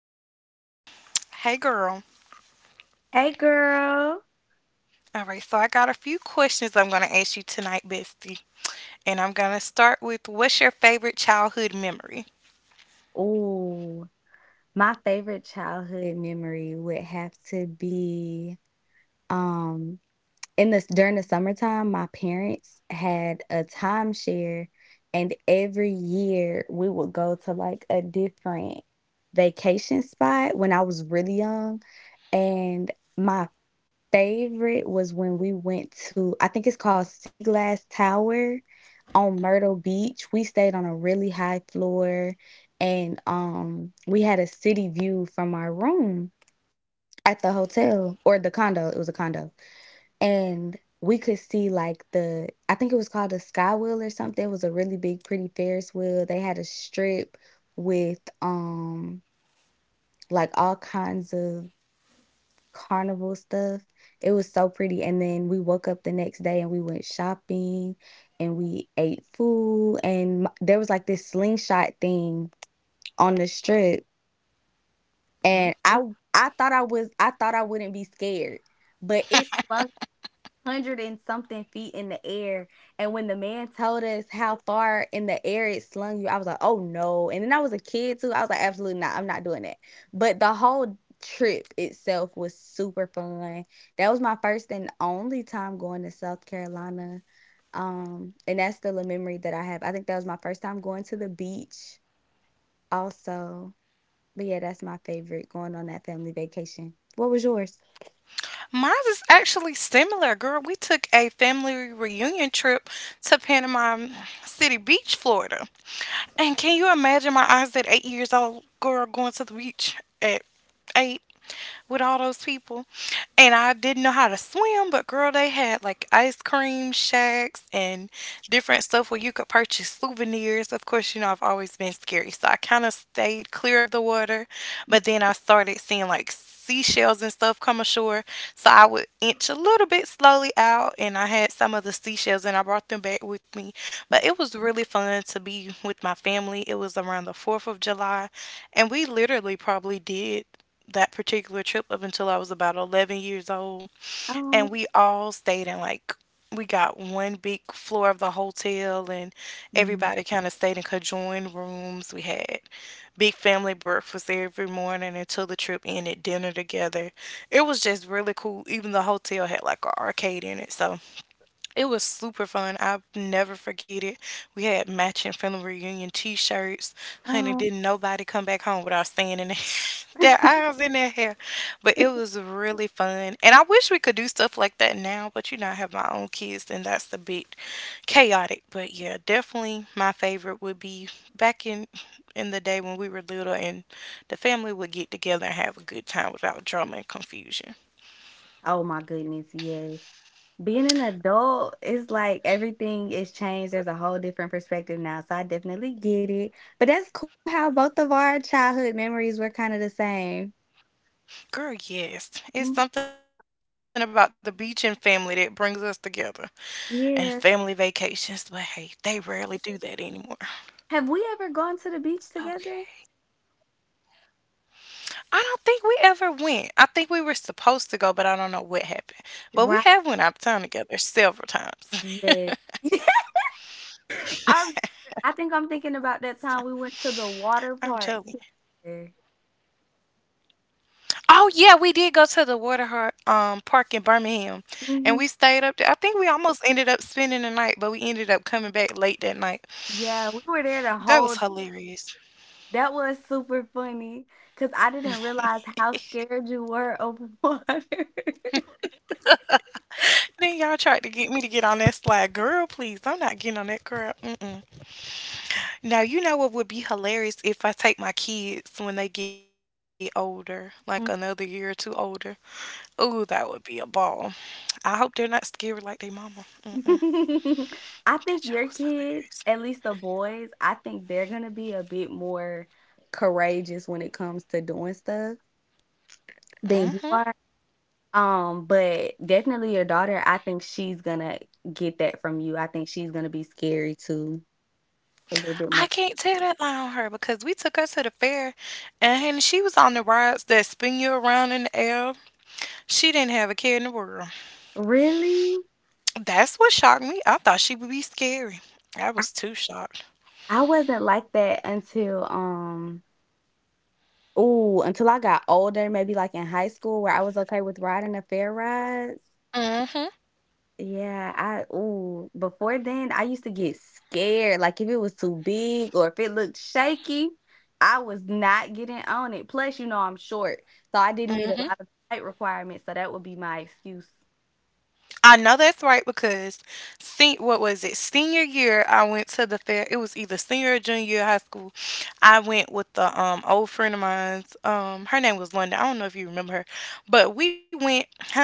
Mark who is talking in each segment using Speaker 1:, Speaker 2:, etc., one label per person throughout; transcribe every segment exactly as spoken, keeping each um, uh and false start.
Speaker 1: Alyssa. Hey, girl.
Speaker 2: Hey girl.
Speaker 1: All right, so I got a few questions I'm going to ask you tonight, bestie. And I'm going to start with what's your favorite childhood memory?
Speaker 2: Ooh, my favorite childhood memory would have to be um in this during the summertime. My parents had a timeshare, and every year we would go to like a different vacation spot when I was really young. And my favorite was when we went to, I think it's called Sea Glass Tower, on Myrtle Beach. We stayed on a really high floor, and um we had a city view from our room at the hotel or the condo. It was a condo. And we could see like the, I think it was called a sky wheel or something. It was a really big pretty Ferris wheel. They had a strip with um like all kinds of carnival stuff. It was so pretty, and then we woke up the next day, and we went shopping, and we ate food, and m there was, like, this slingshot thing on the Strip,
Speaker 1: Ooh.
Speaker 2: and I, I thought I was I thought I wouldn't be scared, but it's hundred and something feet in the air. And when the man told us how far in the air it slung you, I was like, oh no. And then I was a kid too. I was like, absolutely not. I'm not doing that. But the whole trip itself was super fun. That was my first and only time going to South Carolina. Um, and that's still a memory that I have. I think that was my first time going to the beach also. But yeah, that's my favorite, going on that family vacation. What was yours?
Speaker 1: Mine is actually similar, girl. We took a family reunion trip to Panama City Beach, Florida. And can you imagine my eyes at eight years old, girl, going to the beach at eight? With all those people. And I didn't know how to swim, but girl, they had like ice cream shacks and different stuff where you could purchase souvenirs. Of course, you know, I've always been scary, so I kind of stayed clear of the water. But then I started seeing like seashells and stuff come ashore. So I would inch a little bit slowly out, and I had some of the seashells and I brought them back with me. But it was really fun to be with my family. It was around the fourth of July, and we literally probably did that particular trip up until I was about eleven years old. And
Speaker 2: Oh.
Speaker 1: we all stayed in like, we got one big floor of the hotel, and
Speaker 2: Mhm.
Speaker 1: everybody kind of stayed in conjoined rooms. We had big family breakfast every morning until the trip ended, dinner together. It was just really cool. Even the hotel had like an arcade in it. So it was super fun. I'll never forget it. We had matching family reunion T-shirts. Honey,
Speaker 2: Oh.
Speaker 1: didn't nobody come back home without standing there. Their eyes in their hair, but it was really fun, and I wish we could do stuff like that now. But you know, I have my own kids, and that's a bit chaotic. But yeah, definitely my favorite would be back in in the day when we were little, and the family would get together and have a good time without drama and confusion.
Speaker 2: Oh my goodness, yes. Being an adult, it's like everything is changed. There's a whole different perspective now. So I definitely get it. But that's cool how both of our childhood memories were kind of the same.
Speaker 1: Girl, yes. It's
Speaker 2: Mm.
Speaker 1: something about the beach and family that brings us together and family
Speaker 2: Yeah.
Speaker 1: vacations, but hey, they rarely do that anymore.
Speaker 2: Have we ever gone to the beach
Speaker 1: Okay.
Speaker 2: together?
Speaker 1: I don't think we ever went. I think we were supposed to go, but I don't know what happened. But we have
Speaker 2: Right.
Speaker 1: went out of town together several times.
Speaker 2: Yes. I remember- I think I'm thinking about that time we went
Speaker 1: I'm
Speaker 2: to the
Speaker 1: telling you.
Speaker 2: water park together.
Speaker 1: Oh yeah, we did go to the Waterheart um park in Birmingham, and we
Speaker 2: Hmm.
Speaker 1: stayed up there. I think we almost ended up spending the night, but we ended up coming back late that night.
Speaker 2: Yeah, we were there the
Speaker 1: That was
Speaker 2: whole.
Speaker 1: hilarious.
Speaker 2: That was super funny because I didn't realize how scared you were of water.
Speaker 1: Then y'all tried to get me to get on that slide. Girl, please, I'm not getting on that crap. Mm-mm. Now, you know what would be hilarious if I take my kids when they get older, like another year or two older. Ooh, that would be a ball. I hope they're not scared like their mama. That joke
Speaker 2: I
Speaker 1: was
Speaker 2: think your kids, at least the boys, I think they're gonna be a bit more courageous when it comes to doing stuff
Speaker 1: hilarious.
Speaker 2: than you
Speaker 1: hmm
Speaker 2: are. Um, but definitely your daughter, I think she's gonna get that from you. I think she's gonna be scary too, a little bit
Speaker 1: I
Speaker 2: more.
Speaker 1: can't tell that lie on her because we took her to the fair, and she was on the rides that spin you around in the air. She didn't have a care in the world.
Speaker 2: Really?
Speaker 1: That's what shocked me. I thought she would be scary. I
Speaker 2: I,
Speaker 1: was too shocked.
Speaker 2: I wasn't like that until um oh, until I got older, maybe like in high school where I was okay with riding the fair rides.
Speaker 1: hmm
Speaker 2: Yeah, I ooh, before then I used to get scared. Like if it was too big or if it looked shaky, I was not getting on it. Plus, you know, I'm short, so I didn't meet a
Speaker 1: Mhm.
Speaker 2: lot of height requirements, so that would be my excuse.
Speaker 1: I know that's right because see what was it? Senior year I went to the fair. It was either senior or junior year of high school. I went with the um old friend of mine's. Um her name was Linda. I don't know if you remember her. But we went, honey,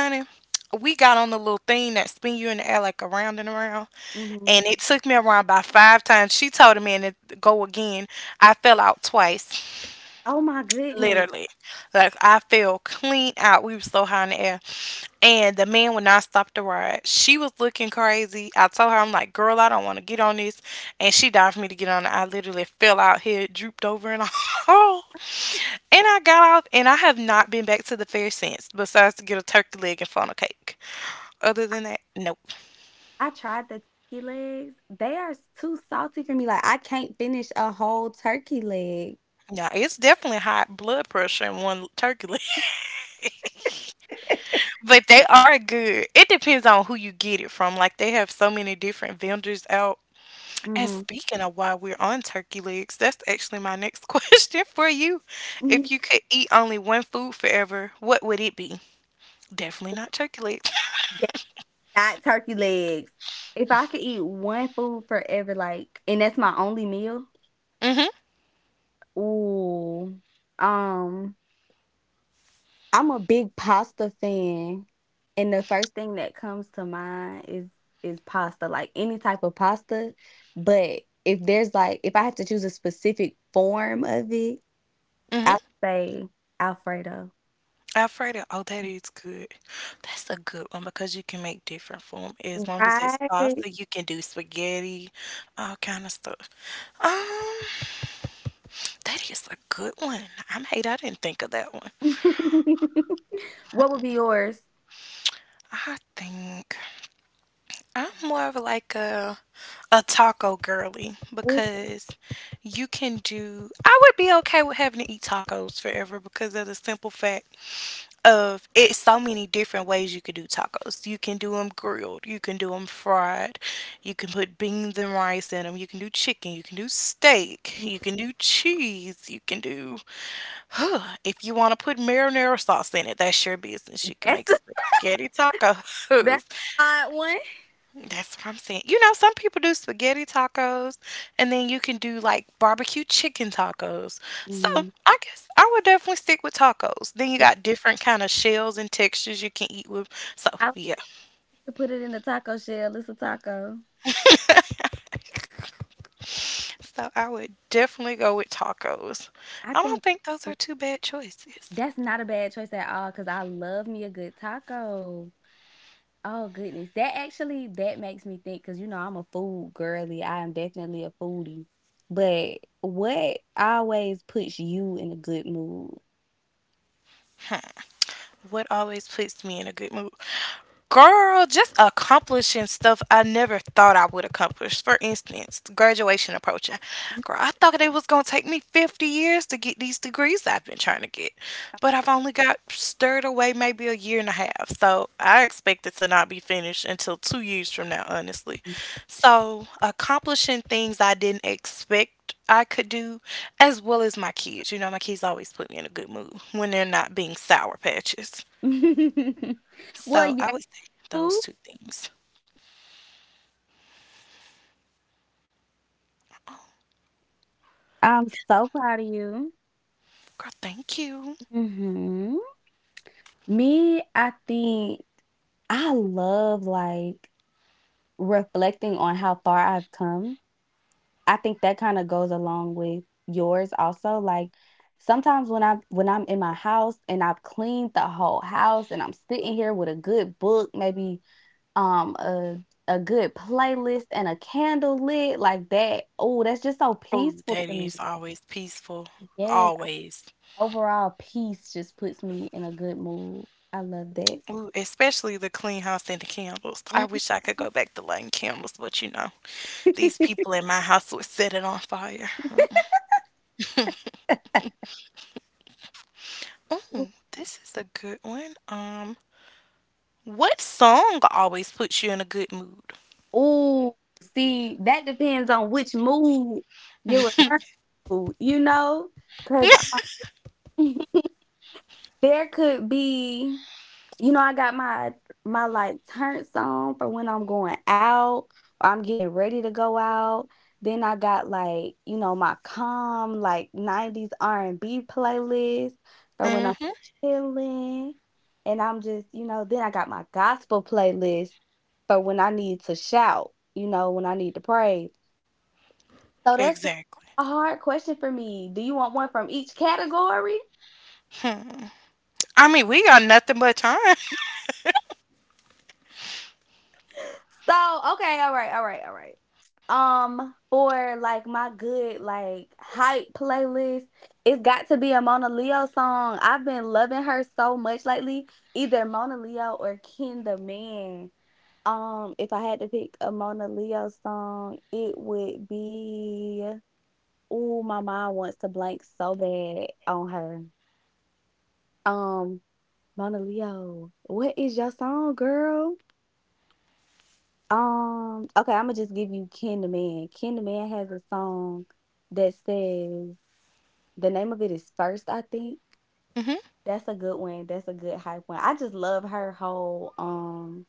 Speaker 1: we got on the little thing that spin you in the air like around and around.
Speaker 2: Hmm.
Speaker 1: And it took me around by five times. She told me and to go again. I fell out twice.
Speaker 2: Oh my goodness.
Speaker 1: Literally. Like I fell clean out. We were so high in the air. And the man would not stop the ride. She was looking crazy. I told her, I'm like, girl, I don't want to get on this. And she died for me to get on it. I literally fell out here, drooped over and all. And I got off and I have not been back to the fair since, besides to get a turkey leg and funnel cake. Other than that, nope.
Speaker 2: I tried the turkey legs. They are s- too salty for me. Like I can't finish a whole turkey leg.
Speaker 1: Now it's definitely high blood pressure in one turkey leg. But they are good. It depends on who you get it from. Like they have so many different vendors out. And
Speaker 2: Hmm.
Speaker 1: speaking of while we're on turkey legs, that's actually my next question for you.
Speaker 2: Mhm.
Speaker 1: If you could eat only one food forever, what would it be? Definitely not turkey legs.
Speaker 2: That's not turkey legs. If I could eat one food forever, like, and that's my only meal,
Speaker 1: Mhm,
Speaker 2: ooh, um, I'm a big pasta fan, and the first thing that comes to mind is is pasta, like any type of pasta, but if there's like if I have to choose a specific form of it,
Speaker 1: mhm.
Speaker 2: I'd say Alfredo.
Speaker 1: Alfredo. Oh, that is good. That's a good one because you can make different form. As long as it's
Speaker 2: Right.
Speaker 1: pasta, you can do spaghetti, all kind of stuff. Um, that is a good one. I'm hate I didn't think of that one.
Speaker 2: What would be yours?
Speaker 1: I think I'm more of like a a taco girly
Speaker 2: Ooh,
Speaker 1: because you can do I would be okay with having to eat tacos forever because of the simple fact of it's so many different ways you could do tacos. You can do them grilled, you can do them fried, you can put beans and rice in them, you can do chicken, you can do steak, you can do cheese, you can do huh, if you want to put marinara sauce in it, that's your business. You can
Speaker 2: that's
Speaker 1: make
Speaker 2: a
Speaker 1: spaghetti
Speaker 2: that's
Speaker 1: tacos.
Speaker 2: a odd one.
Speaker 1: That's what I'm saying. You know, some people do spaghetti tacos, and then you can do like barbecue chicken tacos. So
Speaker 2: Mhm.
Speaker 1: I guess I would definitely stick with tacos. Then you
Speaker 2: If
Speaker 1: got different kind of shells and textures you can eat with. So
Speaker 2: I
Speaker 1: yeah.
Speaker 2: could put it in a taco shell, it's a taco.
Speaker 1: So I would definitely go with tacos.
Speaker 2: I
Speaker 1: I don't
Speaker 2: think
Speaker 1: think those are two bad choices.
Speaker 2: That's not a bad choice at all, cause I love me a good taco. Oh goodness, that actually that makes me think, cause you know I'm a food girly. I am definitely a foodie. But what always puts you in a good mood?
Speaker 1: What always puts me in a good mood? Girl, just accomplishing stuff I never thought I would accomplish. For instance, graduation approaching. Girl, I thought it was going to take me fifty years to get these degrees I've been trying to get, but I've only got stirred away maybe a year and a half. So I expect it to not be finished until two years from now, honestly. So accomplishing things I didn't expect I could do, as well as my kids. You know, my kids always put me in a good mood when they're not being sour patches.
Speaker 2: Well,
Speaker 1: So I
Speaker 2: yeah.
Speaker 1: would say those two things.
Speaker 3: I'm so proud of you.
Speaker 1: Girl, thank you.
Speaker 3: Mhm. Me, I think I love, like, reflecting on how far I've come. I think that kinda goes along with yours also, like, sometimes when I'm when I'm in my house and I've cleaned the whole house and I'm sitting here with a good book, maybe, um, a a good playlist and a candle lit like that. Oh, that's just so
Speaker 1: Ooh,
Speaker 3: peaceful
Speaker 1: that
Speaker 3: to me.
Speaker 1: is always peaceful.
Speaker 3: Yes.
Speaker 1: Always.
Speaker 3: Overall, peace just puts me in a good mood. I love that.
Speaker 1: Ooh, especially the clean house and the candles. I wish I could
Speaker 3: Mhm.
Speaker 1: go back to lighting candles, but you know, these people in my house would set it on fire. Ooh, this is a good one. Um, what song always puts you in a good mood?
Speaker 3: Ooh, see, that depends on which mood you're referring to, you know? Because there could be you know, I got my my like turn song for when I'm going out or I'm getting ready to go out. Then I got, like, you know, my calm like nineties R and B playlist for when I'm
Speaker 1: Mm-hmm.
Speaker 3: chilling. And I'm just, you know, then I got my gospel playlist for when I need to shout, you know, when I need to praise. So that's
Speaker 1: Exactly.
Speaker 3: a hard question for me. Do you want one from each category?
Speaker 1: I mean, we got nothing but time.
Speaker 3: So, okay, all right, all right, all right. Um, for like my good like hype playlist, it's got to be a Mona Leo song. I've been loving her so much lately. Either Mona Leo or Ken the Man. Um, if I had to pick a Mona Leo song, it would be— oh, my mind wants to blank so bad on her. Um, Mona Leo, what is your song, girl? Um, okay, I'ma just give you Ken the Man. Ken the Man has a song that says— the name of it is First, I think.
Speaker 1: Mhm,
Speaker 3: That's a good one. That's a good hype one. I just love her whole um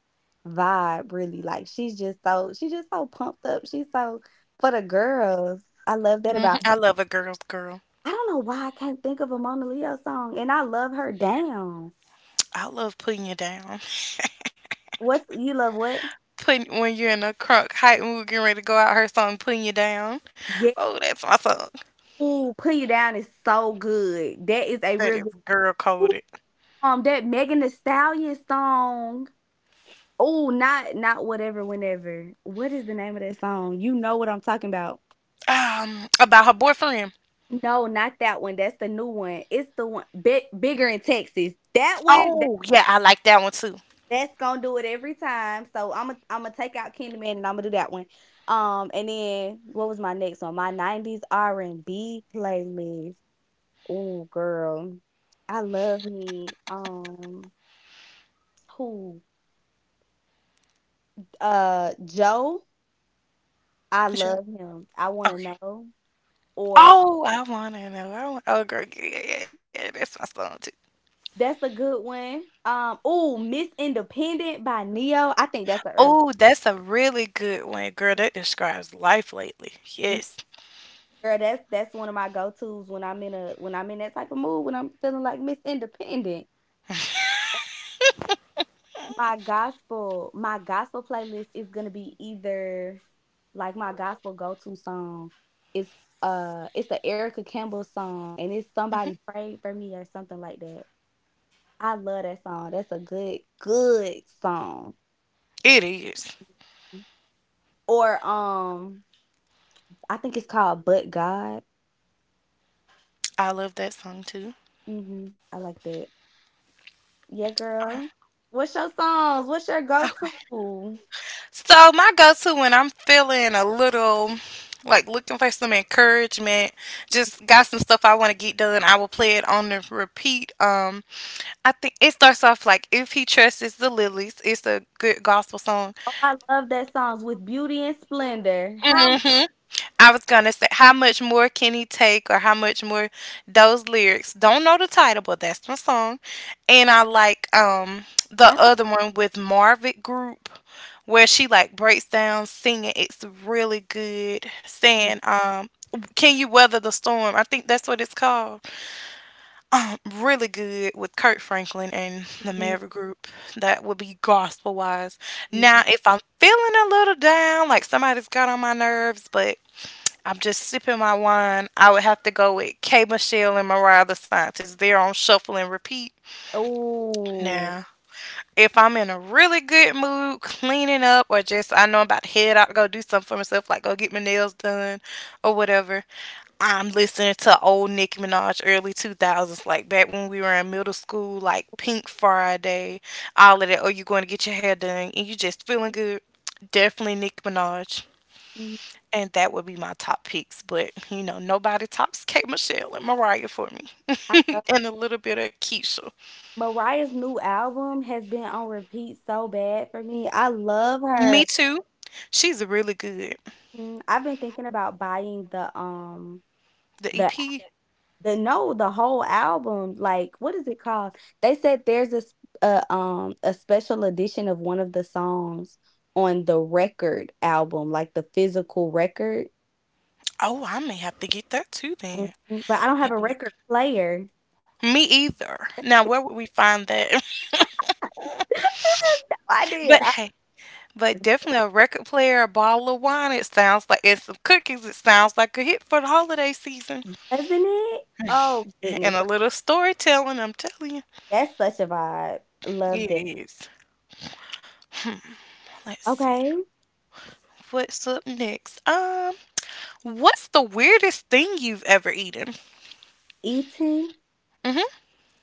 Speaker 3: vibe, really. Like she's just so she's just so pumped up. She's so for the girls. I love that
Speaker 1: mhm.
Speaker 3: about her.
Speaker 1: I love a girl's girl.
Speaker 3: I don't know why I can't think of a Mona Leo song. And I love her down.
Speaker 1: I love putting you down.
Speaker 3: What's— you love what?
Speaker 1: Putting when you're in a crunk height and we are getting ready to go out, her song putting you down.
Speaker 3: Yeah.
Speaker 1: Oh, that's my song.
Speaker 3: Ooh, put you down is so good. That is a
Speaker 1: That
Speaker 3: real
Speaker 1: is
Speaker 3: good.
Speaker 1: girl coded.
Speaker 3: Um, that Megan Thee Stallion song. Oh, not not whatever, whenever. What is the name of that song? You know what I'm talking about.
Speaker 1: Um, about her boyfriend.
Speaker 3: No, not that one. That's the new one. It's the one big, bigger in Texas. That one. That,
Speaker 1: Oh yeah, I like that one too.
Speaker 3: that's gonna do it every time. So I'm gonna I'm gonna take out Candyman and I'm gonna do that one. Um, and then what was my next one? My nineties R and B playlist. Oh, girl, I love me. Um, who? Uh, Joe. I
Speaker 1: Yeah.
Speaker 3: love him. I Wanna
Speaker 1: Okay.
Speaker 3: Know, or, um
Speaker 1: Oh, I wanna know. I want, oh girl, yeah, yeah, yeah, yeah, that's my song too.
Speaker 3: that's a good one. Um, Oh, Miss Independent by Neo. I think that's a early—
Speaker 1: Oh, that's a really good one, girl. That describes life lately.
Speaker 3: mm,
Speaker 1: Yes,
Speaker 3: girl, that's that's one of my go-tos when I'm in a when I'm in that type of mood, when I'm feeling like Miss Independent. My gospel my gospel playlist is gonna be either, like, my gospel go-to song— it's uh it's the Erica Campbell song, and it's "Somebody Prayed for Me" or something like that. I love that song. That's a good, good song.
Speaker 1: it is.
Speaker 3: Or, um, I think it's called But God.
Speaker 1: I love that song too.
Speaker 3: Mhm, I like that. Yeah, girl. What's your songs? What's your go-to? Oh,
Speaker 1: So my go-to when I'm feeling a little like looking for some encouragement, just got some stuff I want to get done. I will play it on the repeat. Um, I think it starts off like "If He Trusts the Lilies." It's a good gospel song.
Speaker 3: I love that songs with beauty and splendor. How—
Speaker 1: hmm I was gonna say, how much more can he take, or how much more those lyrics? Don't know the title, but that's my song. And I like um the
Speaker 3: I think—
Speaker 1: other one with Marvin Group, where she like breaks down singing. It's really good. Saying um, can you weather the storm? I think that's what it's called. Really good with Kurt Franklin and the
Speaker 3: mhm.
Speaker 1: Maverick Group. That would be gospel wise. Now, if I'm feeling a little down, like somebody's got on my nerves, but I'm just sipping my wine. I would have to go with K Michelle and Mariah the Scientist. They're on shuffle and repeat. Now, if I'm in a really good mood, cleaning up, or just I know I'm about to head out to go do something for myself, like go get my nails done or whatever, I'm listening to old Nicki Minaj early two thousands, like back when we were in middle school, like Pink Friday, all of that. Or you going to get your hair done and you just feeling good. Definitely Nicki Minaj.
Speaker 3: Mhm.
Speaker 1: And that would be my top picks, but you know, nobody tops K Michelle and Mariah for me.
Speaker 3: I love—
Speaker 1: And a little bit of Keisha.
Speaker 3: Mariah's new album has been on repeat so bad for me. I love
Speaker 1: Me
Speaker 3: her.
Speaker 1: too. She's really good.
Speaker 3: Mm, I've been thinking about buying the, um,
Speaker 1: The
Speaker 3: the—
Speaker 1: E P.
Speaker 3: the no, the whole album, like what is it called? They said there's a, s- a um a special edition of one of the songs on the record album, like the physical record.
Speaker 1: Oh, I may have to get that too then.
Speaker 3: Mhm. But I don't have a
Speaker 1: Maybe.
Speaker 3: record player.
Speaker 1: I- Me either. Now, where would we find that?
Speaker 3: I did,
Speaker 1: But
Speaker 3: I-
Speaker 1: hey, but definitely a record player, a bottle of wine, it sounds like, and some cookies, it sounds like a hit for the holiday season.
Speaker 3: doesn't it? Oh
Speaker 1: And
Speaker 3: goodness,
Speaker 1: a
Speaker 3: that—
Speaker 1: little storytelling, I'm telling you.
Speaker 3: that's such a vibe.
Speaker 1: It
Speaker 3: Love that.
Speaker 1: is. Let's see.
Speaker 3: Okay,
Speaker 1: What's up next? Um, What's the weirdest thing you've ever eaten?
Speaker 3: Eaton.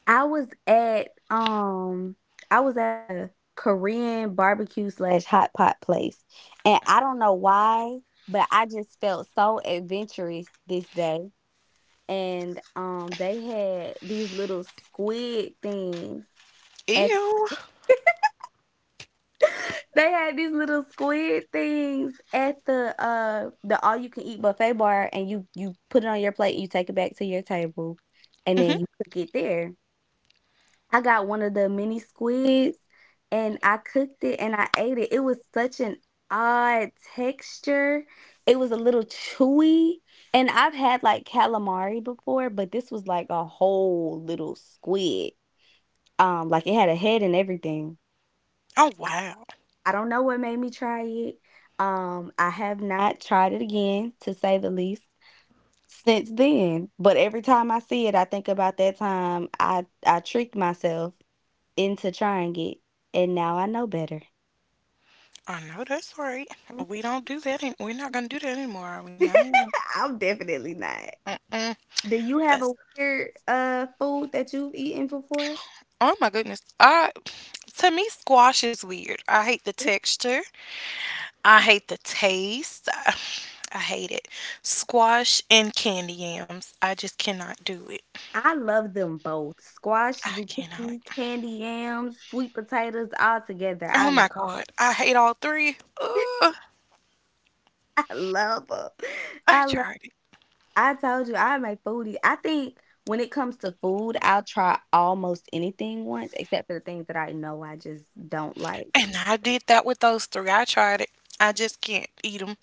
Speaker 3: I was at, um, I was at a Korean barbecue slash hot pot place, and I don't know why, but I just felt so adventurous this day. And um, they had these little squid things at—
Speaker 1: Ew.
Speaker 3: they had these little squid things at the uh the all you can eat buffet bar, and you you put it on your plate, you take it back to your table, and then
Speaker 1: hmm
Speaker 3: you cook it there. I got one of the mini squids and I cooked it and I ate it. It was such an odd texture. It was a little chewy. And I've had like calamari before, but this was like a whole little squid. Um, like it had a head and everything.
Speaker 1: Oh wow.
Speaker 3: I don't know what made me try it. Um, I have not tried it again, to say the least, since then. But every time I see it, I think about that time I I tricked myself into trying it, and now I know better.
Speaker 1: I know that's right. We don't do that. Any- we're not gonna do that anymore, are we? No, ma'am.
Speaker 3: I'm definitely not.
Speaker 1: Mm,
Speaker 3: Do you have a
Speaker 1: that's.
Speaker 3: weird uh food that you've eaten before?
Speaker 1: Oh my goodness. I. To me, squash is weird. I hate the
Speaker 3: Really?
Speaker 1: texture. I hate the taste. I, I hate it. Squash and candy yams. I just cannot do it.
Speaker 3: I love them both. Squash,
Speaker 1: I cannot.
Speaker 3: zucchini, candy yams, sweet potatoes all together.
Speaker 1: Oh
Speaker 3: I
Speaker 1: my god. I hate all three. Ugh,
Speaker 3: I love them.
Speaker 1: I
Speaker 3: I love
Speaker 1: tried it.
Speaker 3: I told you I'm a foodie. I think when it comes to food, I'll try almost anything once except for the things that I know I just don't like.
Speaker 1: And I did that with those three. I tried it. I just can't eat them.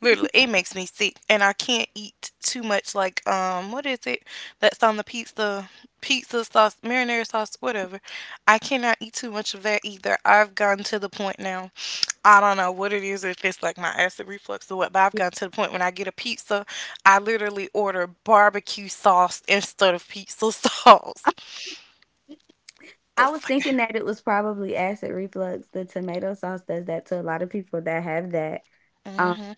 Speaker 1: Literally, it makes me sick, and I can't eat too much. Like, um, what is it that's on the pizza? Pizza sauce, marinara sauce, whatever. I cannot eat too much of that either. I've gotten to the point now. I don't know what it is, if it's like my acid reflux or what, but I've gotten to the point when I get a pizza, I literally order barbecue sauce instead of pizza sauce.
Speaker 3: Uh, I was
Speaker 1: It's like,
Speaker 3: thinking that it was probably acid reflux. The tomato sauce does that to a lot of people that have that. Um,
Speaker 1: mm-hmm,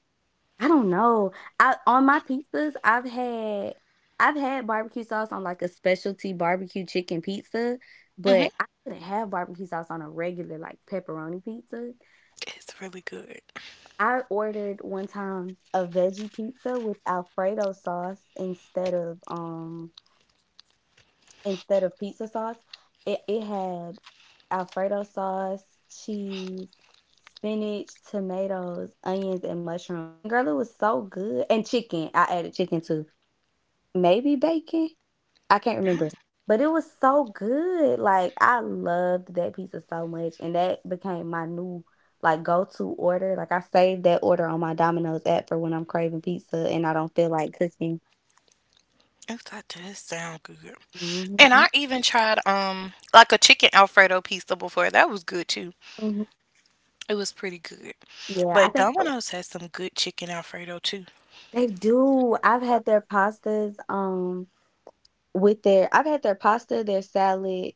Speaker 3: I don't know. I on my pizzas, I've had I've had barbecue sauce on like a specialty barbecue chicken pizza, but
Speaker 1: mm-hmm.
Speaker 3: I couldn't have barbecue sauce on a regular like pepperoni pizza.
Speaker 1: It's really good.
Speaker 3: I ordered one time a veggie pizza with Alfredo sauce instead of um instead of pizza sauce. It it had Alfredo sauce, cheese, spinach, tomatoes, onions, and mushrooms. And girl, it was so good. And chicken. I added chicken too. Maybe bacon. I can't remember. But it was so good. Like I loved that pizza so much. And that became my new like go to order. Like I saved that order on my Domino's app for when I'm craving pizza and I don't feel like cooking.
Speaker 1: Oh, that does sound good. And
Speaker 3: hmm
Speaker 1: I even tried um like a chicken Alfredo pizza before. That was good too.
Speaker 3: hmm
Speaker 1: It was pretty good.
Speaker 3: Yeah, I
Speaker 1: But
Speaker 3: think that—
Speaker 1: Domino's has some good chicken Alfredo too.
Speaker 3: they do. I've had their pastas. Um With their I've had their pasta, their salad,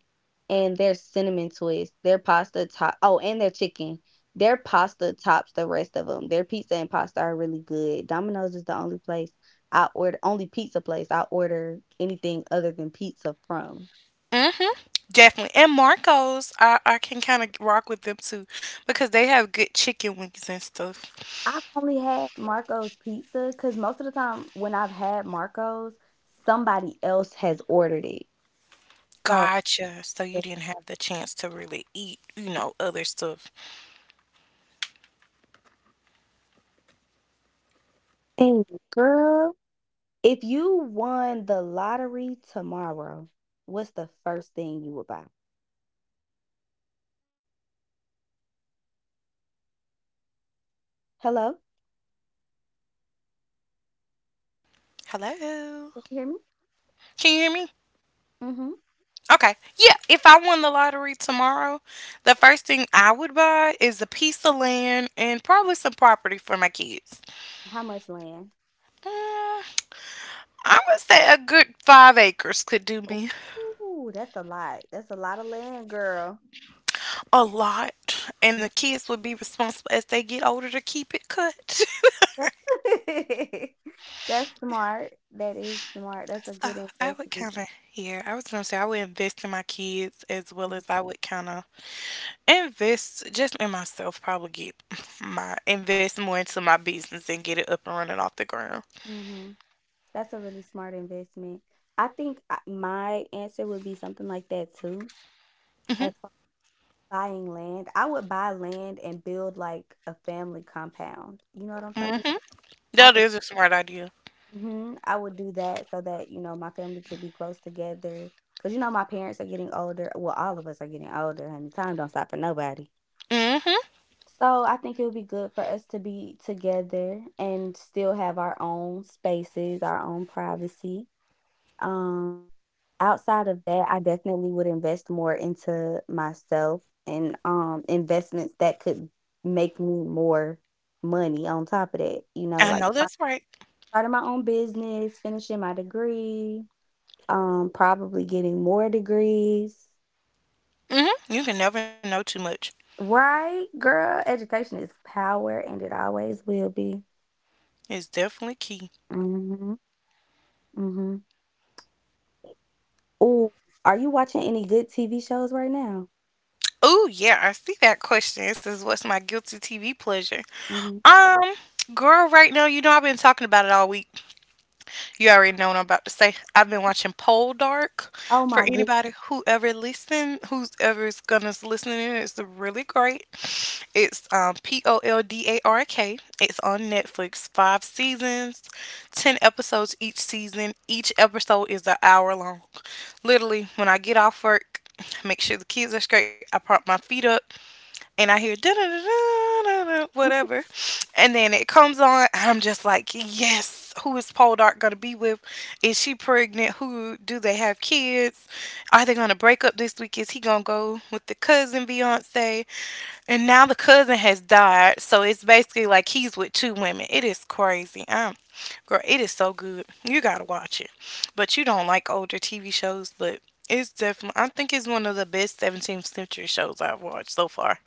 Speaker 3: and their cinnamon twist. Their pasta top Oh, and their chicken. Their pasta tops the rest of them. Their pizza and pasta are really good. Domino's is the only place I order only pizza place I order anything other than pizza from.
Speaker 1: Mm-hmm. Definitely. And Marco's, I, I can kind of rock with them too because they have good chicken wings and stuff.
Speaker 3: I've only had Marco's pizza because most of the time when I've had Marco's, somebody else has ordered it. So
Speaker 1: Gotcha. So you didn't have the chance to really eat, you know, other stuff.
Speaker 2: Mm. Girl, if you won the lottery tomorrow, what's the first thing you would buy? Hello?
Speaker 1: Hello.
Speaker 2: Can you hear me?
Speaker 1: Can you hear me?
Speaker 2: Mm-hmm.
Speaker 1: Okay. Yeah. If I won the lottery tomorrow, the first thing I would buy is a piece of land and probably some property for my kids.
Speaker 2: How much land?
Speaker 1: I would say a good five acres could do me
Speaker 2: Ooh, that's a lot. That's a lot of land, girl.
Speaker 1: a lot, and the
Speaker 2: Mm.
Speaker 1: kids would be responsible as they get older to keep it cut. So
Speaker 2: That's smart. That is smart. That's a good
Speaker 1: I would
Speaker 2: investment.
Speaker 1: kind of, yeah, I was gonna say I would invest in my kids as well as I would kind of invest just in myself, probably get my invest more into my business and get it up and running off the ground.
Speaker 2: Mm-hmm. That's a really smart investment. I think I- my answer would be something like that too.
Speaker 1: hmm
Speaker 2: Buying land. I would buy land and build, like, a family compound. You know what I'm talking
Speaker 1: hmm
Speaker 2: about? I
Speaker 1: That
Speaker 2: think
Speaker 1: is a smart idea.
Speaker 2: Mhm. I would do that so that, you know, my family could be close together. Cause you know, my parents are getting older. Well, all of us are getting older, honey. Time don't stop for nobody.
Speaker 1: Mhm.
Speaker 2: So, I think it would be good for us to be together and still have our own spaces, our own privacy. Um. Outside of that, I definitely would invest more into myself and, um, investments that could make me more money on top of that, you know,
Speaker 1: I
Speaker 2: like,
Speaker 1: know
Speaker 2: start
Speaker 1: that's right.
Speaker 2: starting my own business, finishing my degree, um, probably getting more degrees.
Speaker 1: Mhm. You can never know too much.
Speaker 2: Right, girl, education is power, and it always will be.
Speaker 1: It's definitely key.
Speaker 2: Mhm, mhm. Ooh, are you watching any good T V shows right now?
Speaker 1: Oh, yeah, I see that question. It says, "What's my guilty T V pleasure?"
Speaker 2: Mhm.
Speaker 1: Um, Girl, right now, you know I've been talking about it all week. You already know what I'm about to say. I've been watching Pole Dark.
Speaker 2: Oh my
Speaker 1: For
Speaker 2: goodness.
Speaker 1: anybody who ever listen, who's ever is gonna s- listen in, it's really great. It's um, P O L D A R K. It's on Netflix. Five seasons, ten episodes each season. Each episode is an hour long. Literally, when I get off work, make sure the kids are straight. I prop my feet up and I hear da da da da whatever, and then it comes on. I'm just like, yes, who is Paul Dark gonna be with? Is she pregnant? Who do they have kids? Are they gonna break up this week? Is he gonna go with the cousin Beyonce? And now the cousin has died, so it's basically like he's with two women. It is crazy. Um, girl, it is so good. You gotta watch it. But you don't like older T V shows, but it's definitely. I think it's one of the best seventeenth century shows I've watched so far.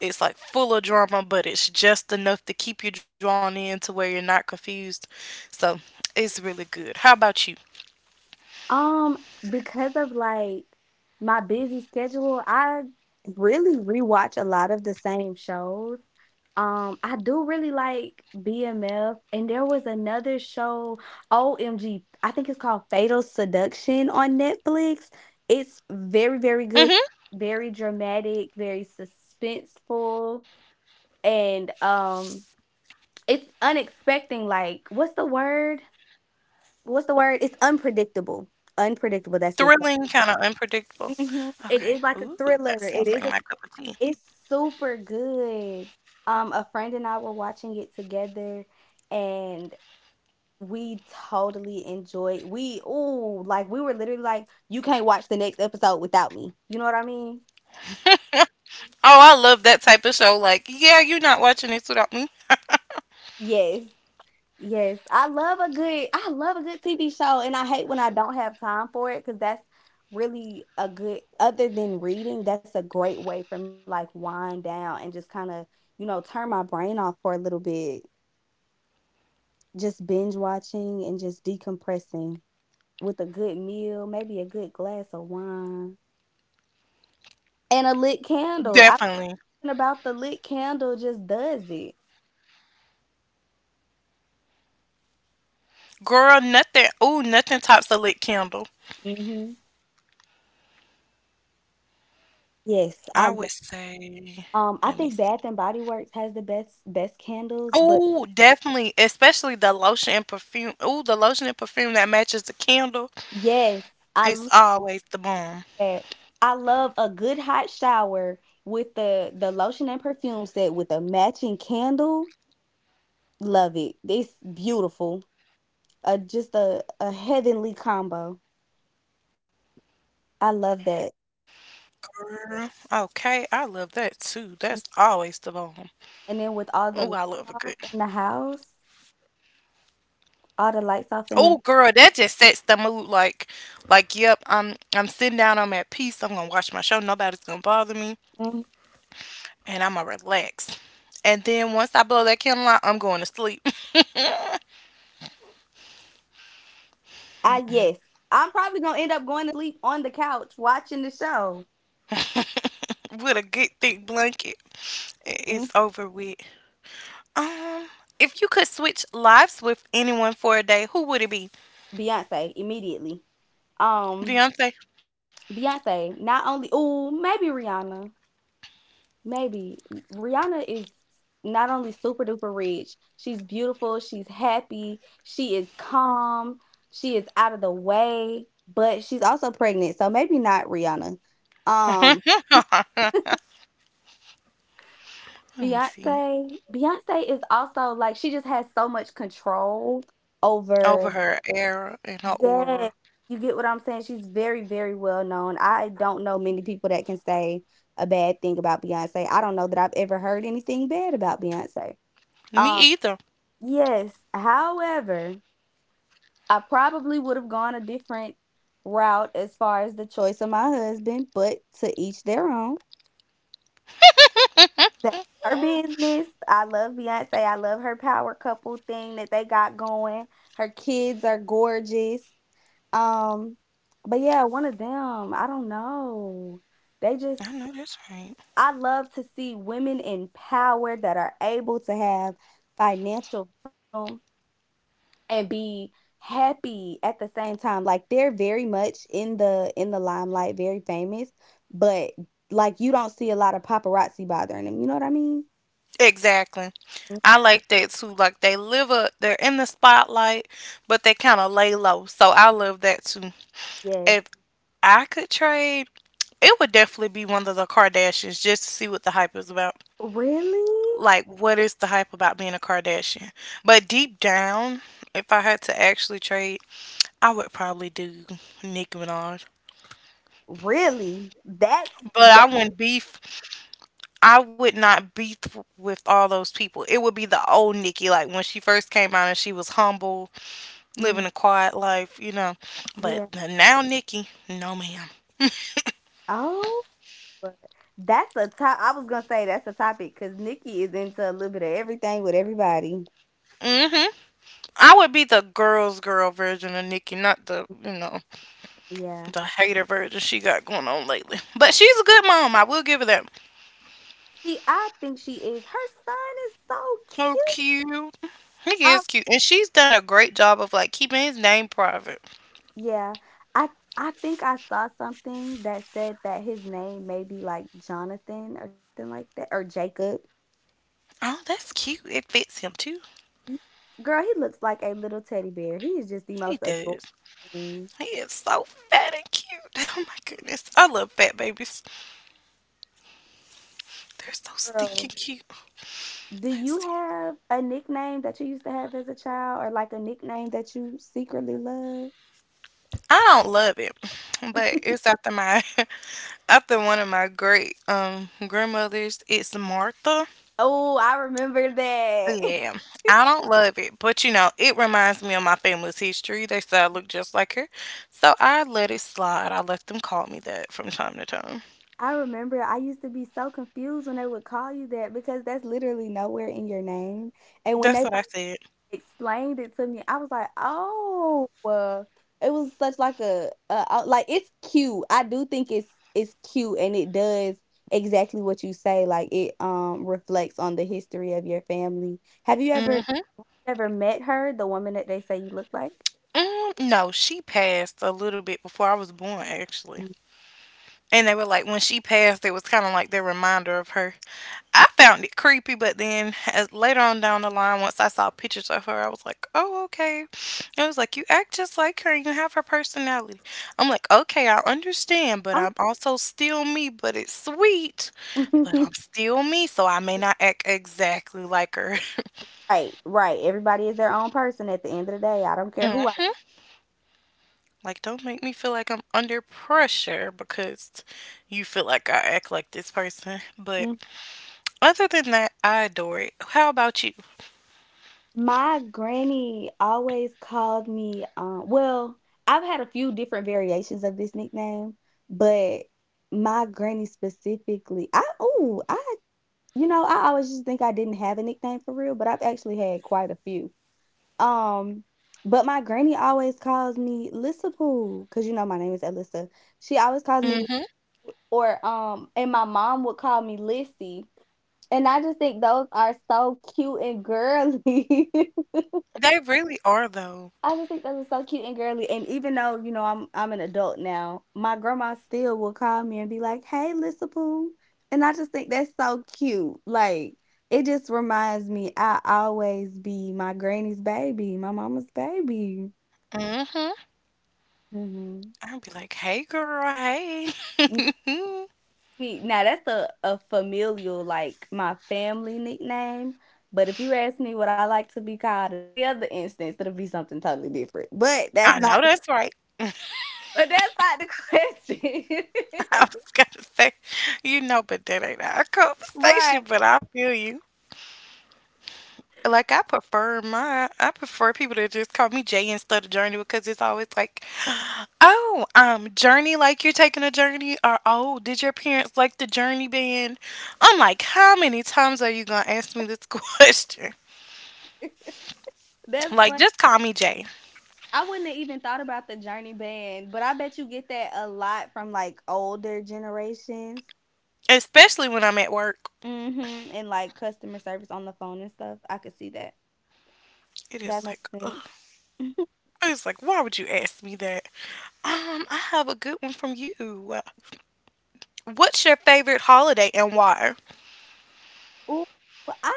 Speaker 1: It's like full of drama, but it's just enough to keep you drawn in to where you're not confused. So it's really good. How about you?
Speaker 2: Um, because of, like, my busy schedule, I really rewatch a lot of the same shows. Um, I do really like B M F, and there was another show, O M G, I think it's called Fatal Seduction on Netflix. It's very, very
Speaker 1: mm
Speaker 2: good,
Speaker 1: hmm
Speaker 2: very dramatic, very suspenseful, and, um, it's unexpected. Like, what's the word? What's the word? It's unpredictable. Unpredictable, that's the
Speaker 1: Thrilling, kind of unpredictable.
Speaker 2: Mhm. It
Speaker 1: Okay.
Speaker 2: is like a
Speaker 1: Ooh,
Speaker 2: thriller.
Speaker 1: that
Speaker 2: It
Speaker 1: sounds
Speaker 2: is
Speaker 1: like
Speaker 2: a
Speaker 1: my cup of tea.
Speaker 2: it's super good. Um, a friend and I were watching it together and we totally enjoyed. We Ooh, like we were literally like, you can't watch the next episode without me. You know what I mean?
Speaker 1: Oh, I love that type of show. Like, yeah, you're not watching this without me.
Speaker 2: Yes. Yes, I love a good I love a good T V show, and I hate when I don't have time for it because that's really a good, other than reading, that's a great way for me to, like, wind down and just kinda, you know, turn my brain off for a little bit. Just binge watching and just decompressing with a good meal, maybe a good glass of wine, and a lit candle. I don't
Speaker 1: Definitely.
Speaker 2: know about the lit candle just does it.
Speaker 1: Girl, nothing. Ooh, nothing tops a lit candle.
Speaker 2: Mhm. Yes, I
Speaker 1: I
Speaker 2: lo
Speaker 1: would say,
Speaker 2: um, I
Speaker 1: let me
Speaker 2: think
Speaker 1: see.
Speaker 2: Bath & and Body Works has the best best candles, but
Speaker 1: Oh, definitely, especially the lotion and perfume. Oh, the lotion and perfume that matches the candle.
Speaker 2: yes, I
Speaker 1: It's
Speaker 2: love
Speaker 1: always the bomb.
Speaker 2: that. I love a good hot shower with the the lotion and perfume set with a matching candle. Love it. It's beautiful. Uh, just a a heavenly combo. I love that.
Speaker 1: Girl, okay, I love that too. That's
Speaker 2: Mm.
Speaker 1: always the bomb.
Speaker 2: And then with
Speaker 1: Oh,
Speaker 2: all
Speaker 1: I
Speaker 2: the
Speaker 1: love a
Speaker 2: lights
Speaker 1: good.
Speaker 2: off in the house, all the lights off in the
Speaker 1: Oh, girl, that just sets the mood. Like, like, yep, I'm I'm sitting down. I'm at peace. I'm gonna watch my show. Nobody's gonna bother me,
Speaker 2: Mhm.
Speaker 1: and I'm gonna relax. And then once I blow that candle out, I'm going to sleep
Speaker 2: I yes, I'm probably gonna end up going to sleep on the couch watching the show.
Speaker 1: with a good thick blanket. I-
Speaker 2: Mm.
Speaker 1: It's over with. Um, if you could switch lives with anyone for a day, who would it be?
Speaker 2: Beyonce immediately. Um,
Speaker 1: Beyonce.
Speaker 2: Beyonce. Not only. Ooh, maybe Rihanna. Maybe. Rihanna is not only super duper rich, she's beautiful, she's happy, she is calm, she is out of the way, but she's also pregnant, so maybe not Rihanna. Um,
Speaker 1: Let me see.
Speaker 2: Beyoncé Beyoncé is also, like, she just has so much control
Speaker 1: Over
Speaker 2: over.
Speaker 1: her era and her
Speaker 2: Yes,
Speaker 1: aura.
Speaker 2: you get what I'm saying? She's very, very well known. I don't know many people that can say a bad thing about Beyoncé. I don't know that I've ever heard anything bad about Beyoncé.
Speaker 1: Me
Speaker 2: Um.
Speaker 1: either.
Speaker 2: Yes. However, I probably would have gone a different route as far as the choice of my husband, but to each their own. That's her business. I love Beyonce. I love her power couple thing that they got going. Her kids are gorgeous. Um, but yeah, one of them, I don't know. They just
Speaker 1: I know that's right.
Speaker 2: I love to see women in power that are able to have financial freedom and be happy at the same time. Like they're very much in the in the limelight, very famous, but like you don't see a lot of paparazzi bothering them, you know what I mean?
Speaker 1: Exactly.
Speaker 2: Mm.
Speaker 1: I like that too. Like they live a, they're in the spotlight, but they kind of lay low. So I love that too.
Speaker 2: Yes.
Speaker 1: If I could trade, it would definitely be one of the Kardashians just to see what the hype is about.
Speaker 2: Really.
Speaker 1: Like, what is the hype about being a Kardashian? But deep down, if I had to actually trade, I would probably do Nicki Minaj.
Speaker 2: Really that's
Speaker 1: But I
Speaker 2: that
Speaker 1: wouldn't be I would not be th- with all those people. It would be the old Nikki, like when she first came out and she was humble,
Speaker 2: Mm,
Speaker 1: living a quiet life, you know. But
Speaker 2: yeah.
Speaker 1: the now Nikki, no ma'am.
Speaker 2: Oh. But that's a top I was gonna say that's a topic, because Nikki is into a little bit of everything with everybody.
Speaker 1: hmm I would be the girl's girl version of Nikki, not the you know
Speaker 2: Yeah.
Speaker 1: the hater version she got going on lately. But she's a good mom. I will give her that.
Speaker 2: she I think she is. Her son is so
Speaker 1: So
Speaker 2: cute.
Speaker 1: cute. He is cute, and she's done a great job of like keeping his name private.
Speaker 2: Yeah. I I think I saw something that said that his name may be like Jonathan or something like that, or Jacob.
Speaker 1: Oh, that's cute. It fits him too.
Speaker 2: Ye- Girl, he looks like a little teddy bear. He is just the
Speaker 1: He
Speaker 2: most
Speaker 1: does.
Speaker 2: adoring
Speaker 1: He is so fat and cute. Oh my goodness. I love fat babies. They're so stinking
Speaker 2: girl.
Speaker 1: cute.
Speaker 2: Do
Speaker 1: Let's
Speaker 2: you
Speaker 1: see.
Speaker 2: have a nickname that you used to have as a child, or like a nickname that you secretly love?
Speaker 1: I don't love it, but it's after my after one of my great um grandmothers. It's Martha.
Speaker 2: Oh, I remember that.
Speaker 1: Yeah, I don't love it, but you know it reminds me of my family's history. They said I look just like her, so I let it slide. I let them call me that from time to time.
Speaker 2: I remember I used to be so confused when they would call you that because that's literally nowhere in your name. And when
Speaker 1: That's
Speaker 2: they
Speaker 1: what I said.
Speaker 2: explained it to me, I was like, "Oh." uh, It was such like a, a a- like, it's cute. I do think it's it's cute, and it does exactly what you say. Like it um reflects on the history of your family. Have you ever
Speaker 1: hmm
Speaker 2: ever met her, the woman that they say you look like?
Speaker 1: Mm, no, she passed a little bit before I was born, actually.
Speaker 2: Mm.
Speaker 1: And they were like, when she passed, it was kind of like their reminder of her. I found it creepy, but then as later on down the line, once I saw pictures of her, I was like, oh, okay. It was like, you act just like her, you have her personality. I'm like, okay, I understand, but
Speaker 2: Oh.
Speaker 1: I'm also still me, but it's sweet, but I'm still me, so I may not act exactly like her.
Speaker 2: Right, right. Everybody is their own person at the end of the day. I don't care who
Speaker 1: hmm Like, don't make me feel like I'm under pressure because you feel like I act like this person. But
Speaker 2: I
Speaker 1: other than that, I adore it. How about you?
Speaker 2: My granny always called me, um, well, I've had a few different variations of this nickname, but my granny specifically, I, oh, I, you know, I always just think I didn't have a nickname for real, but I've actually had quite a few. Um, but my granny always calls me Lissa because you know my name is Alyssa. She always calls me,
Speaker 1: Mhm.
Speaker 2: or um, and my mom would call me Lissy. And I just think those are so cute and girly.
Speaker 1: They really are though.
Speaker 2: I just think that was so cute and girly, and even though, you know, I'm I'm an adult now, my grandma still will call me and be like, "Hey, Lissa Poo," and I just think that's so cute, like, it just reminds me I always be my granny's baby, my mama's baby.
Speaker 1: Mhm.
Speaker 2: Mhm.
Speaker 1: Would be like, "Hey girl, hey."
Speaker 2: Mm, me now that's a a familial, like, my family nickname, but if you ask me what I like to be called in any other instance, it'll be something totally different, but that's
Speaker 1: I
Speaker 2: not
Speaker 1: know that's right.
Speaker 2: but that's not the
Speaker 1: I was
Speaker 2: question.
Speaker 1: gonna say, you know, but that ain't our conversation,
Speaker 2: Right.
Speaker 1: but I feel you. Like I prefer my I prefer people to just call me Jay instead of Journey because it's always like, oh, um, Journey, like you're taking a journey, or oh, did your parents like the Journey band? I'm like, how many times are you gonna ask me this question?
Speaker 2: That's
Speaker 1: Like
Speaker 2: funny.
Speaker 1: just call me Jay,
Speaker 2: I wouldn't have even thought about the Journey band, but I bet you get that a lot from like older generations.
Speaker 1: especially when I'm at work.
Speaker 2: Mhm. And like customer service on the phone and stuff. I could see that.
Speaker 1: It is
Speaker 2: That makes
Speaker 1: like
Speaker 2: sense.
Speaker 1: it's like why would you ask me that? Um, I have a good one from you. What's your favorite holiday and why?
Speaker 2: Ooh, well, I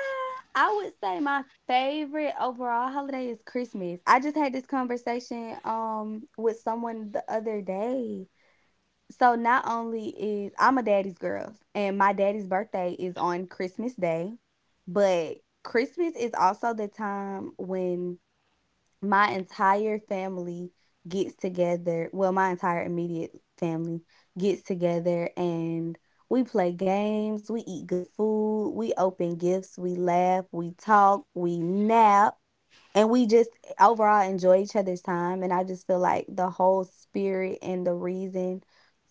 Speaker 2: I would say my favorite overall holiday is Christmas. I just had this conversation um with someone the other day. So not only is I'm a daddy's girl and my daddy's birthday is on Christmas Day, but Christmas is also the time when my entire family gets together. Well, my entire immediate family gets together and we play games, we eat good food, we open gifts, we laugh, we talk, we nap and we just overall enjoy each other's time. And I just feel like the whole spirit and the reason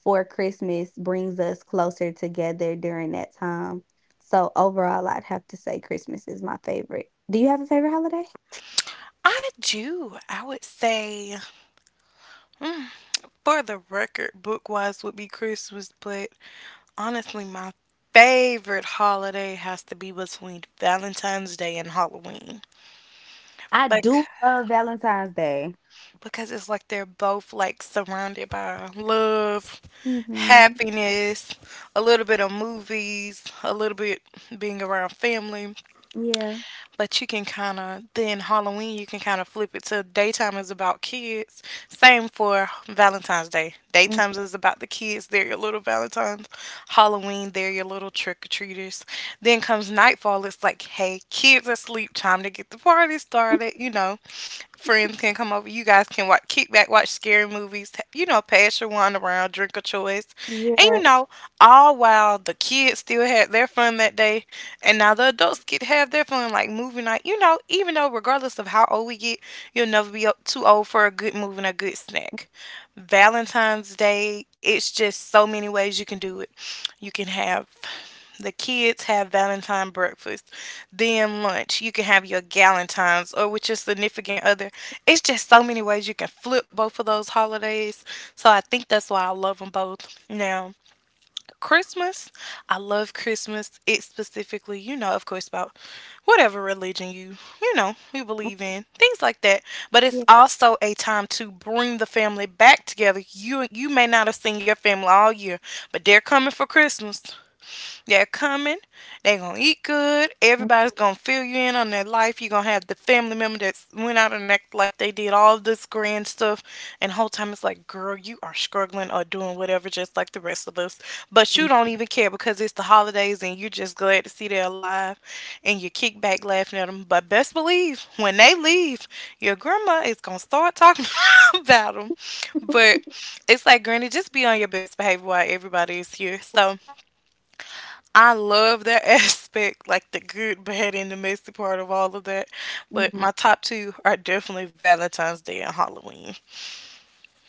Speaker 2: for Christmas brings us closer together during that time, so overall I'd have to say Christmas is my favorite. Do you have a favorite holiday?
Speaker 1: I do. I would say, mm, for the record, book wise would be Christmas, but honestly, my favorite holiday has to be between Valentine's Day and Halloween.
Speaker 2: I
Speaker 1: Like
Speaker 2: do love Valentine's Day.
Speaker 1: because it's like they're both like surrounded by love
Speaker 2: Mm-hmm.
Speaker 1: happiness, a little bit of movies, a little bit being around family.
Speaker 2: Yeah.
Speaker 1: But you can kind of, then Halloween, you can kind of flip it to daytime is about kids. Same for Valentine's Day.
Speaker 2: Mhm.
Speaker 1: Daytimes is about the kids, they're your little Valentine's. Halloween, they're your little trick or treaters. Then comes nightfall, it's like, hey, kids are asleep, time to get the party started, you know. Friends can come over. You guys can watch, kick back, watch scary movies. t- You know, pass your wine around, drink a choice, and you
Speaker 2: Yeah.
Speaker 1: know, all while the kids still had their fun that day, and now the adults get to have their fun like movie night. You know, even though regardless of how old we get, you'll never be up too old for a good movie and a good snack. Valentine's Day, it's just so many ways you can do it. You can have the kids have Valentine breakfast, then lunch. You can have your Galentine's or with your significant other. It's just so many ways you can flip both of those holidays. So I think that's why I love them both. Now, Christmas, I love Christmas. It's specifically, you know, of course, about whatever religion you, you know, you
Speaker 2: Mhm.
Speaker 1: believe in, things like that. But it's
Speaker 2: Yeah.
Speaker 1: also a time to bring the family back together. You you may not have seen your family all year, but they're coming for Christmas. They're coming. They're going to eat good. Everybody's going to fill you in on their life. You're going to have the family member that went out and act like they did all this grand stuff. And the whole time it's like, girl, you are struggling or doing whatever just like the rest of us. But you
Speaker 2: Hmm.
Speaker 1: don't even care because it's the holidays and you're just glad to see they're alive. And you kick back laughing at them. But best believe, when they leave, your grandma is going to start talking about them. But it's like, Granny, just be on your best behavior while everybody is here. So I love that aspect, like the good, bad, and the messy part of all of that. But
Speaker 2: Hmm.
Speaker 1: my top two are definitely Valentine's Day and Halloween.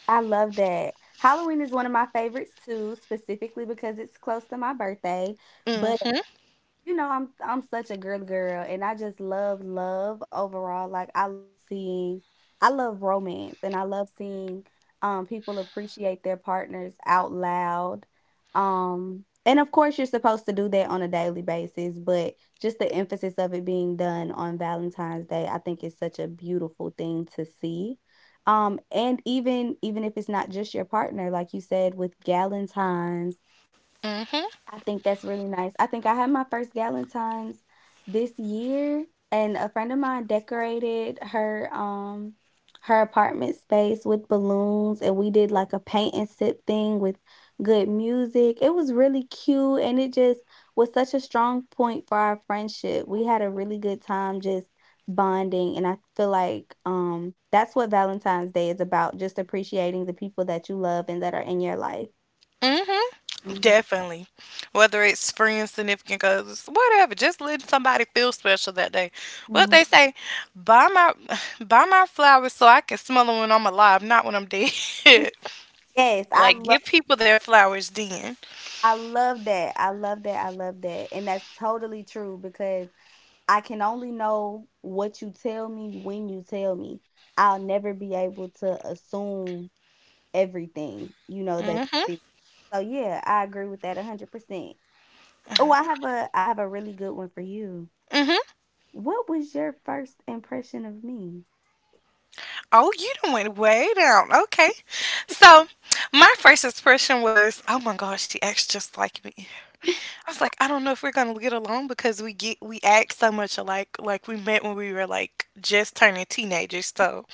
Speaker 2: I love that Halloween is one of my favorites too, specifically because it's close to my birthday, but
Speaker 1: Mhm,
Speaker 2: you know, I'm I'm such a girly girl and I just love love overall. Like I love seeing I love romance and I love seeing um people appreciate their partners out loud. Um and of course you're supposed to do that on a daily basis, but just the emphasis of it being done on Valentine's Day, I think is such a beautiful thing to see. Um and even even if it's not just your partner, like you said with Galentine's.
Speaker 1: mhm,
Speaker 2: I think that's really nice. I think I had my first Galentine's this year, and a friend of mine decorated her um her apartment space with balloons, and we did like a paint and sip thing with good music. It was really cute, and it just was such a strong point for our friendship. We had a really good time just bonding, and I feel like um that's what Valentine's Day is about, just appreciating the people that you love and that are in your life.
Speaker 1: mhm.
Speaker 2: Mhm.
Speaker 1: Definitely, whether it's friends, significant others, whatever, just letting somebody feel special that day. What
Speaker 2: Mhm.
Speaker 1: they say, buy my, buy my flowers so I can smell them when I'm alive, not when I'm dead.
Speaker 2: Yes, I
Speaker 1: Like
Speaker 2: love
Speaker 1: give people their flowers then.
Speaker 2: I love that. I love that. I love that. And that's totally true because I can only know what you tell me when you tell me. I'll never be able to assume everything, you know, that you
Speaker 1: Mhm,
Speaker 2: feel. So yeah, I agree with that one hundred percent. Oh, I have a I have a really good one for you.
Speaker 1: mhm.
Speaker 2: What was your first impression of me?
Speaker 1: Oh, you done went way down. Okay. So my first expression was, oh my gosh, she acts just like me. I was like, I don't know if we're gonna get along because we get we act so much alike. Like we met when we were like just turning teenagers. So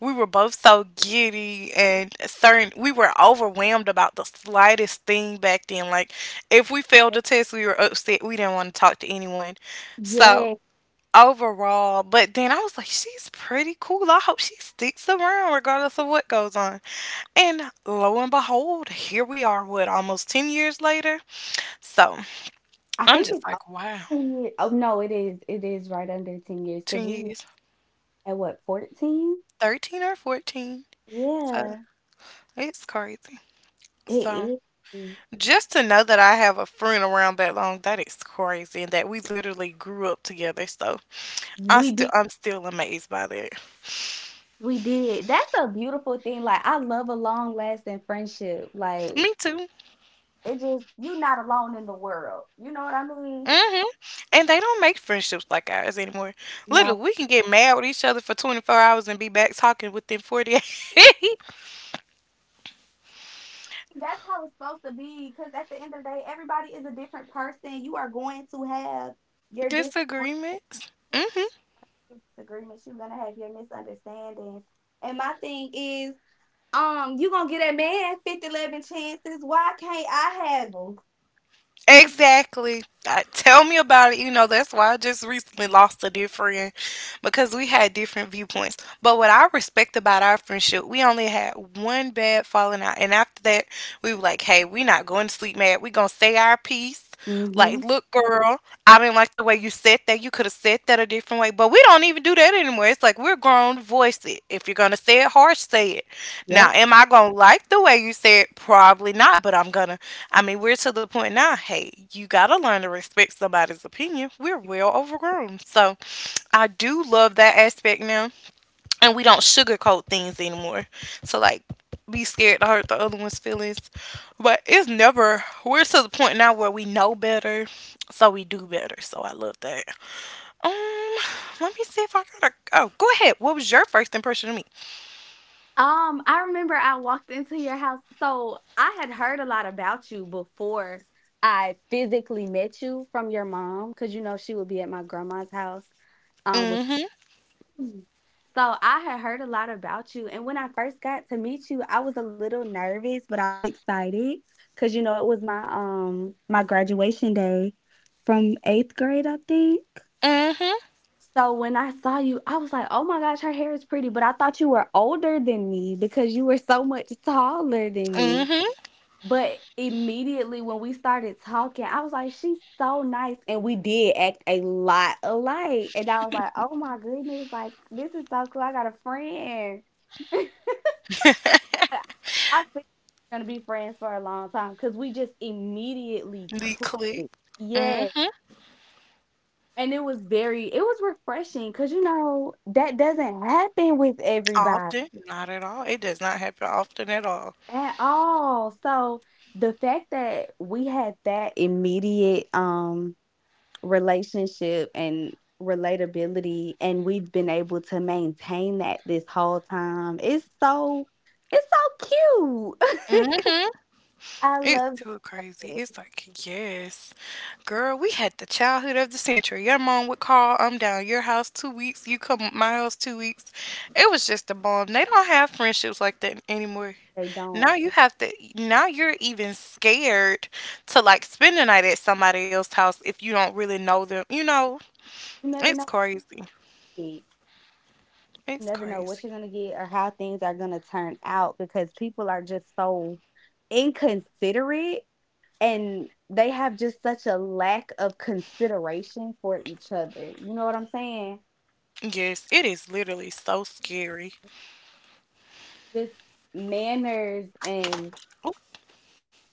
Speaker 1: we were both so giddy and certain we were overwhelmed about the slightest thing back then. Like if we failed
Speaker 2: Oh,
Speaker 1: a test, we were upset. We didn't want to talk to anyone. So
Speaker 2: yeah,
Speaker 1: overall. But then I was like, she's pretty cool. I hope she sticks around regardless of what goes on. And lo and behold, here we are, what, almost ten years later? So
Speaker 2: I
Speaker 1: I'm
Speaker 2: think
Speaker 1: just
Speaker 2: it's over
Speaker 1: like, wow,
Speaker 2: ten years. Oh no, it is. It is right under ten years because
Speaker 1: ten
Speaker 2: we met
Speaker 1: years,
Speaker 2: at what, fourteen?
Speaker 1: thirteen or fourteen. So
Speaker 2: Yeah.
Speaker 1: it's crazy. So
Speaker 2: It is.
Speaker 1: just to know that I have a friend around that long, that is crazy. And that we literally grew up together. So I
Speaker 2: We
Speaker 1: still
Speaker 2: did
Speaker 1: I'm still amazed by that.
Speaker 2: we did. That's a beautiful thing, like, I love a long-lasting friendship, like,
Speaker 1: Me too.
Speaker 2: it just you are not alone in the world, you know what I mean?
Speaker 1: Hmm And they don't make friendships like ours anymore.
Speaker 2: No.
Speaker 1: Literally, we can get mad with each other for twenty-four hours and be back talking within forty-eight.
Speaker 2: That's how it's supposed to be. Because at the end of the day, everybody is a different person. You are going to have your disagreements
Speaker 1: Disagreements. Hmm
Speaker 2: your disagreements, you're gonna have your misunderstandings, and my thing is, um, you gonna get that man fifty, eleven chances, why can't I mm 'em?
Speaker 1: Exactly. Uh, tell me about it. You know, that's why I just recently lost a dear friend because we had different viewpoints. But what I respect about our friendship, we only had one bad falling out. And after that, we were like, hey, we not going to sleep mad. We going to say our piece. Like,
Speaker 2: Mhm.
Speaker 1: look, girl, I didn't like the way you said that. You could have said that a different way. But we don't even do that anymore. It's like we're grown, voice it. If you're going to say it harsh, say it. Now,
Speaker 2: Yep.
Speaker 1: am I going to like the way you said? Probably not. But I'm going to, I mean, we're to the point now, hey, you got to learn to respect somebody's opinion. We're well overgrown. So I do love that aspect now. And we don't sugarcoat things anymore. So, like, be scared to hurt the other one's feelings. But it's never, we're to the point now where we know better. So we do better. So I love that. Um, Let me see if I got a, oh, go ahead. What was your first impression of me?
Speaker 2: Um, I remember I walked into your house. So I had heard a lot about you before I physically met you from your mom, because you know she would be at my grandma's house. Um, with
Speaker 1: Mm hmm.
Speaker 2: Mm. So I had heard a lot about you, and when I first got to meet you, I was a little nervous, but I was excited because you know it was my um my graduation day from eighth grade, I think.
Speaker 1: Mm hmm.
Speaker 2: So when I saw you, I was like, "Oh my gosh, her hair is pretty," but I thought you were older than me because you were so much taller than me.
Speaker 1: Mm
Speaker 2: But immediately when we started talking, I was like, "She's so nice," and we did act a lot alike. And I was like, "Oh my goodness, like this is so cool. I got a friend."
Speaker 1: hmm.
Speaker 2: But I think we're gonna be friends for a long time because we just immediately
Speaker 1: The
Speaker 2: clicked.
Speaker 1: click.
Speaker 2: Yeah.
Speaker 1: Mhm.
Speaker 2: And it was very it was refreshing because, you know, that doesn't happen with everybody
Speaker 1: Often, not at all. It does not happen often at all.
Speaker 2: at all. So the fact that we had that immediate um relationship and relatability and we've been able to maintain that this whole time, it's so, it's so cute.
Speaker 1: Mhm.
Speaker 2: I
Speaker 1: It's
Speaker 2: love
Speaker 1: too crazy.
Speaker 2: it.
Speaker 1: It's like, yes, girl, we had the childhood of the century. Your mom would call, I'm down at your house two weeks, you come at my house two weeks. It was just a bomb. They don't have friendships like that anymore.
Speaker 2: They
Speaker 1: Now
Speaker 2: don't.
Speaker 1: you have to, now you're even scared to like spend the night at somebody else's house if you don't really know them. You know,
Speaker 2: You never
Speaker 1: it's
Speaker 2: know.
Speaker 1: crazy.
Speaker 2: Hey, you
Speaker 1: It's
Speaker 2: never know what
Speaker 1: crazy.
Speaker 2: you're gonna get or how things are gonna turn out because people are just so inconsiderate and they have just such a lack of consideration for each other. You know what I'm saying?
Speaker 1: Yes, it is literally so scary.
Speaker 2: Just manners and
Speaker 1: Oop,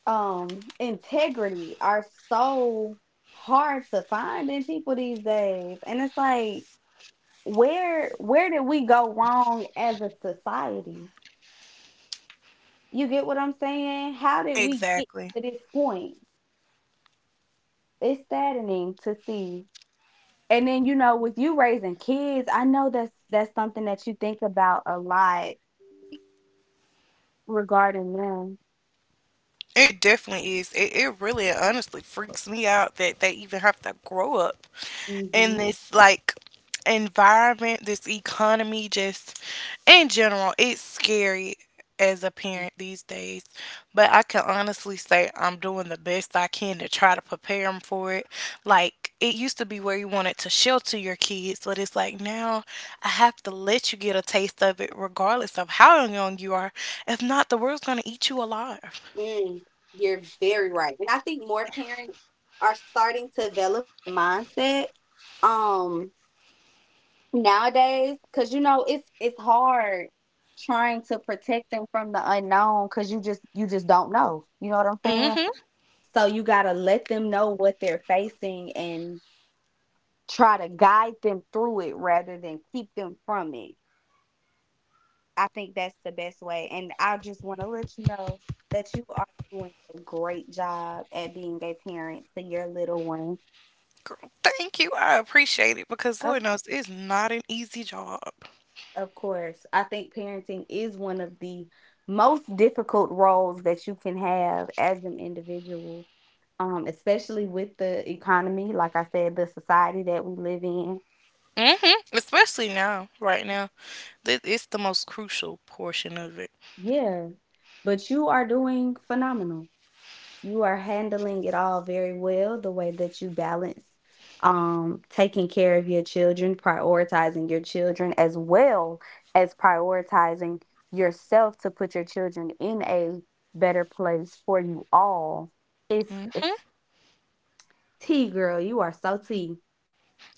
Speaker 2: um integrity are so hard to find in people these days. And it's like where where did we go wrong as a society? You get what I'm saying? How did we get
Speaker 1: exactly.
Speaker 2: to this point? It's saddening to see. And then, you know, with you raising kids, I know that's that's something that you think about a lot regarding them.
Speaker 1: It definitely is. It, it really and honestly freaks me out that they even have to grow up in
Speaker 2: Mhm.
Speaker 1: this like environment, this economy, just in general. It's scary as a parent these days. But I can honestly say I'm doing the best I can to try to prepare them for it. Like it used to be where you wanted to shelter your kids, but it's like now I have to let you get a taste of it regardless of how young you are. If not, the world's gonna eat you alive.
Speaker 2: Mm, you're very right. And I think more parents are starting to develop that mindset um nowadays cuz you know it's it's hard trying to protect them from the unknown cuz you just you just don't know. You know what I'm saying?
Speaker 1: Hmm
Speaker 2: So you got to let them know what they're facing and try to guide them through it rather than keep them from it. I think that's the best way. And I just want to let you know that you are doing a great job at being a parent to your little ones.
Speaker 1: Girl, thank you. I appreciate it because
Speaker 2: Of,
Speaker 1: Lord knows it's not an easy job.
Speaker 2: of course, I think parenting is one of the most difficult roles that you can have as an individual, um, especially with the economy, like I said, the society that we live in.
Speaker 1: Hmm Especially now, right now. Th- It's the most crucial portion of it.
Speaker 2: Yeah, but you are doing phenomenal. You are handling it all very well, the way that you balance, um, taking care of your children, prioritizing your children, as well as prioritizing yourself to put your children in a better place for you all. It's
Speaker 1: Hmm
Speaker 2: it's tea, girl. You are so tea.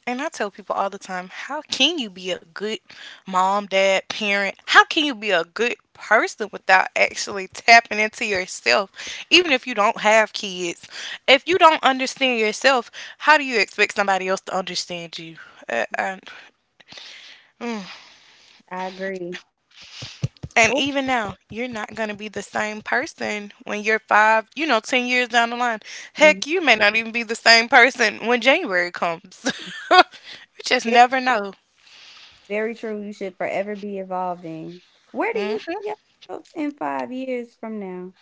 Speaker 1: And I tell people all the time, how can you be a good mom, dad, parent? How can you be a good person without actually tapping into yourself? Even if you don't have kids, if you don't understand yourself, how do you expect somebody else to understand you? Uh, I, mm.
Speaker 2: I agree.
Speaker 1: And
Speaker 2: Oh,
Speaker 1: even now, you're not going to be the same person when you're five, you know, ten years down the line.
Speaker 2: mhm.
Speaker 1: Heck, you may not even be the same person when January comes. You just
Speaker 2: very,
Speaker 1: never know.
Speaker 2: very true. You should forever be evolving. Where do you
Speaker 1: Hmm
Speaker 2: see yourself in five years from now?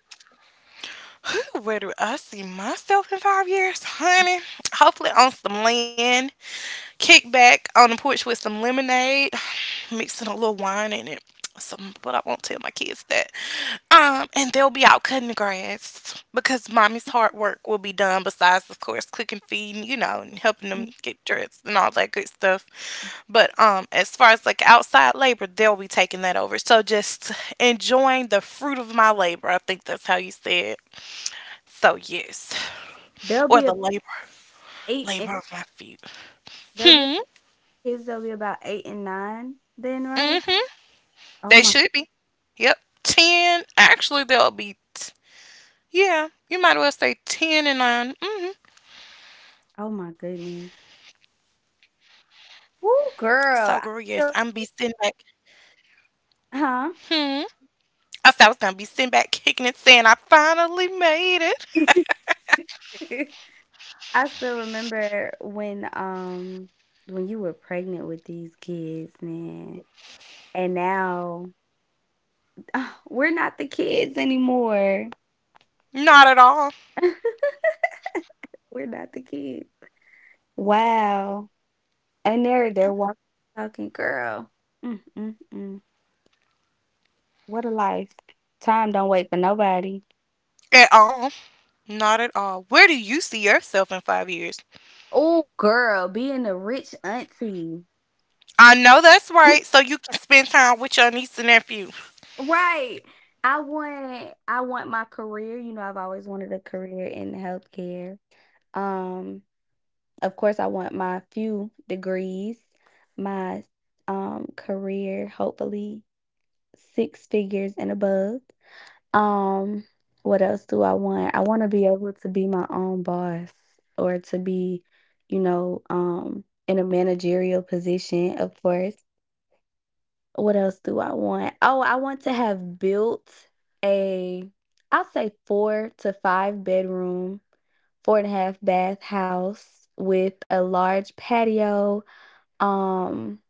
Speaker 1: Where do I see myself in five years,
Speaker 2: Mm.
Speaker 1: honey? Hopefully, on some land, kick back on the porch with some lemonade, mixing a little wine in it. Some, but I won't tell my kids that. Um, and they'll be out cutting the grass because mommy's hard work will be done besides, of course, cooking, feeding, you know, and helping
Speaker 2: Mm,
Speaker 1: them get dressed and all that good stuff. But um, as far as like outside labor, they'll be taking that over. So just enjoying the fruit of my labor. I think that's how you say it. So yes,
Speaker 2: They'll
Speaker 1: or
Speaker 2: be
Speaker 1: the
Speaker 2: about
Speaker 1: labor,
Speaker 2: 8 and
Speaker 1: labor of my feet.
Speaker 2: they'll be
Speaker 1: Hmm.
Speaker 2: kids, they'll be about eight and nine then, right?
Speaker 1: Mm-hmm.
Speaker 2: Oh
Speaker 1: They
Speaker 2: my
Speaker 1: should be. Yep. Ten. Actually, they'll be. T- yeah. You might as well say ten and nine. Mm-hmm.
Speaker 2: oh my goodness. Ooh,
Speaker 1: So,
Speaker 2: girl,
Speaker 1: girl,
Speaker 2: I
Speaker 1: yes,
Speaker 2: feel
Speaker 1: I'm be sitting back.
Speaker 2: huh?
Speaker 1: Hmm. I said I was gonna be sitting back, kicking and saying I finally made it.
Speaker 2: I still remember when um when you were pregnant with these kids, man. And now we're not the kids anymore.
Speaker 1: Not at all.
Speaker 2: We're not the kids. Wow. And they're they're walking talking, girl. Mm, mm, mm. What a life. Time don't wait for nobody.
Speaker 1: At all. Not at all. Where do you see yourself in five years?
Speaker 2: Oh girl, being a rich auntie.
Speaker 1: I know that's right. So you can spend time with your niece and nephew.
Speaker 2: Right. I want I want my career. You know, I've always wanted a career in healthcare. Um Of course, I want my few degrees, my um career, hopefully six figures and above. Um, what else do I want? I want to be able to be my own boss or to be, you know, um in a managerial position, of course. What else do I want? Oh, I want to have built a I'll say four to five bedroom, four and a half bath house with a large patio, um,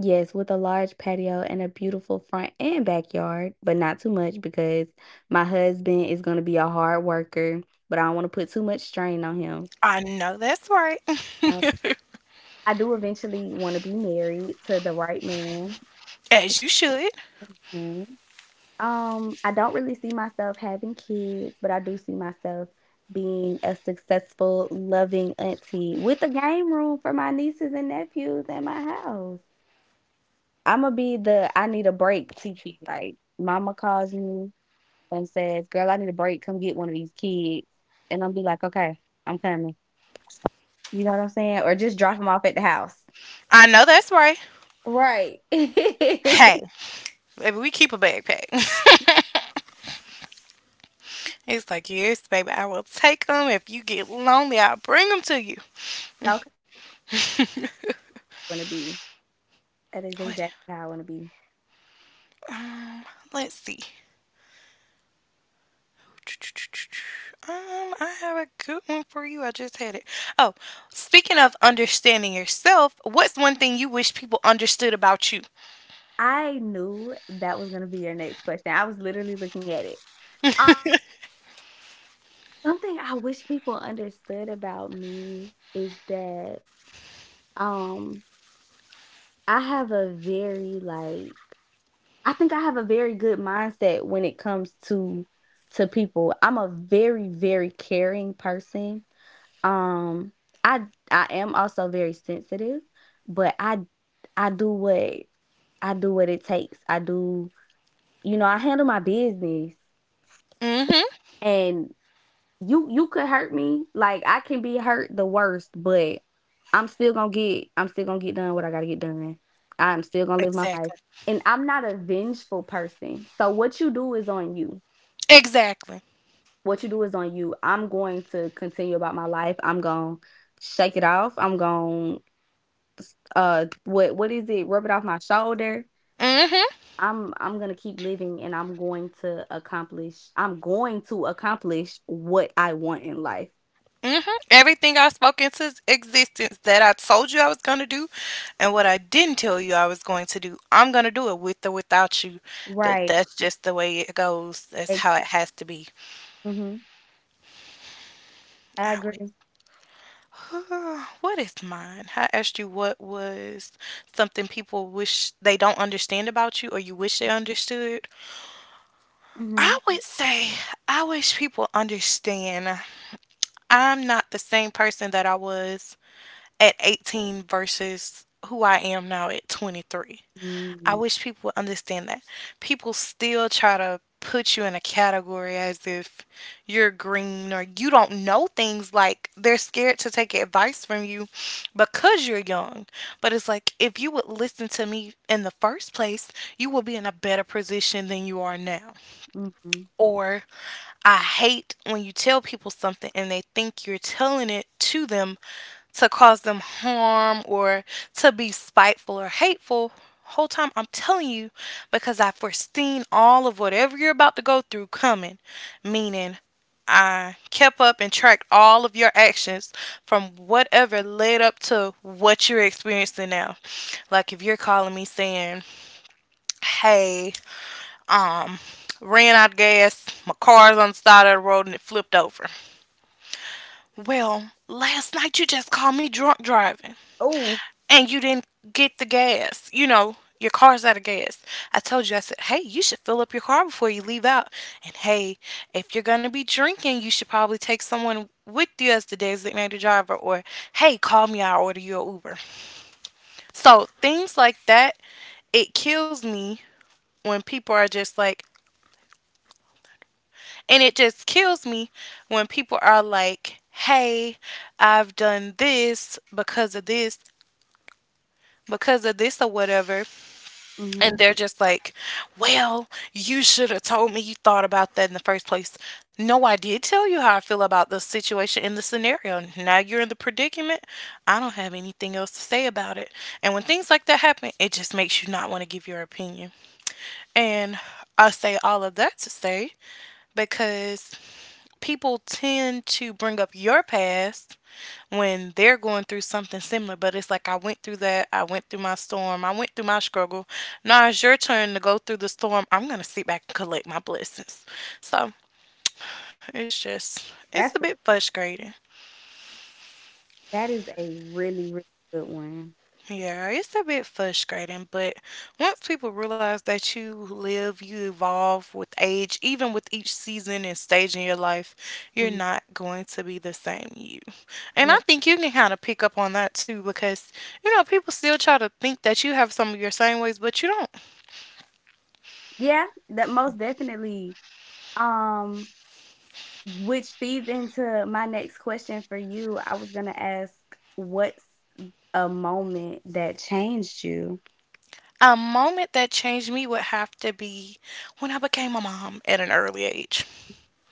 Speaker 2: yes, with a large patio and a beautiful front and backyard, but not too much because my husband is going to be a hard worker, but I don't want to put too much strain on him.
Speaker 1: I know that's right.
Speaker 2: Now, I do eventually want to be married to the right man.
Speaker 1: As you should.
Speaker 2: Mhm. Um, I don't really see myself having kids, but I do see myself being a successful, loving auntie with a game room for my nieces and nephews in my house. Imma be the I need a break Kiki, like, mama calls me and says, "Girl, I need a break, come get one of these kids," and I'll be like, "Okay, I'm coming." You know what I'm saying? Or just drop them off at the house.
Speaker 1: I know that's right.
Speaker 2: Right.
Speaker 1: Hey, baby, we keep a backpack. It's like, yes, baby, I will take them. If you get lonely, I'll bring them to you.
Speaker 2: Okay, I wanna be. That is
Speaker 1: What?
Speaker 2: exactly how I wanna be.
Speaker 1: Um, let's see. Um, I have a good one for you. I just had it. Oh, speaking of understanding yourself, what's one thing you wish people understood about you?
Speaker 2: I knew that was gonna be your next question. I was literally looking at it. Um, Something I wish people understood about me is that, um, I have a very, like I think I have a very good mindset when it comes to to people. I'm a very very caring person. Um I I am also very sensitive, but I I do what I do what it takes. I do, you know, I handle my business.
Speaker 1: Mm-hmm.
Speaker 2: And you you could hurt me. Like I can be hurt the worst, but I'm still gonna get I'm still gonna get done what I gotta get done. I'm still gonna live my life.
Speaker 1: Exactly.
Speaker 2: And I'm not a vengeful person. So what you do is on you.
Speaker 1: Exactly.
Speaker 2: What you do is on you. I'm going to continue about my life. I'm gonna shake it off. I'm gonna uh what what is it? Rub it off my shoulder.
Speaker 1: Mm-hmm.
Speaker 2: I'm I'm gonna keep living and I'm going to accomplish I'm going to accomplish what I want in life.
Speaker 1: Mm-hmm. Everything I spoke into existence that I told you I was gonna do and what I didn't tell you I was going to do, I'm gonna do it with or without you. That
Speaker 2: Right.
Speaker 1: that's just the way it goes. That's
Speaker 2: Ex-
Speaker 1: how it has to be.
Speaker 2: Mhm. I
Speaker 1: I would,
Speaker 2: agree.
Speaker 1: Uh, what is mine? I asked you what was something people wish they don't understand about you or you wish they understood. I
Speaker 2: Mhm.
Speaker 1: would say I wish people understand I'm not the same person that I was at eighteen versus who I am now at twenty-three. I
Speaker 2: Mm,
Speaker 1: wish people would understand that. People still try to put you in a category as if you're green or you don't know things. Like they're scared to take advice from you because you're young. But it's like if you would listen to me in the first place, you would be in a better position than you are now.
Speaker 2: mhm.
Speaker 1: Or I hate when you tell people something and they think you're telling it to them to cause them harm or to be spiteful or hateful. Whole time I'm telling you because I foreseen all of whatever you're about to go through coming. Meaning, I kept up and tracked all of your actions from whatever led up to what you're experiencing now. Like if you're calling me saying, "Hey, um, ran out of gas, my car's on the side of the road and it flipped over." Well, last night you just called me drunk driving.
Speaker 2: Oh,
Speaker 1: And you didn't get the gas. You know, your car's out of gas. I told you, I said, hey, you should fill up your car before you leave out. And hey, if you're going to be drinking, you should probably take someone with you as the designated driver, or hey, call me, I'll order you an Uber. So things like that, it kills me when people are just like, and it just kills me when people are like, hey, I've done this because of this, because of this, or whatever. And
Speaker 2: mhm.
Speaker 1: they're just like, well, you should have told me you thought about that in the first place. No, I did tell you how I feel about the situation in the scenario. Now you're in the predicament. I don't have anything else to say about it. And when things like that happen, it just makes you not want to give your opinion. And I say all of that to say because people tend to bring up your past when they're going through something similar, but it's like I went through that, I went through my storm, I went through my struggle. Now it's your turn to go through the storm. I'm gonna sit back and collect my blessings. So it's just it's a
Speaker 2: That's a
Speaker 1: bit frustrating.
Speaker 2: that is a really, really good one.
Speaker 1: Yeah, it's a bit frustrating, but once people realize that you live, you evolve with age, even with each season and stage in your life, you're
Speaker 2: Mhm.
Speaker 1: not going to be the same you. And I
Speaker 2: Yeah.
Speaker 1: think you can kind of pick up on that too because, you know, people still try to think that you have some of your same ways, but you don't.
Speaker 2: Yeah, that most definitely. Um, which feeds into my next question for you. I was gonna ask, what's a moment that changed you?
Speaker 1: A moment that changed me would have to be when I became a mom at an early age.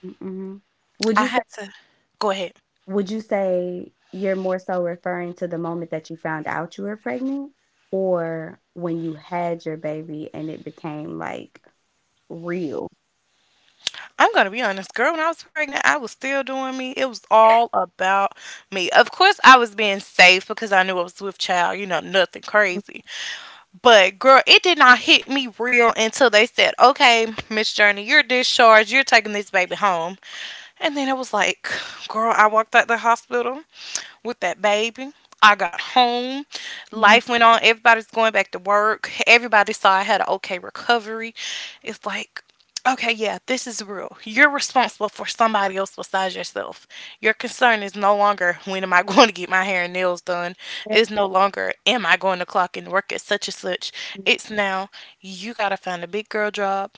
Speaker 2: Mm, mhm. Would
Speaker 1: I
Speaker 2: you say
Speaker 1: had to go ahead.
Speaker 2: Would you say you're more so referring to the moment that you found out you were pregnant or when you had your baby and it became like real?
Speaker 1: I'm going to be honest, girl, when I was pregnant, I was still doing me. It was all about me. Of course, I was being safe because I knew I was with child, you know, nothing crazy. But girl, it did not hit me real until they said, okay, Miss Journey, you're discharged. You're taking this baby home. And then it was like, girl, I walked out the hospital with that baby. I got home.
Speaker 2: Mhm,
Speaker 1: Life went on. Everybody's going back to work. Everybody saw I had an okay recovery. It's like, okay, yeah, this is real. You're responsible for somebody else besides yourself. Your concern is no longer when am I going to get my hair and nails done. It's no longer am I going to clock in work at such and such. It's now you got to find a big girl job.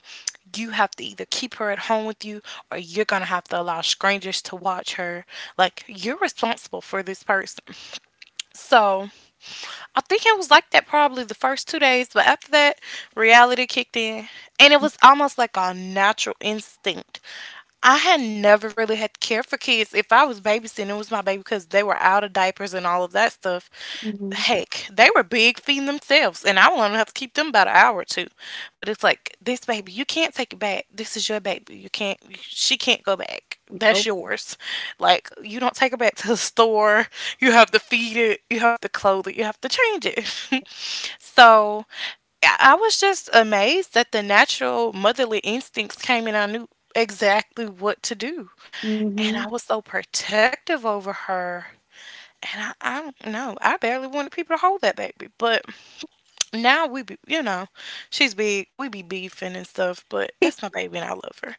Speaker 1: You have to either keep her at home with you or you're going to have to allow strangers to watch her like, you're responsible for this person. So I think it was like that probably the first two days, but after that, reality kicked in. And it
Speaker 2: mhm,
Speaker 1: was almost like a natural instinct. I had never really had care for kids. If I was babysitting, it was my baby because they were out of diapers and all of that stuff,
Speaker 2: mhm.
Speaker 1: heck, they were big feeding themselves, and I will only have to keep them about an hour or two. But it's like this baby, you can't take it back. This is your baby. You can't. She can't go back. That's
Speaker 2: Nope.
Speaker 1: yours. Like you don't take her back to the store. You have to feed it. You have to clothe it. You have to change it. So I I was just amazed that the natural motherly instincts came, and I knew exactly what to do.
Speaker 2: Mhm.
Speaker 1: And I was so protective over her. And I, I don't know. I barely wanted people to hold that baby. But now we be, you know she's big, we be beefing and stuff, but that's my baby and I love her.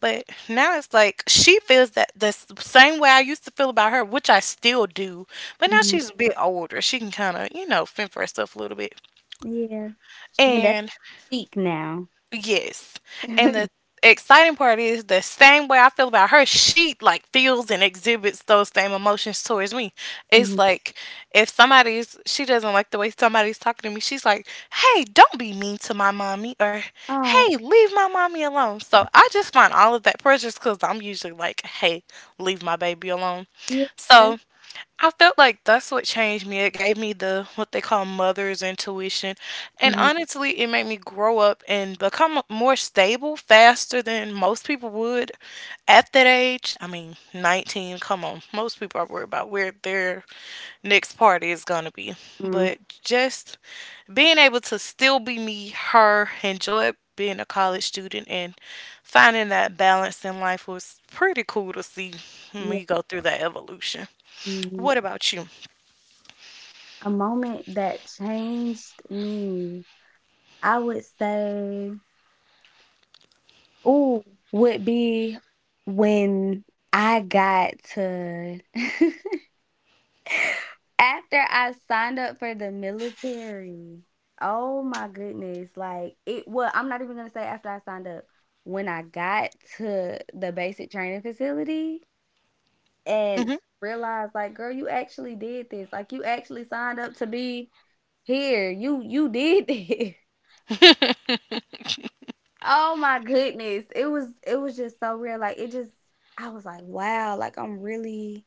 Speaker 1: But now it's like she feels that the s- same way I used to feel about her, which I still do, but now
Speaker 2: Mhm.
Speaker 1: she's a bit older, she can kind of you know fend for herself a little bit.
Speaker 2: Yeah, she can definitely
Speaker 1: And
Speaker 2: speak now.
Speaker 1: yes. And the exciting part is the same way I feel about her, she like feels and exhibits those same emotions towards me. It's
Speaker 2: Mhm.
Speaker 1: like if somebody's, she doesn't like the way somebody's talking to me, she's like, hey, don't be mean to my mommy, or
Speaker 2: Oh,
Speaker 1: hey, leave my mommy alone. So I just find all of that precious because I'm usually like, hey, leave my baby alone.
Speaker 2: yeah.
Speaker 1: So I felt like that's what changed me. It gave me the what they call mother's intuition. And
Speaker 2: Mhm.
Speaker 1: honestly, it made me grow up and become more stable faster than most people would at that age. I mean, nineteen, come on. Most people are worried about where their next party is going to be.
Speaker 2: Mm,
Speaker 1: But just being able to still be me, her, enjoy being a college student and finding that balance in life was pretty cool to see
Speaker 2: yeah.
Speaker 1: me go through that evolution.
Speaker 2: Mhm.
Speaker 1: What about you?
Speaker 2: A moment that changed me, I would say. Ooh, would be when I got to after I signed up for the military. Oh my goodness. Like it well, I'm not even gonna say after I signed up. When I got to the basic training facility and
Speaker 1: Mm-hmm.
Speaker 2: realized like, girl, you actually did this. Like you actually signed up to be here. You you did this. Oh my goodness. It was it was just so real. Like it just I was like, wow, like I'm really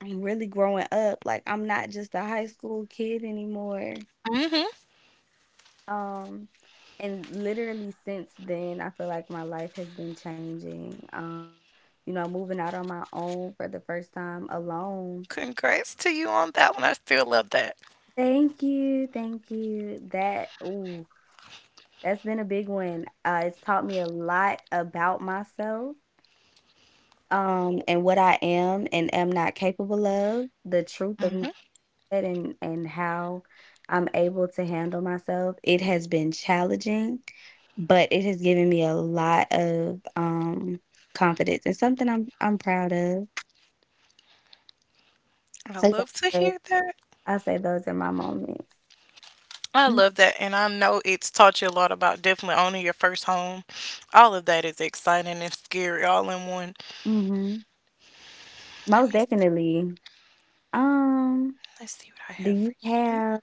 Speaker 2: I'm really growing up. Like I'm not just a high school kid anymore.
Speaker 1: Hmm.
Speaker 2: Um and literally since then I feel like my life has been changing. Um, you know, moving out on my own for the first time alone.
Speaker 1: Congrats to you on that one. I still love that.
Speaker 2: Thank you, thank you. That Ooh, that's been a big one. Uh, it's taught me a lot about myself, um, and what I am and am not capable of, the truth of my
Speaker 1: Hmm.
Speaker 2: head and and how I'm able to handle myself. It has been challenging, but it has given me a lot of um confidence and something I'm I'm proud of.
Speaker 1: I
Speaker 2: So yeah,
Speaker 1: love
Speaker 2: I
Speaker 1: to
Speaker 2: say,
Speaker 1: hear that.
Speaker 2: I say those are my moments.
Speaker 1: I love that. And I know it's taught you a lot about definitely owning your first home. All of that is exciting and scary all in one.
Speaker 2: Mm-hmm.
Speaker 1: Let
Speaker 2: Most
Speaker 1: me,
Speaker 2: definitely. Um,
Speaker 1: let's see what I
Speaker 2: do
Speaker 1: have for
Speaker 2: you have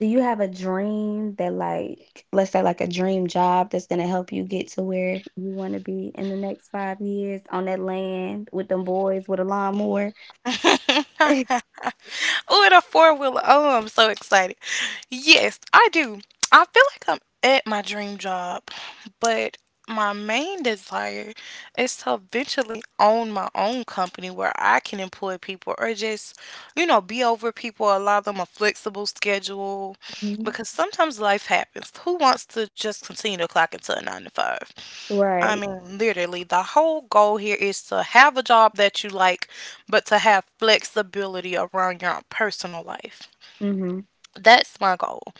Speaker 2: Do you have a dream that, like let's say, like, a dream job that's gonna help you get to where you wanna be in the next five years on that land with them boys with a lawnmower?
Speaker 1: you. Oh, and a four wheeler. Oh, I'm so excited. Yes, I do. I feel like I'm at my dream job, but my main desire is to eventually own my own company where I can employ people or just, you know, be over people, allow them a flexible schedule
Speaker 2: Mhm.
Speaker 1: because sometimes life happens. Who wants to just continue to clock until nine to five? I
Speaker 2: Right.
Speaker 1: mean, literally, the whole goal here is to have a job that you like, but to have flexibility around your personal life.
Speaker 2: Mhm.
Speaker 1: That's my goal.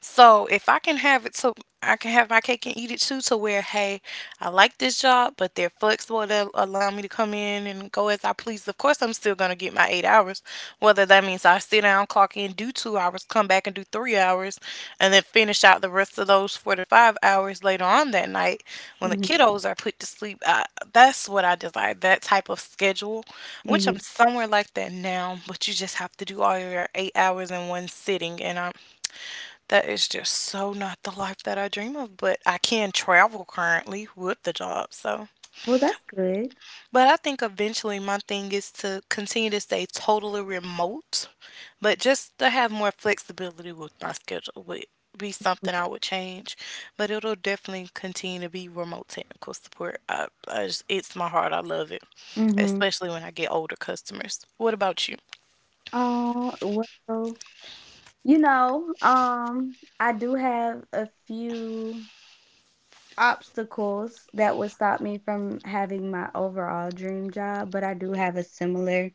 Speaker 1: So if I can have it so I can have my cake and eat it too to where, hey, I like this job, but they're flexible to allow me to come in and go as I please. Of course I'm still gonna get my eight hours. Whether that means I sit down, clock in, do two hours, come back and do three hours, and then finish out the rest of those four to five hours later on that night when the
Speaker 2: Mhm.
Speaker 1: kiddos are put to sleep. I, that's what I desire, that type of schedule, which
Speaker 2: Mhm.
Speaker 1: I'm somewhere like that now, but you just have to do all your eight hours in one sitting and I'm, that is just so not the life that I dream of, but I can travel currently with the job. So,
Speaker 2: Well, that's good.
Speaker 1: but I think eventually my thing is to continue to stay totally remote, but just to have more flexibility with my schedule would be something I would change. But it'll definitely continue to be remote technical support. I, I just, it's my heart. I love it,
Speaker 2: Mhm.
Speaker 1: especially when I get older customers. What about you?
Speaker 2: Oh, well, you know, um, I do have a few obstacles that would stop me from having my overall dream job, but I do have a similar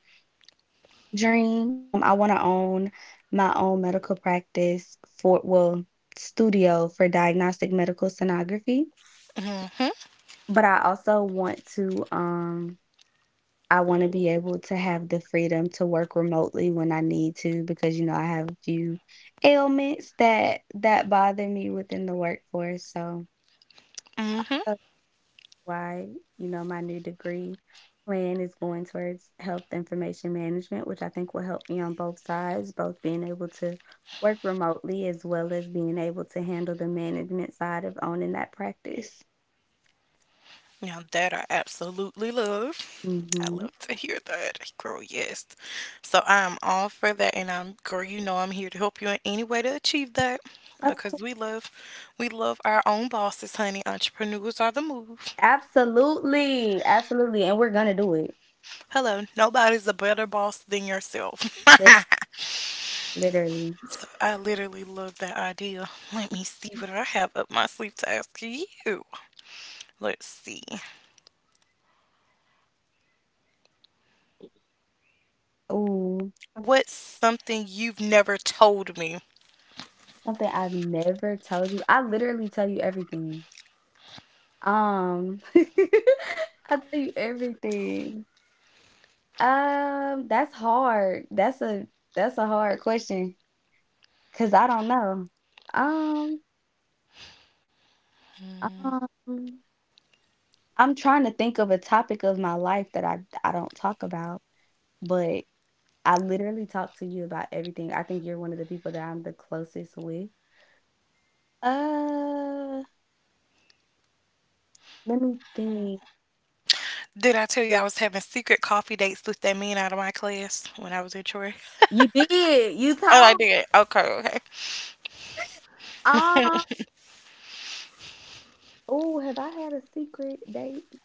Speaker 2: dream. Um, I want to own my own medical practice for, well, studio for diagnostic medical sonography,
Speaker 1: Hmm.
Speaker 2: but I also want to, um, I wanna be able to have the freedom to work remotely when I need to because, you know, I have a few ailments that that bother me within the workforce, so
Speaker 1: Hmm.
Speaker 2: that's why, you know, my new degree plan is going towards health information management, which I think will help me on both sides, both being able to work remotely as well as being able to handle the management side of owning that practice.
Speaker 1: Now that I absolutely love. I
Speaker 2: Mhm.
Speaker 1: love to hear that, girl. Yes. So I'm all for that, and I'm, girl, you know I'm here to help you in any way to achieve that,
Speaker 2: Of
Speaker 1: because
Speaker 2: course.
Speaker 1: we love, we love our own bosses, honey. Entrepreneurs are the move.
Speaker 2: Absolutely, absolutely, and we're gonna do it.
Speaker 1: Hello, nobody's a better boss than yourself.
Speaker 2: Literally.
Speaker 1: I literally love that idea. Let me see what I have up my sleeve to ask you. Let's see.
Speaker 2: Ooh,
Speaker 1: What's something you've never told me?
Speaker 2: something I've never told you. I literally tell you everything. Um, I tell you everything. Um, that's hard. That's a that's a hard question because I don't know. Um, um, I'm trying to think of a topic of my life that I I don't talk about, but I literally talk to you about everything. I think you're one of the people that I'm the closest with. Uh, let me think.
Speaker 1: Did I tell you I was having secret coffee dates with that man out of my class when I was in Troy?
Speaker 2: You did. You
Speaker 1: Oh, I
Speaker 2: told.
Speaker 1: did. Okay, okay.
Speaker 2: Uh, Oh, have I had a secret date?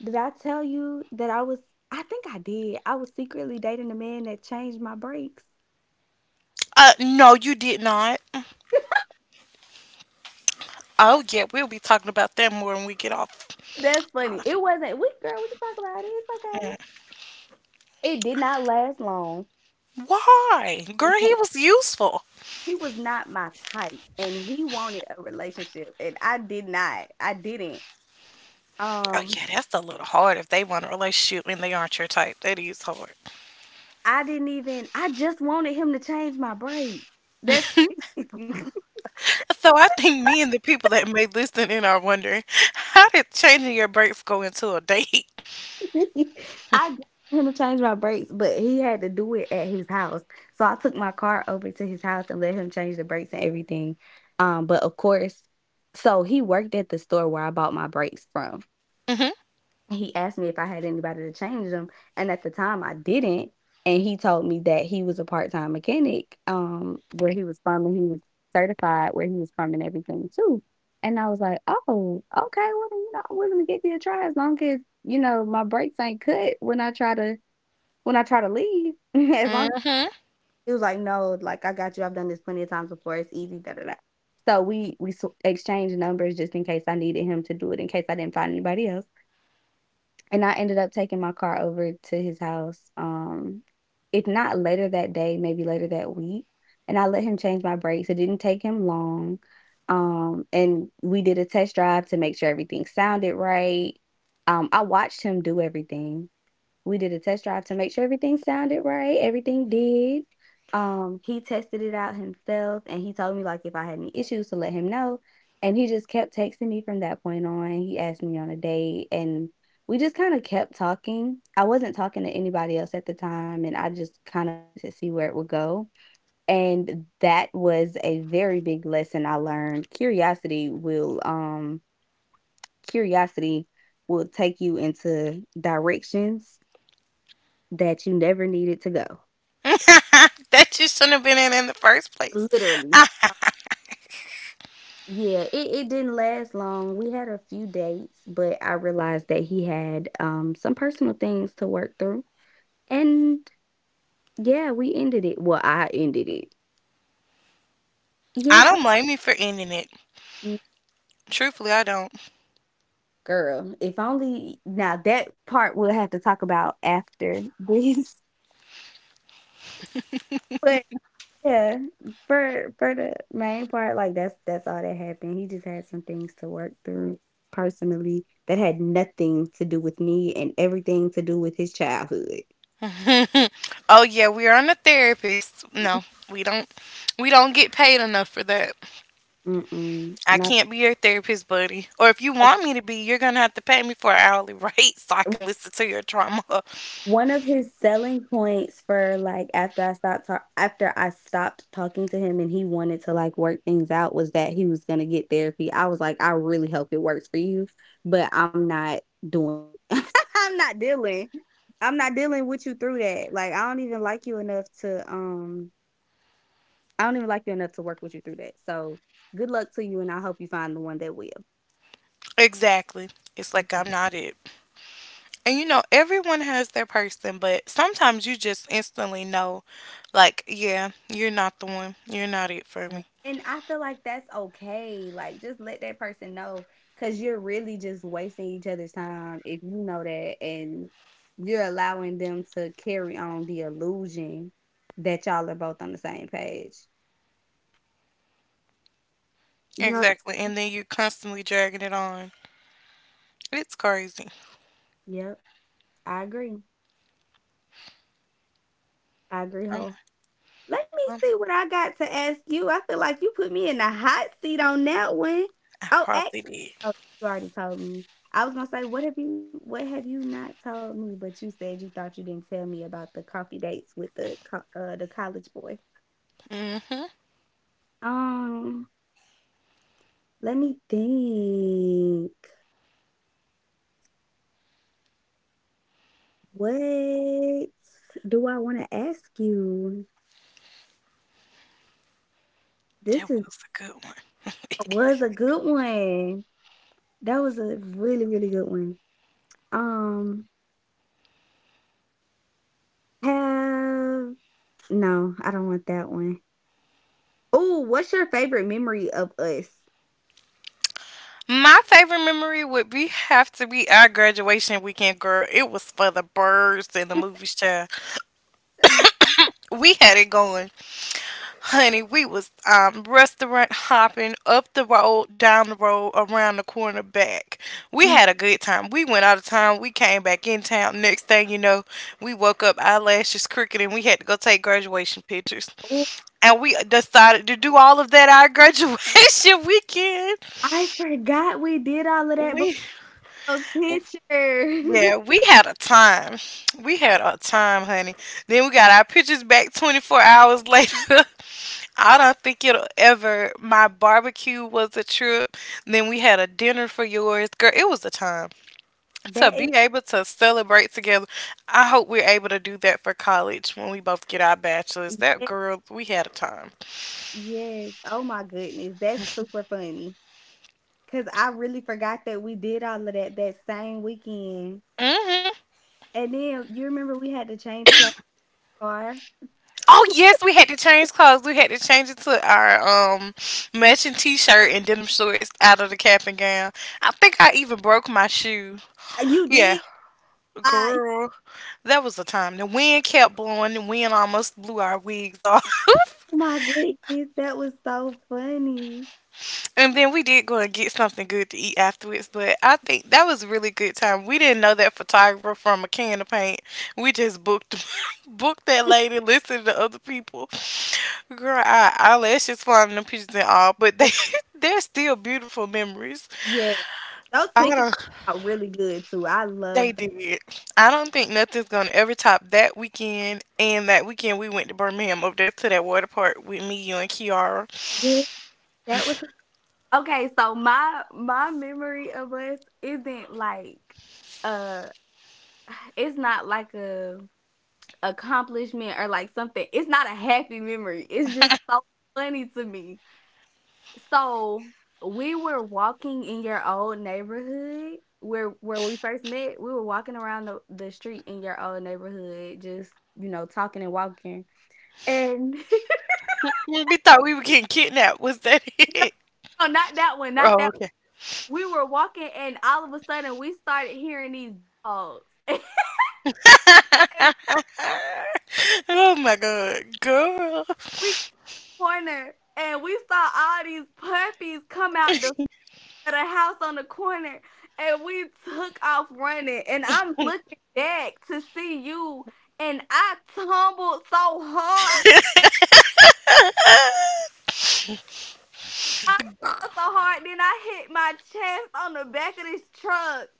Speaker 2: Did I tell you that I was? I think I did. I was secretly dating a man that changed my brakes.
Speaker 1: Uh, no, you did not. Oh, yeah, we'll be talking about that more when we get off.
Speaker 2: That's funny. It wasn't. We Girl, we can talk about it. It's okay. It did not last long.
Speaker 1: Why?
Speaker 2: It did
Speaker 1: Girl,
Speaker 2: not-
Speaker 1: he was useful.
Speaker 2: He was not my type, and he wanted a relationship, and I did not. I didn't.
Speaker 1: Oh,
Speaker 2: Um,
Speaker 1: yeah, that's a little hard if they want a relationship and they aren't your type. That is hard.
Speaker 2: I didn't even. I just wanted him to change my brakes. That's
Speaker 1: So I think me and the people that may listen in are wondering, how did changing your brakes go into a date?
Speaker 2: I just wanted him to change my brakes, but he had to do it at his house. So I took my car over to his house and let him change the brakes and everything. Um, but of course, so he worked at the store where I bought my brakes from. He asked me if I had anybody to change them, and at the time I didn't, and he told me that he was a part-time mechanic, um, where he was from, and he was certified where he was from and everything too, and I was like, "Oh, okay, well, then, you know, I'm willing to give you a try as long as, you know, my brakes ain't cut when I try to when I try to leave." As
Speaker 1: Mm
Speaker 2: long
Speaker 1: hmm. Mm
Speaker 2: he was like, "No, like, I got you. I've done this plenty of times before. It's easy, da, da, da." So we we sw exchanged numbers just in case I needed him to do it in case I didn't find anybody else. And I ended up taking my car over to his house, um, if not later that day, maybe later that week, and I let him change my brakes. It didn't take him long, um, and we did a test drive to make sure everything sounded right. Um, I watched him do everything, we did a test drive to make sure everything sounded right, everything did. Um, he tested it out himself and he told me like if I had any issues to let him know. And he just kept texting me from that point on. He asked me on a date and we just kind of kept talking. I wasn't talking to anybody else at the time and I just kind of wanted to see where it would go. And that was a very big lesson I learned. Curiosity will um curiosity will take you into directions that you never needed to go.
Speaker 1: hmm. That you shouldn't have been in in the first place.
Speaker 2: Literally. Yeah, it, it didn't last long. We had a few dates, but I realized that he had um some personal things to work through. And yeah, we ended it. Well, I ended it. Yeah,
Speaker 1: I don't blame you for ending it.
Speaker 2: gir-
Speaker 1: Truthfully, I don't.
Speaker 2: girl. If only now that part we'll have to talk about after this. but. Yeah, for for the main part, like, that's that's all that happened. He just had some things to work through personally that had nothing to do with me and everything to do with his childhood.
Speaker 1: Oh yeah, we are on a therapist. No, we don't. We don't get paid enough for that.
Speaker 2: Mm-mm,
Speaker 1: I can't be your therapist, buddy. Or if you
Speaker 2: not
Speaker 1: want me to be, you're gonna have to pay me for an hourly rate so I can listen to your trauma.
Speaker 2: one of his selling points for, like, after I stopped ta after I stopped talking to him and he wanted to, like, work things out was that he was gonna get therapy. I was like, "I really hope it works for you, but I'm not doing it. I'm not dealing. I'm not dealing with you through that. Like, I don't even like you enough to, um I don't even like you enough to work with you through that. So, good luck to you, and I hope you find the one that will."
Speaker 1: Exactly. It's like I'm not it. And you know, everyone has their person, but sometimes you just instantly know, like, yeah, you're not the one. You're not it for
Speaker 2: Mm.
Speaker 1: me.
Speaker 2: And I feel like that's okay. Like, just let that person know because you're really just wasting each other's time if you know that and you're allowing them to carry on the illusion that y'all are both on the same page. You know,
Speaker 1: Exactly. And then you're constantly dragging it on. It's crazy.
Speaker 2: yep, I agree. I agree,
Speaker 1: I
Speaker 2: whole. Let me
Speaker 1: am.
Speaker 2: see what I got to ask you. I feel like you put me in the hot seat on that one.
Speaker 1: I
Speaker 2: Oh,
Speaker 1: probably
Speaker 2: Oh,
Speaker 1: did.
Speaker 2: you already told me. I was gonna say, what have you what have you not told me? But you said you thought you didn't tell me about the coffee dates with the co- uh the college boy.
Speaker 1: Mm-hmm. That
Speaker 2: Um, let me think. What do I want to ask you? This is
Speaker 1: was a good one.
Speaker 2: that was a good one. That was a really really good one. Um, have no, I don't want that one. Oh, what's your favorite memory of us?
Speaker 1: My favorite memory would be, have to be our graduation weekend, girl. It was for the birds and the movies, child. We had it going, honey. We was um restaurant hopping up the road, down the road, around the corner, back. We had a good time. We went out of town. We came back in town. Next thing you know, we woke up eyelashes crooked, and we had to go take graduation pictures. And we decided to do all of that our graduation weekend.
Speaker 2: I forgot we did all of that before
Speaker 1: We
Speaker 2: those pictures.
Speaker 1: Yeah, we had a time. We had a time, honey. Then we got our pictures back twenty-four hours later. I don't think it'll ever. My barbecue was a trip. Then we had a dinner for yours. Girl, it was a time to
Speaker 2: That is
Speaker 1: be able to celebrate together. I hope we're able to do that for college when we both get our bachelors. That
Speaker 2: yes,
Speaker 1: girl, we had a time.
Speaker 2: yes. Oh my goodness, that's super funny. Cause I really forgot that we did all of that that same weekend.
Speaker 1: Hmm.
Speaker 2: And then you remember we had to change clothes in the car?
Speaker 1: Oh yes, we had to change clothes. We had to change it to our um matching t-shirt and denim shorts out of the cap and gown. I think I even broke my shoe.
Speaker 2: You
Speaker 1: Yeah,
Speaker 2: did? Uh,
Speaker 1: girl, that was the time. The wind kept blowing. The wind almost blew our wigs off.
Speaker 2: oh my goodness, that was so funny.
Speaker 1: And then we did go and get something good to eat afterwards, but I think that was a really good time. We didn't know that photographer from a can of paint. We just booked booked that lady, listened to other people. Girl, our eyelashes flying in the pictures and all, but they
Speaker 2: Yes,
Speaker 1: they're still beautiful memories.
Speaker 2: yes. Those
Speaker 1: I
Speaker 2: pictures
Speaker 1: don't
Speaker 2: are really good too. I
Speaker 1: They
Speaker 2: love that.
Speaker 1: did. I don't think nothing's gonna ever top that weekend and that weekend we went to Birmingham over there to that water park with me, you and Kiara.
Speaker 2: Yes, that was okay, so my my memory of us isn't like uh it's not like a accomplishment or like something. It's not a happy memory. It's just so funny to me. So we were walking in your old neighborhood where where we first met. We were walking around the, the street in your old neighborhood, just you know, talking and walking. And
Speaker 1: We thought we were getting kidnapped. Was that it?
Speaker 2: no, not that one, not
Speaker 1: Oh,
Speaker 2: that
Speaker 1: okay.
Speaker 2: we were walking and all of a sudden we started hearing these dogs. And
Speaker 1: Oh my God, girl.
Speaker 2: we corner and we saw all these puppies come out the of the house on the corner, and we took off running, and I'm looking back to see you, and I tumbled so hard. I fell so hard, then I hit my chest on the back of this truck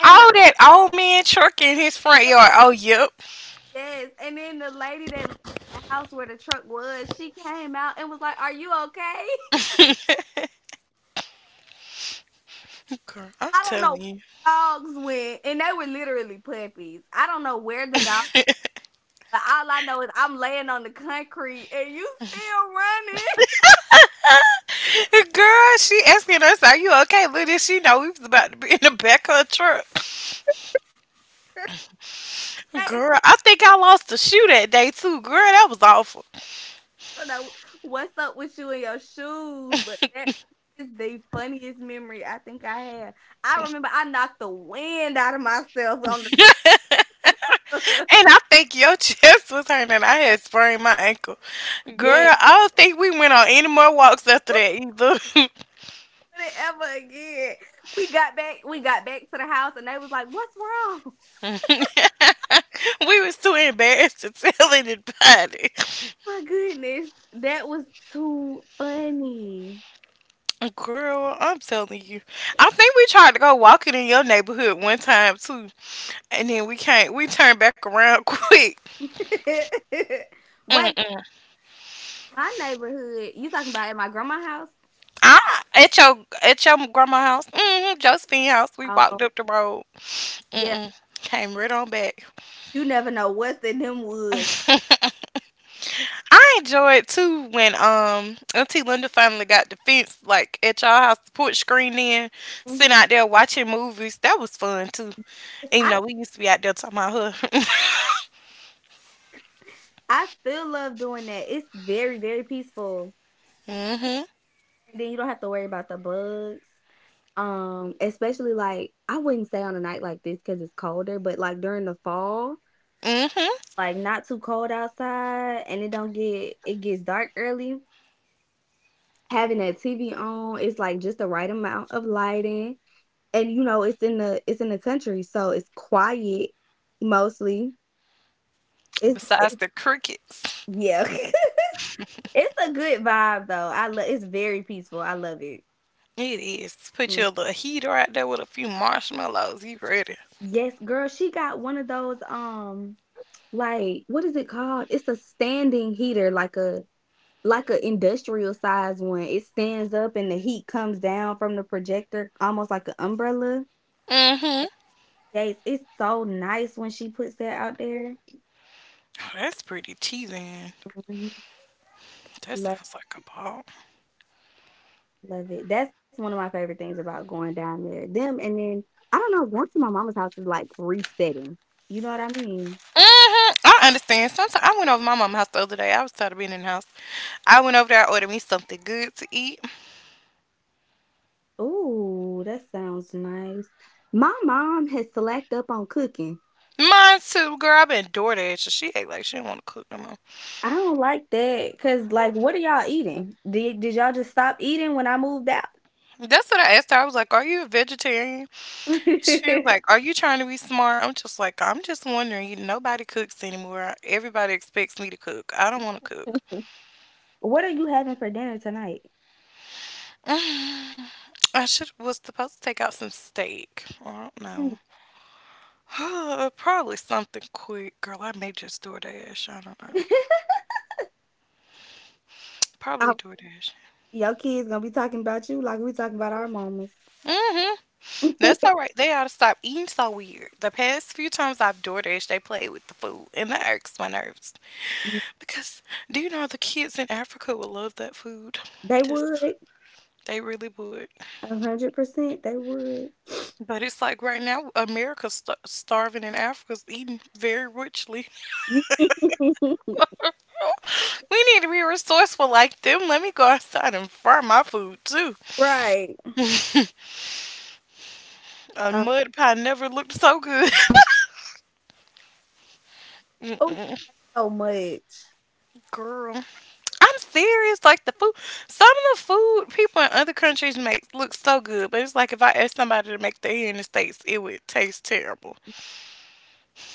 Speaker 2: and the
Speaker 1: All that old man truck in his front yard. Oh, yep.
Speaker 2: yes, and then the lady that lived in the house where the truck was, she came out and was like, "Are you okay?"
Speaker 1: Girl, I'm
Speaker 2: I don't know where
Speaker 1: telling you.
Speaker 2: the dogs went, and they were literally puppies. I don't know where the dogs, but all I know is I'm laying on the concrete and you still running.
Speaker 1: Girl, she asking us, are you okay? Little did she know we was about to be in the back of a truck.
Speaker 2: That is
Speaker 1: Girl, I think I lost a shoe that day too. Girl, that was awful.
Speaker 2: I don't know what's up with you and your shoes, but that is the funniest memory I think I have. I remember I knocked the wind out of myself on
Speaker 1: And
Speaker 2: the
Speaker 1: I think your chest was hurting. I had sprained my ankle. Girl,
Speaker 2: yeah.
Speaker 1: I don't think we went on any more walks after that either.
Speaker 2: Put it ever again, we got back. We got back to the house, and they was like, "What's wrong?"
Speaker 1: We was too embarrassed to tell anybody.
Speaker 2: My goodness, that was too funny.
Speaker 1: Girl, I'm telling you. I think we tried to go walking in your neighborhood one time too, and then we can't. We turned back around quick.
Speaker 2: Wait,
Speaker 1: Mm-mm.
Speaker 2: my neighborhood. You talking about at my grandma's house?
Speaker 1: I at your at your grandma house, mm-hmm, Josephine house. We walked
Speaker 2: Oh,
Speaker 1: up the road.
Speaker 2: yeah.
Speaker 1: Mm-mm. Came right on back.
Speaker 2: You never know what's in them woods.
Speaker 1: I enjoyed too when um Auntie Linda finally got the fence like at y'all house to put screen in,
Speaker 2: Mhm.
Speaker 1: sitting out there watching movies. That was fun too.
Speaker 2: It's-
Speaker 1: Even
Speaker 2: I
Speaker 1: though we used to be out there talking about her.
Speaker 2: I still love doing that. It's very very peaceful.
Speaker 1: Mhm.
Speaker 2: And then you don't have to worry about the bugs. Um, especially like I wouldn't stay on a night like this because it's colder. But like during the fall,
Speaker 1: Mhm.
Speaker 2: like not too cold outside, and it don't get it gets dark early. Having that T V on, it's like just the right amount of lighting. And you know, it's in the it's in the country, so it's quiet mostly. It's it's
Speaker 1: Besides the crickets.
Speaker 2: yeah. It's a good vibe though. I love it's very peaceful. I love it.
Speaker 1: It is. Put
Speaker 2: Mm.
Speaker 1: your little heater out there with a few marshmallows. You ready?
Speaker 2: Yes, girl, she got one of those um like what is it called? It's a standing heater like a like a industrial size one. It stands up and the heat comes down from the projector almost like an umbrella.
Speaker 1: Hmm.
Speaker 2: Yes, it's so nice when she puts that out there.
Speaker 1: Oh, that's pretty cheesy.
Speaker 2: Mhm.
Speaker 1: That sounds like a ball.
Speaker 2: Love it. That's one of my favorite things about going down there. Them and then I don't know, going to my mama's house is like resetting. You know what I mean?
Speaker 1: hmm I understand. Sometimes I went over my mama's house the other day. I was tired of being in the house. I went over there. I ordered me something good to eat.
Speaker 2: Ooh, that sounds nice. My mom has slacked up on cooking.
Speaker 1: Mine too, girl. I've been door dashing. She ate like she didn't want to cook no more.
Speaker 2: I don't like that because, like, what are y'all eating? Did did y'all just stop eating when I moved out?
Speaker 1: That's what I asked her. I was like, "Are you a vegetarian?" She was like, "Are you trying to be smart?" I'm just like, "I'm just wondering. You nobody cooks anymore. Everybody expects me to cook. I don't want to cook.
Speaker 2: What are you having for dinner tonight?
Speaker 1: I should was supposed to take out some steak. I don't
Speaker 2: Mm.
Speaker 1: know." Probably something quick, girl. I may just DoorDash. I don't know.
Speaker 2: I-
Speaker 1: Probably DoorDash.
Speaker 2: your kids gonna be talking about you like we talking about our mamas.
Speaker 1: Mm-hmm. That's all right. They ought to stop eating so weird. The past few times I've DoorDash, they play with the food, and that irks my nerves. Because do you know the kids in Africa would love that food?
Speaker 2: They
Speaker 1: Just
Speaker 2: would.
Speaker 1: They really would.
Speaker 2: A 100% they would.
Speaker 1: But it's like right now, America's st- starving and Africa's eating very richly. We need to be resourceful like them. Let me go outside and fry my food too.
Speaker 2: Right.
Speaker 1: A
Speaker 2: Um,
Speaker 1: mud pie never looked so good.
Speaker 2: oh,
Speaker 1: Mm-mm.
Speaker 2: so much.
Speaker 1: Girl. I'm serious. Like the food, some of the food people in other countries make looks so good, but it's like if I asked somebody to make that here in the states, it would taste terrible.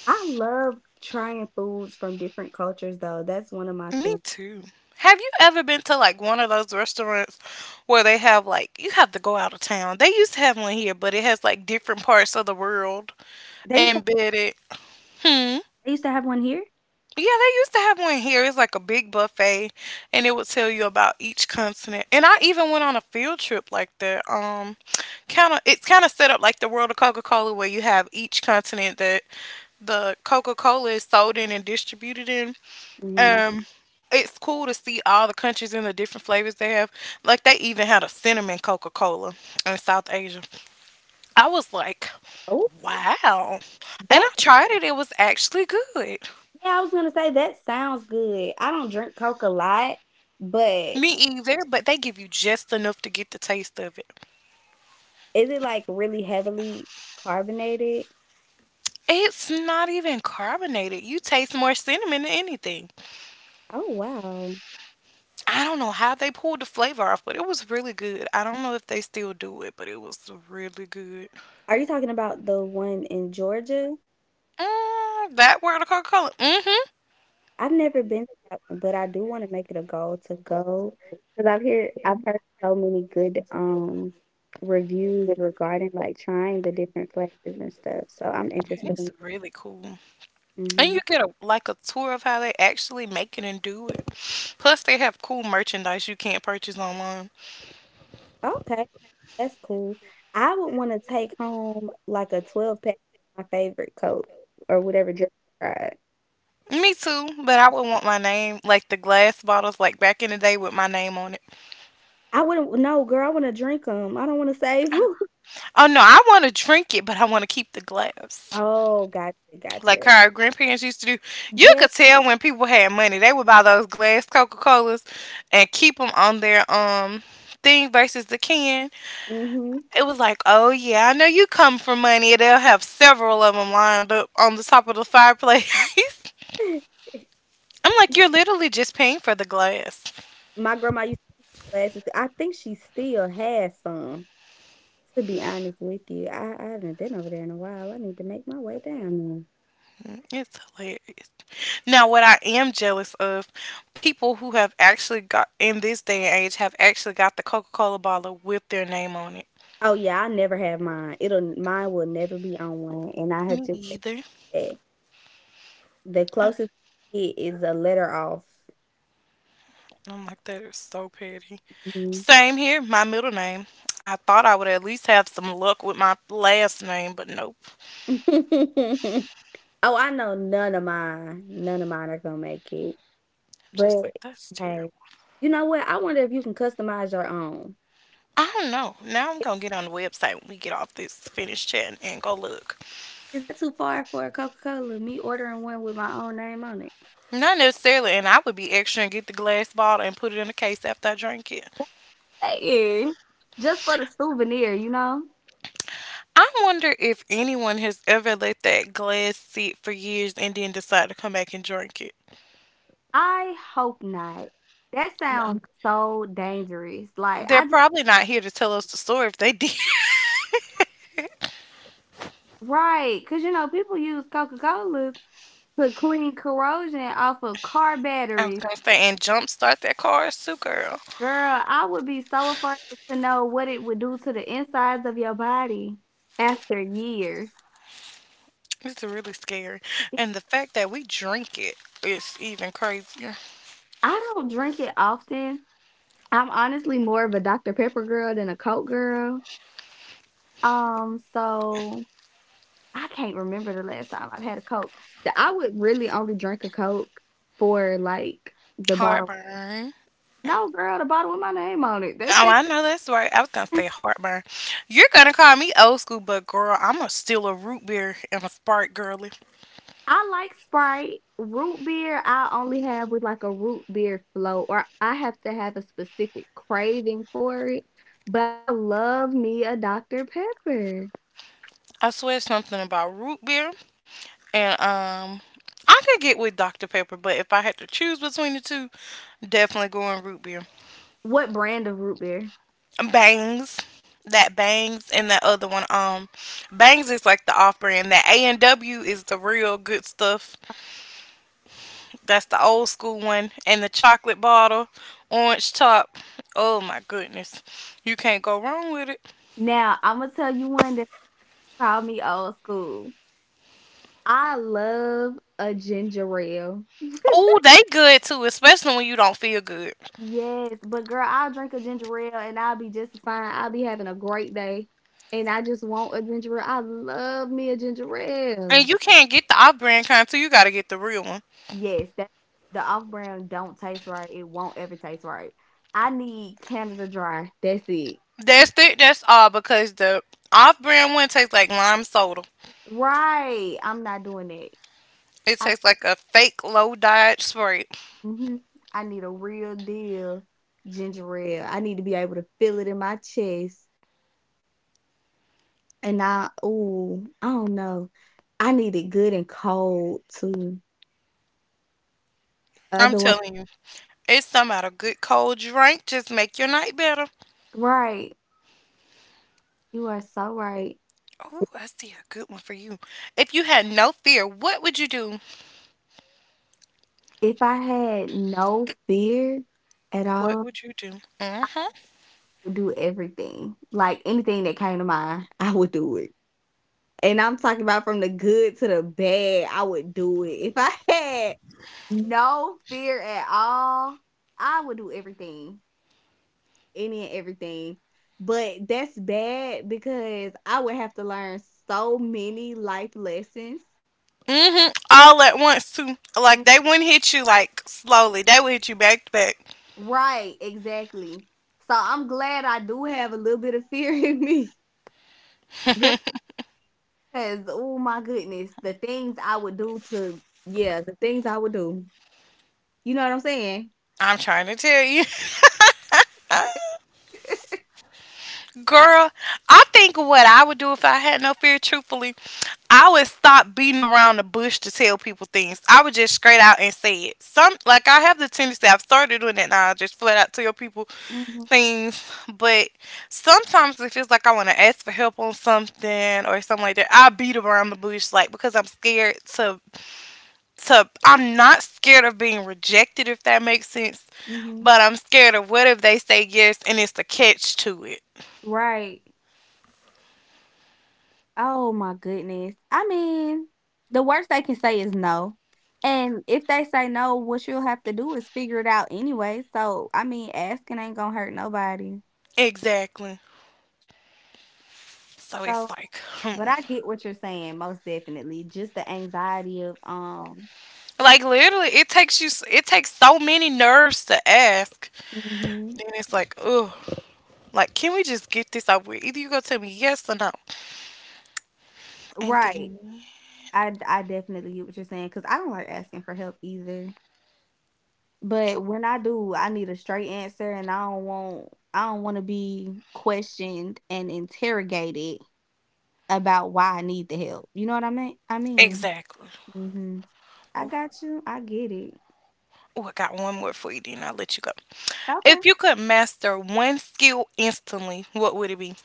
Speaker 2: I love trying foods from different cultures, though. That's one of my
Speaker 1: Me
Speaker 2: things.
Speaker 1: too. Have you ever been to like one of those restaurants where they have like you have to go out of town? They used to have one here, but it has like different parts of the world
Speaker 2: They used to
Speaker 1: embedded.
Speaker 2: they used to have one here.
Speaker 1: Yeah, they used to have one here. It's like a big buffet, and it would tell you about each continent. And I even went on a field trip like that. Um, kind of, it's kind of set up like the world of Coca Cola, where you have each continent that the Coca Cola is sold in and distributed in.
Speaker 2: Mhm.
Speaker 1: Um, it's cool to see all the countries and the different flavors they have. Like they even had a cinnamon Coca Cola in South Asia. I was like,
Speaker 2: Oh,
Speaker 1: wow. And I
Speaker 2: that's
Speaker 1: tried it. It was actually good.
Speaker 2: yeah. I was gonna say that sounds good. I don't drink Coke a lot,
Speaker 1: Me
Speaker 2: but
Speaker 1: either, but they give you just enough to get the taste of it.
Speaker 2: is it like really heavily carbonated?
Speaker 1: It's not even carbonated. You taste more cinnamon than anything.
Speaker 2: Oh wow.
Speaker 1: I don't know how they pulled the flavor off, but it was really good. I don't know if they still do it, but it was really good.
Speaker 2: Are you talking about the one in Georgia?
Speaker 1: Mm, that word of Coca-Cola. Mm-hmm.
Speaker 2: I've never been to that one, but I do wanna make it a goal to go because 'cause I've heard I've heard so many good, um, reviews regarding, like, trying the different flavors and stuff, so I'm
Speaker 1: Yeah,
Speaker 2: interested
Speaker 1: it's
Speaker 2: in
Speaker 1: really cool. And you
Speaker 2: mhm.
Speaker 1: get a like a tour of how they actually make it and do it. Plus they have cool merchandise you can't purchase online.
Speaker 2: Okay, that's cool. I would wanna take home, like, a twelve-pack of my favorite Coke or whatever drink I tried.
Speaker 1: Me too, but I would want my name like the glass bottles like back in the day with my name on it.
Speaker 2: I wouldn't no, girl, I wanna drink drink them. I don't wanna save 'em.
Speaker 1: Oh no, I want to drink it, but I want to keep the glass.
Speaker 2: Oh, gotcha,
Speaker 1: Like
Speaker 2: gotcha.
Speaker 1: how our grandparents used to do. You
Speaker 2: Yeah,
Speaker 1: could tell when people had money, they would buy those glass Coca Colas and keep them on their um thing versus the can.
Speaker 2: mhm.
Speaker 1: It was like, oh yeah, I know you come for money. They'll have several of them lined up on the top of the fireplace. I'm like, you're literally just paying for the glass.
Speaker 2: My grandma glasses I think she still has some, to be honest with you. I I haven't been over there in a while, I need to make my way down there.
Speaker 1: It's hilarious. Now, what I am jealous of, people who have actually got in this day and age have actually got the Coca Cola bottle with their name on it.
Speaker 2: Oh, yeah, I never have mine. It'll mine will never be on one, and I have
Speaker 1: Me
Speaker 2: just said
Speaker 1: either.
Speaker 2: that. The
Speaker 1: Uh,
Speaker 2: closest I get is a letter off.
Speaker 1: I'm like, that is so petty.
Speaker 2: Mhm.
Speaker 1: Same here, my middle name. I thought I would at least have some luck with my last name, but nope.
Speaker 2: Oh, I know none of mine none of mine are gonna make it,
Speaker 1: Just
Speaker 2: but
Speaker 1: like, that's
Speaker 2: hey.
Speaker 1: terrible.
Speaker 2: You know what? I wonder if you can customize your own.
Speaker 1: I don't know. Now I'm
Speaker 2: Is
Speaker 1: gonna get on the website when we get off this finished chat and, and go look.
Speaker 2: that too far for a Coca-Cola, me ordering one with my own name on it?
Speaker 1: Not necessarily, and I would be extra and get the glass bottle and put it in a case after I drink it.
Speaker 2: Saying. Just for the souvenir, you know?
Speaker 1: I wonder if anyone has ever let that glass sit for years and then decide to come back and drink it.
Speaker 2: I hope not. That
Speaker 1: No.
Speaker 2: sounds so dangerous. Like
Speaker 1: They're
Speaker 2: I
Speaker 1: probably not here to tell us the story if they did.
Speaker 2: right, because you know, people use Coca-Colas to clean corrosion off of car
Speaker 1: I was
Speaker 2: batteries.
Speaker 1: gonna say, and jumpstart that car, too, girl.
Speaker 2: Girl, I would be so afraid to know what it would do to the insides of your body after years.
Speaker 1: It's really scary. And the fact that we drink it is even crazier.
Speaker 2: I don't drink it often. I'm honestly more of a doctor Pepper girl than a Coke girl. Um, so I can't remember the last time I've had a Coke. Th I would really only drink a Coke for, like, the bottle
Speaker 1: Heartburn.
Speaker 2: no, girl, the bottle with my name on it, that's
Speaker 1: Oh,
Speaker 2: it.
Speaker 1: I know that's right. I was gonna say heartburn. You're gonna call me old school, but girl, I'm a still a root beer and a Sprite girly.
Speaker 2: I like Sprite. Root beer, I only have with, like, a root beer float, or I have to have a specific craving for it, but I love me a doctor Pepper.
Speaker 1: I swear something about root beer. And um, I could get with Doctor Pepper, but if I had to choose between the two, definitely going root beer.
Speaker 2: What brand of root beer?
Speaker 1: Bangs, that Bangs, and that other one. Um, Bangs is like the off brand. That A and W is the real good stuff. That's the old school one, and the chocolate bottle, orange top. Oh my goodness, you can't go wrong with it.
Speaker 2: Now, Imma tell you one that call me old school. I love a ginger ale.
Speaker 1: Oh, they good too, especially when you don't feel good.
Speaker 2: Yes, but girl, I'll drink a ginger ale and I'll be just as fine. I'll be having a great day. And I just want a ginger ale. I love me a ginger
Speaker 1: And
Speaker 2: ale.
Speaker 1: you can't get the off brand kind too. You gotta get the real one.
Speaker 2: Yes, that the off brand don't taste right. It won't ever taste right. I need Canada Dry. That's it.
Speaker 1: That's th- that's all because the off-brand one tastes like lime soda.
Speaker 2: Right. I'm not doing that.
Speaker 1: It
Speaker 2: I
Speaker 1: tastes like a fake low diet Sprite.
Speaker 2: mhm. I need a real deal ginger ale. I need to be able to feel it in my chest. And I, ooh, I don't know. I need it good and cold too.
Speaker 1: I'm
Speaker 2: Otherwise
Speaker 1: telling you, it's some out a good cold drink. Just make your night better.
Speaker 2: right. You are so right.
Speaker 1: Oh, I see a good one for you. If you had no fear, what would you do?
Speaker 2: If I had no fear at
Speaker 1: What
Speaker 2: all, I
Speaker 1: would you do? Mhm.
Speaker 2: would do everything. Like anything that came to mind, I would do it. And I'm talking about from the good to the bad, I would do it. If I had no fear at all, I would do everything. Any and everything. But that's bad because I would have to learn so many life lessons
Speaker 1: Mhm. All at once too. Like they wouldn't hit you like slowly. They would hit you back to back.
Speaker 2: right, exactly. So I'm glad I do have a little bit of fear in me. Just because, oh my goodness, the things I would do to, yeah, the things I would do. You know what I'm saying?
Speaker 1: I'm trying to tell you. Girl, I think what I would do if I had no fear, truthfully, I would stop beating around the bush to tell people things. I would just straight out and say it. Some Like I have the tendency I've started doing that now. I just flat out tell people
Speaker 2: Hmm.
Speaker 1: things. But sometimes it feels like I want to ask for help on something or something like that. I beat around the bush like because I'm scared
Speaker 2: Oh,
Speaker 1: to to I'm not scared of being rejected if that makes sense.
Speaker 2: hmm
Speaker 1: But I'm scared of what if they say yes and it's the catch to it.
Speaker 2: right. Oh my goodness. I mean, the worst they can say is no. And if they say no, what you'll have to do is figure it out anyway. So, I mean, asking ain't gonna hurt nobody.
Speaker 1: Exactly. So
Speaker 2: So.
Speaker 1: it's like,
Speaker 2: But
Speaker 1: hmm.
Speaker 2: I get what you're saying, most definitely. Just the anxiety of um
Speaker 1: Like literally, it takes you. s- It takes so many nerves to ask.
Speaker 2: mhm.
Speaker 1: Then it's like, ugh. Like, can we just get this over with? Either you go tell me yes or no, and
Speaker 2: Right.
Speaker 1: then
Speaker 2: I I definitely get what you're saying because I don't like asking for help either. But when I do, I need a straight answer and I don't want I don't want to be questioned and interrogated about why I need the help. You know what I mean? I mean,
Speaker 1: exactly.
Speaker 2: hmm I got you. I get it.
Speaker 1: Oh, I got one more for you. Then I'll let you go.
Speaker 2: Okay.
Speaker 1: If you could master one skill instantly, what would it be?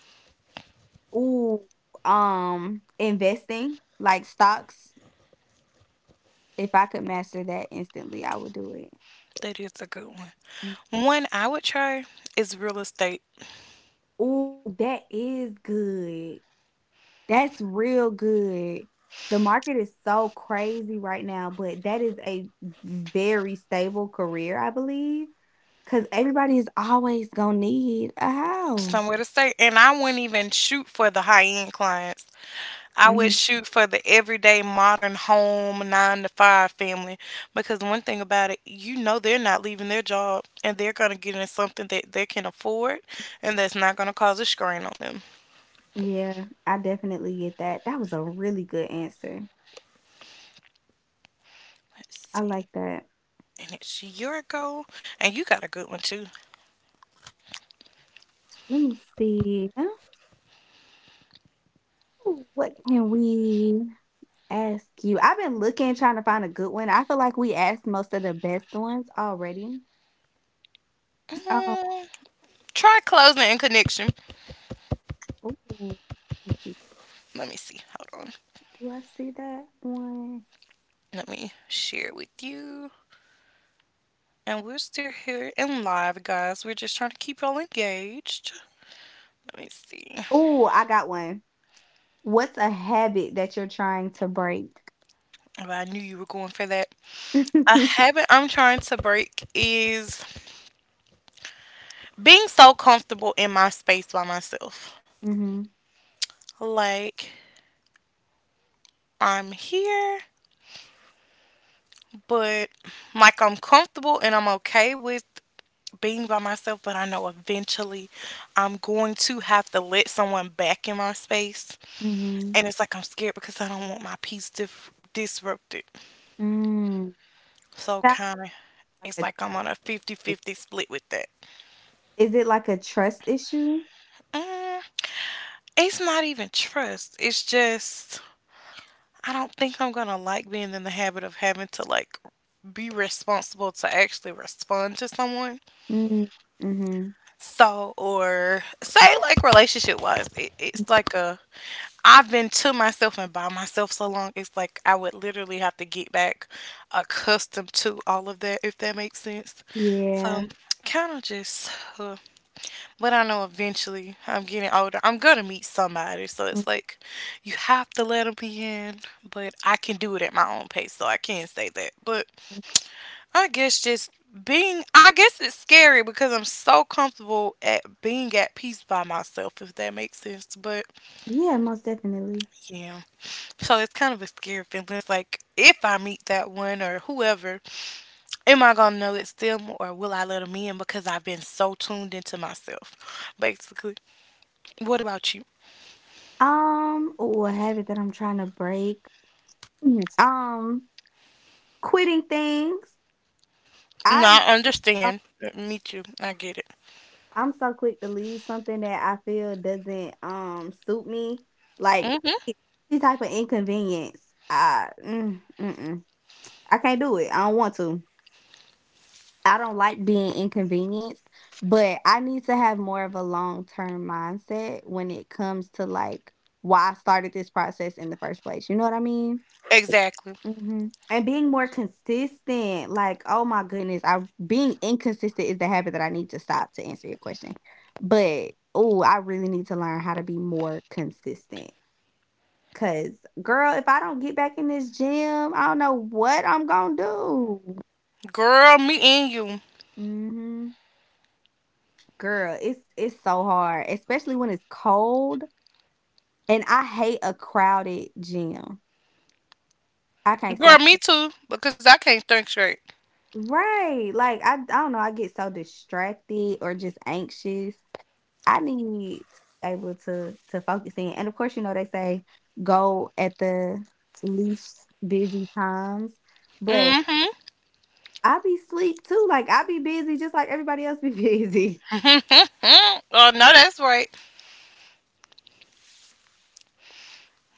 Speaker 2: Ooh, um, investing like stocks if I could master that instantly, I would do it.
Speaker 1: That is a good one.
Speaker 2: Mm.
Speaker 1: One I would try is real estate.
Speaker 2: Ooh, that is good. That's real good. The market is so crazy right now, but that is a very stable career, I believe, because everybody is always gonna need a house.
Speaker 1: Somewhere to stay, and I wouldn't even shoot for the high end clients. I would
Speaker 2: Hmm.
Speaker 1: shoot for the everyday modern home nine to five family because one thing about it, you know they're not leaving their job and they're going to get in something that they can afford and that's not going to cause a strain on them.
Speaker 2: Yeah, I definitely get that. That was a really good answer.
Speaker 1: Let's
Speaker 2: I
Speaker 1: see.
Speaker 2: like that.
Speaker 1: And it's your goal. And you got a good one too.
Speaker 2: Let me see. Ooh, what can we ask you. I've been looking, trying to find a good one. I feel like we asked most of the best ones already. Um,
Speaker 1: Mm, Try closing and connection.
Speaker 2: ooh, let's see.
Speaker 1: Let me see. Hold on.
Speaker 2: Do I see that one?
Speaker 1: Let me share it with you. And we're still here and live, guys. We're just trying to keep y'all engaged. Let me see.
Speaker 2: Ooh, I got one. What's a habit that you're trying to break?
Speaker 1: If I knew you were going for that. A habit I'm trying to break is being so comfortable in my space by myself.
Speaker 2: Mhm,
Speaker 1: Like, I'm here, but like I'm comfortable and I'm okay with being by myself, but I know eventually I'm going to have to let someone back in my space.
Speaker 2: mhm,
Speaker 1: And it's like I'm scared because I don't want my peace dif- disrupted.
Speaker 2: mm.
Speaker 1: So,
Speaker 2: Sounds
Speaker 1: kind of, it's
Speaker 2: like
Speaker 1: like I'm on a
Speaker 2: a
Speaker 1: fifty-fifty split with that.
Speaker 2: is it like a trust issue?
Speaker 1: Mm, it's not even trust, it's just I don't think I'm gonna like being in the habit of having to like be responsible to actually respond to someone.
Speaker 2: Mm, mhm.
Speaker 1: So, or say like relationship wise, it,
Speaker 2: Mm,
Speaker 1: it's like a I've been to myself and by myself so long. It's like I would literally have to get back accustomed to all of that, if that makes sense.
Speaker 2: yeah.
Speaker 1: Um, Kind of just, uh, but I know eventually I'm getting older. I'm going to meet somebody. So
Speaker 2: Mm,
Speaker 1: it's like you have to let them be in, but I can do it at my own pace. So I can't say that. But I guess just being, I guess it's scary because I'm so comfortable at being at peace by myself, if that makes sense. But
Speaker 2: yeah, most definitely.
Speaker 1: yeah. So it's kind of a scary feeling. It's like if I meet that one or whoever, am I gonna know it's them or will I let them in because I've been so tuned into myself, basically. What about you?
Speaker 2: Um, ooh, a habit that I'm trying to break. Mm, Um, quitting things.
Speaker 1: No,
Speaker 2: I'm
Speaker 1: I
Speaker 2: so
Speaker 1: understand. Me too. I get it.
Speaker 2: I'm so quick to leave something that I feel doesn't, um, suit me, like,
Speaker 1: Hmm.
Speaker 2: it- any type of inconvenience, I mm, mm-mm. I can't do it, I don't want to. I don't like being inconvenienced, but I need to have more of a long term mindset when it comes to like why I started this process in the first place. You know what I mean?
Speaker 1: Exactly.
Speaker 2: hmm And being more consistent, like, oh my goodness, I being inconsistent is the habit that I need to stop to answer your question. But oh, I really need to learn how to be more consistent. Cause girl, if I don't get back in this gym, I don't know what I'm gonna do.
Speaker 1: Girl, me and you.
Speaker 2: Hmm. Girl, it's it's so hard, especially when it's cold, and I hate a crowded gym. I can't
Speaker 1: Girl,
Speaker 2: stand.
Speaker 1: me too. Because I can't think straight.
Speaker 2: Right, like, I I don't know, I get so distracted or just anxious. I need to be able to to focus in, and of course, you know, they say go at the least busy times, but
Speaker 1: Mm-hmm.
Speaker 2: I be sleep too, like, I be busy just like everybody else be busy.
Speaker 1: Oh no, that's right.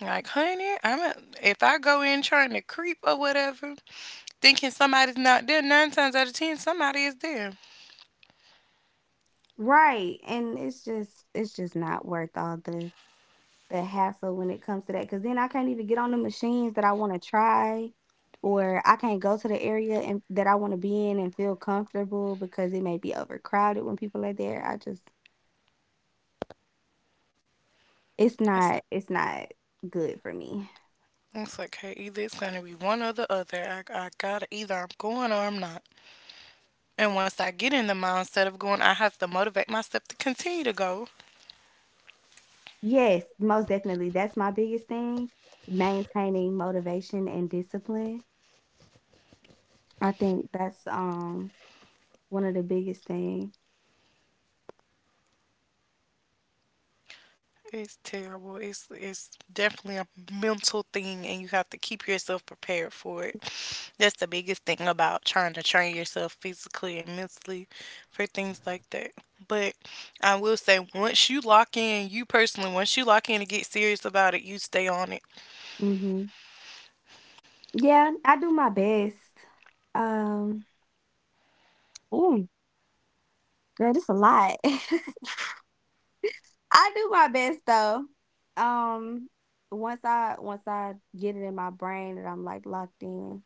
Speaker 1: Like, honey, I'm a, if I go in trying to creep or whatever, thinking somebody's not there, nine times out of ten, somebody is there.
Speaker 2: Right, and it's just it's just not worth all the the hassle when it comes to that, because then I can't even get on the machines that I wanna try, or I can't go to the area and that I wanna be in and feel comfortable because it may be overcrowded when people are there. I just it's
Speaker 1: It's,
Speaker 2: not it's not good for me.
Speaker 1: it's like, hey, either it's gonna be one or the other. I, I gotta, either I'm going or I'm not. And once I get in the mindset of going, I have to motivate myself to continue to go.
Speaker 2: Yes, most definitely. That's my biggest thing, maintaining motivation and discipline. I think that's, um, one of the biggest thing.
Speaker 1: It's terrible. It's it's definitely a mental thing and you have to keep yourself prepared for it. That's the biggest thing about trying to train yourself physically and mentally for things like that. But I will say once you lock in, you personally, once you lock in and get serious about it, you stay on it.
Speaker 2: Mhm. Yeah, I do my best. Um, ooh, girl, this a lot. I do my best though. Um, once I once I get it in my brain that I'm like locked in,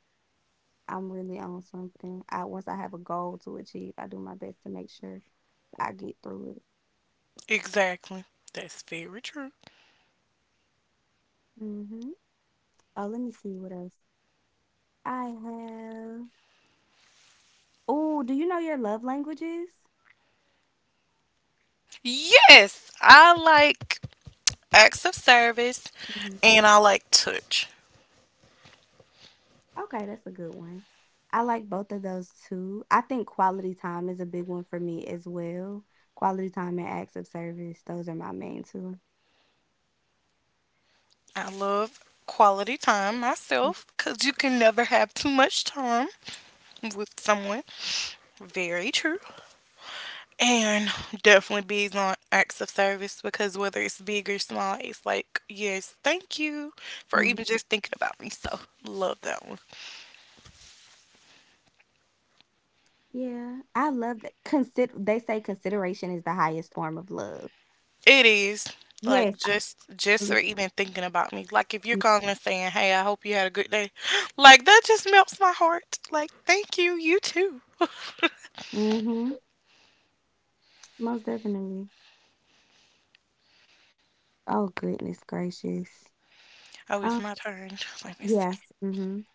Speaker 2: I'm really on something. I Once I have a goal to achieve, I do my best to make sure I get through it.
Speaker 1: Exactly. That's very true.
Speaker 2: Mhm. Oh, let me see what else. I have Oh, do you know your love languages?
Speaker 1: Yes, I like acts of service
Speaker 2: Mhm.
Speaker 1: and I like touch.
Speaker 2: Okay, that's a good one. I like both of those too. I think quality time is a big one for me as well. Quality time and acts of service, those are my main two.
Speaker 1: I love quality time
Speaker 2: Mm,
Speaker 1: myself because you can never have too much time with someone. Very true. And definitely bees on acts of service because whether it's big or small, it's like, yes, thank you for
Speaker 2: mhm.
Speaker 1: even just thinking about me. So love that one.
Speaker 2: Yeah, I love that consider they say consideration is the highest form of love.
Speaker 1: It is. Like
Speaker 2: Yes, I
Speaker 1: just just for
Speaker 2: believe
Speaker 1: even thinking about me. Like if you're
Speaker 2: you.
Speaker 1: calling and saying, hey, I hope you had a good day, like that just melts my heart. Like, thank you, you too.
Speaker 2: Mhm, most definitely. Oh, goodness gracious.
Speaker 1: Oh, it's
Speaker 2: Um,
Speaker 1: my turn. Let me see.
Speaker 2: yes, mhm.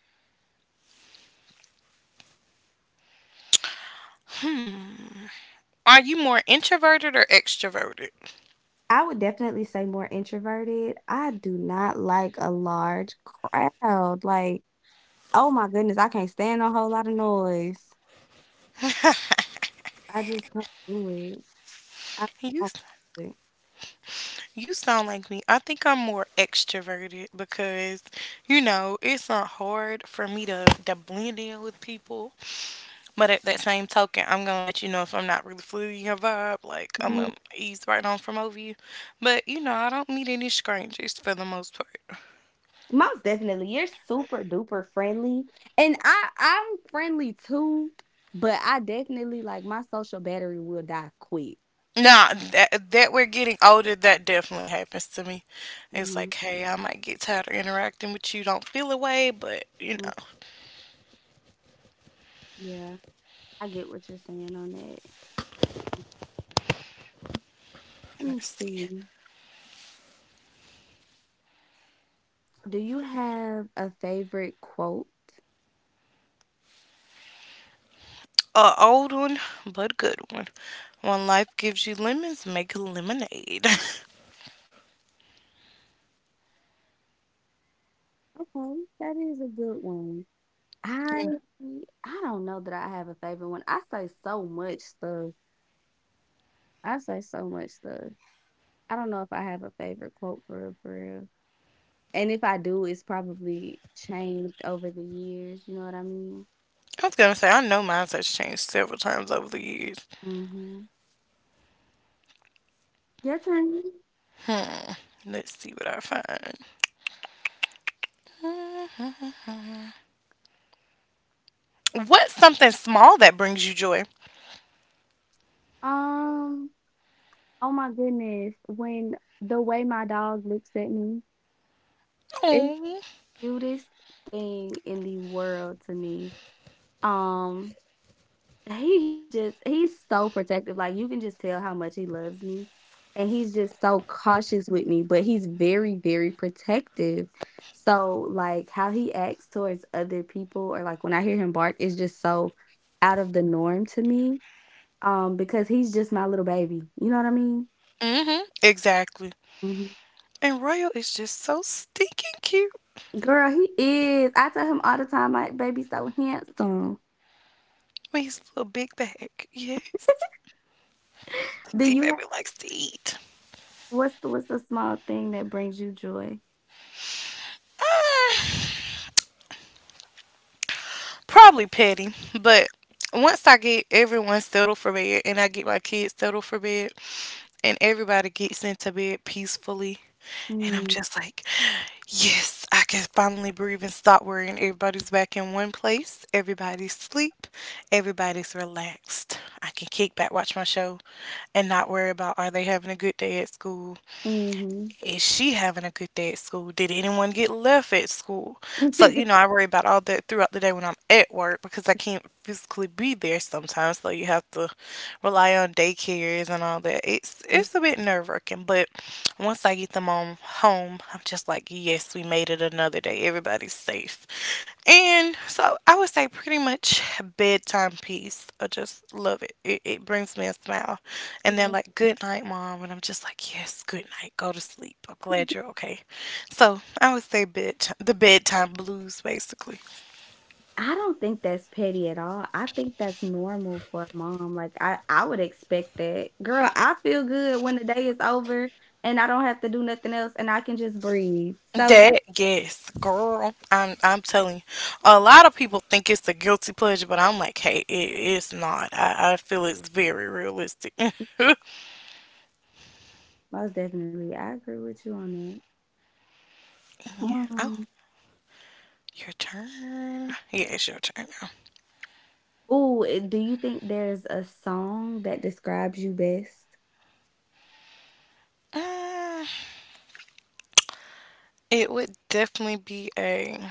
Speaker 1: Are you more introverted or extroverted?
Speaker 2: I would definitely say more introverted. I do not like a large crowd. Like, oh my goodness, I can't stand a whole lot of noise. I just don't do it. I
Speaker 1: you
Speaker 2: don't
Speaker 1: s-
Speaker 2: do it.
Speaker 1: you sound like me. I think I'm more extroverted because you know it's not hard for me to to blend in with people. But at that same token, I'm gonna let you know if I'm not really feeling your vibe. Like I'm
Speaker 2: Mhm.
Speaker 1: gonna ease right on from over you. But you know I don't meet any strangers for the most part.
Speaker 2: Most definitely, you're super duper friendly, and I I'm friendly too, but I definitely like my social battery will die quick.
Speaker 1: No, that that we're getting older, that definitely happens to me. It's
Speaker 2: Hmm.
Speaker 1: like, hey, I might get tired of interacting with you. Don't feel away, but you know,
Speaker 2: Yeah, I get what you're saying on that. Let me
Speaker 1: let's see.
Speaker 2: see. Do you have a favorite quote?
Speaker 1: A old one, but a good one. When life gives you lemons, make lemonade.
Speaker 2: Okay, that is a good one. I
Speaker 1: And
Speaker 2: mm, I don't know that I have a favorite one. I say so much stuff. I say so much stuff. I don't know if I have a favorite quote for real, for real. And if I do, it's probably changed over the years. You know what I mean?
Speaker 1: I was gonna say, I know mine has changed several times over the years.
Speaker 2: Mm-hmm. Your turn.
Speaker 1: Let's see what I find. Mhm. What's something small that brings you joy?
Speaker 2: Um. Oh my goodness. When the way my dog looks at me, it's the
Speaker 1: Oh,
Speaker 2: cutest thing in the world to me. Um. He is just he's so protective, like, you can just tell how much he loves me, and he's just so cautious with me, but he's very, very protective. So, like, how he acts towards other people or, like, when I hear him bark is just so out of the norm to me, um, because he's just my little baby, you know what I mean?
Speaker 1: mm-hmm, exactly.
Speaker 2: Mhm.
Speaker 1: And Royal is just so stinking cute.
Speaker 2: Girl, he is. I tell him all the time, "My baby's so handsome."
Speaker 1: With his little big bag. Yes.
Speaker 2: Do
Speaker 1: D
Speaker 2: you have
Speaker 1: baby likes to eat.
Speaker 2: what's the what's the small thing that brings you joy?
Speaker 1: Ah, probably petty, but once I get everyone settled for bed and I get my kids settled for bed and everybody gets into bed peacefully, and I'm
Speaker 2: Mm,
Speaker 1: just like, yes, I can finally breathe and stop worrying. Everybody's back in one place. Everybody's sleep. Everybody's relaxed. I can kick back, watch my show, and not worry about, are they having a good day at school?
Speaker 2: mhm.
Speaker 1: Is she having a good day at school? Did anyone get left at school? So, you know, I worry about all that throughout the day when I'm at work because I can't physically be there sometimes. So you have to rely on daycares and all that. It's it's a bit nerve wracking, but once I get them on home, I'm just like, yes, we made it another day. Everybody's safe. And so I would say pretty much bedtime piece. I just love it. It, it brings me a smile. And they're
Speaker 2: Yeah.
Speaker 1: like, good night, mom. And I'm just like, yes, good night. Go to sleep. I'm glad you're okay. So I would say bed, the bedtime blues, basically.
Speaker 2: I don't think that's petty at all. I think that's normal for a mom. Like I, I would expect that. Girl, I feel good when the day is over and I don't have to do nothing else and I can just breathe. So that
Speaker 1: That, yes, girl. I'm, I'm telling you. A lot of people think it's a guilty pleasure, but I'm like, hey, it, it's not. I, I feel it's very realistic.
Speaker 2: most definitely I agree with you on that.
Speaker 1: I
Speaker 2: Um
Speaker 1: Your turn. Yeah, it's your turn now.
Speaker 2: oh, do you think there's a song that describes you best?
Speaker 1: Mm, it would definitely be a.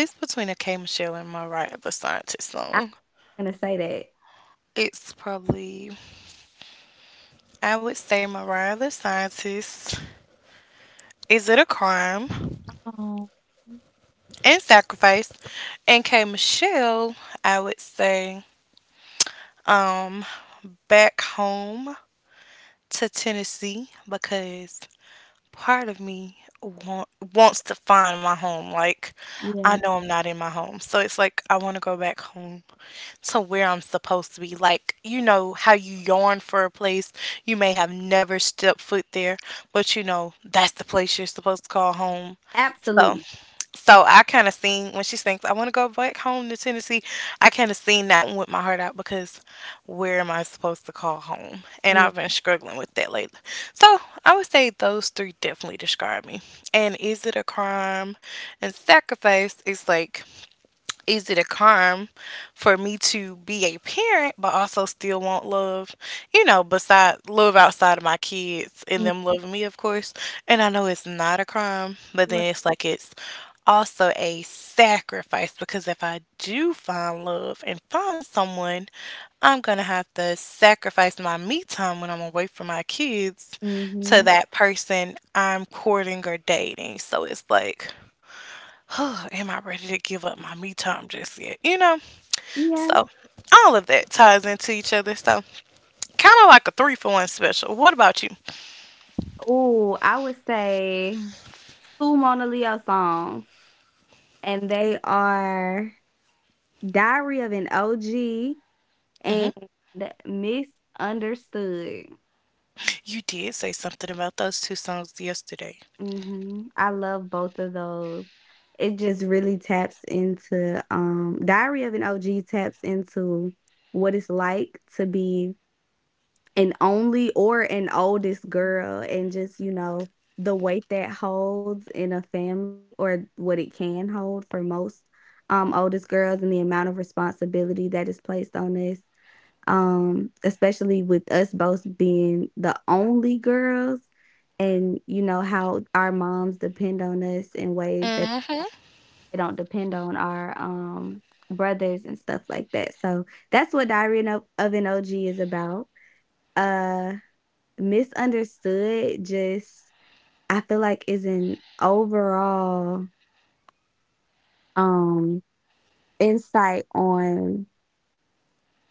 Speaker 1: It's between a K Michelle and Mariah the Scientist
Speaker 2: I'm
Speaker 1: song.
Speaker 2: gonna say that.
Speaker 1: It's probably. I would say Mariah the Scientist. Is it a crime?
Speaker 2: Oh
Speaker 1: And sacrifice. And K Michelle, I would say um back home to Tennessee because part of me want, wants to find my home. Like, I
Speaker 2: yeah.
Speaker 1: know I'm not in my home. So it's like, I want to go back home to where I'm supposed to be. Like, you know, how you yearn for a place. You may have never stepped foot there, but you know, that's the place you're supposed to call home. So.
Speaker 2: Absolutely.
Speaker 1: So I kind of seen when she sings, I want to go back home to Tennessee. I kind of seen that one with my heart out because where am I supposed to call home? And
Speaker 2: Yeah.
Speaker 1: I've been struggling with that lately. So I would say those three definitely describe me. And is it a crime and sacrifice? Is like, is it a crime for me to be a parent but also still want love, you know, beside love outside of my kids and
Speaker 2: Mm,
Speaker 1: them loving me, of course. And I know it's not a crime, but
Speaker 2: right.
Speaker 1: then it's like it's also a sacrifice because if I do find love and find someone, I'm gonna have to sacrifice my me time when I'm away from my kids to
Speaker 2: Mm-hmm.
Speaker 1: that person I'm courting or dating. So it's like, oh, am I ready to give up my me time just yet? You know?
Speaker 2: Yeah.
Speaker 1: So all of that ties into each other. So kind of like a three for one special. What about you?
Speaker 2: Oh, I would say two Mona Leo songs, and they are "Diary of an O G"
Speaker 1: Hmm.
Speaker 2: and "Misunderstood."
Speaker 1: You did say something about those two songs yesterday.
Speaker 2: Mhm, I love both of those. It just really taps into, um Diary of an O G taps into what it's like to be an only or an oldest girl and just, you know, the weight that holds in a family or what it can hold for most um oldest girls and the amount of responsibility that is placed on us. Um, especially with us both being the only girls and you know how our moms depend on us in ways that
Speaker 1: Mm-hmm.
Speaker 2: they don't depend on our um brothers and stuff like that. So that's what Diary of of an O G is about. Uh Misunderstood just I feel like is an overall, um, insight on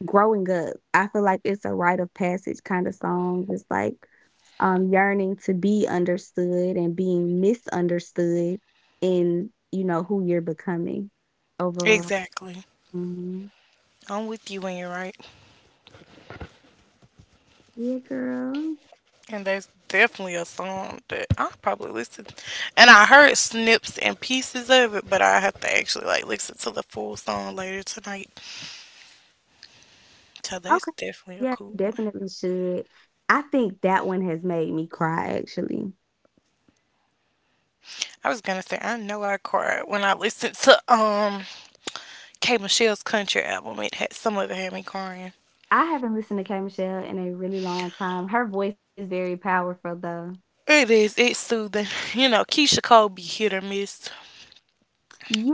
Speaker 2: growing up. I feel like it's a rite of passage kinda song. It's like, um, yearning to be understood and being misunderstood in, you know, who you're becoming overall.
Speaker 1: Exactly.
Speaker 2: Mhm.
Speaker 1: I'm with you when you're right.
Speaker 2: Yeah, girl.
Speaker 1: And that's definitely a song that I probably listen. And I heard snips and pieces of it, but I have to actually like listen to the full song later tonight. So that's
Speaker 2: Okay.
Speaker 1: definitely a
Speaker 2: Yeah,
Speaker 1: cool
Speaker 2: you
Speaker 1: one.
Speaker 2: definitely should. I think that one has made me cry, actually.
Speaker 1: I was gonna say, I know I cried when I listened to um K Michelle's country album. It had some, of it had me crying.
Speaker 2: I haven't listened to K. Michelle in a really long time. Her voice is very powerful, though.
Speaker 1: It is. It's soothing. You know, Keisha Cole be hit or miss.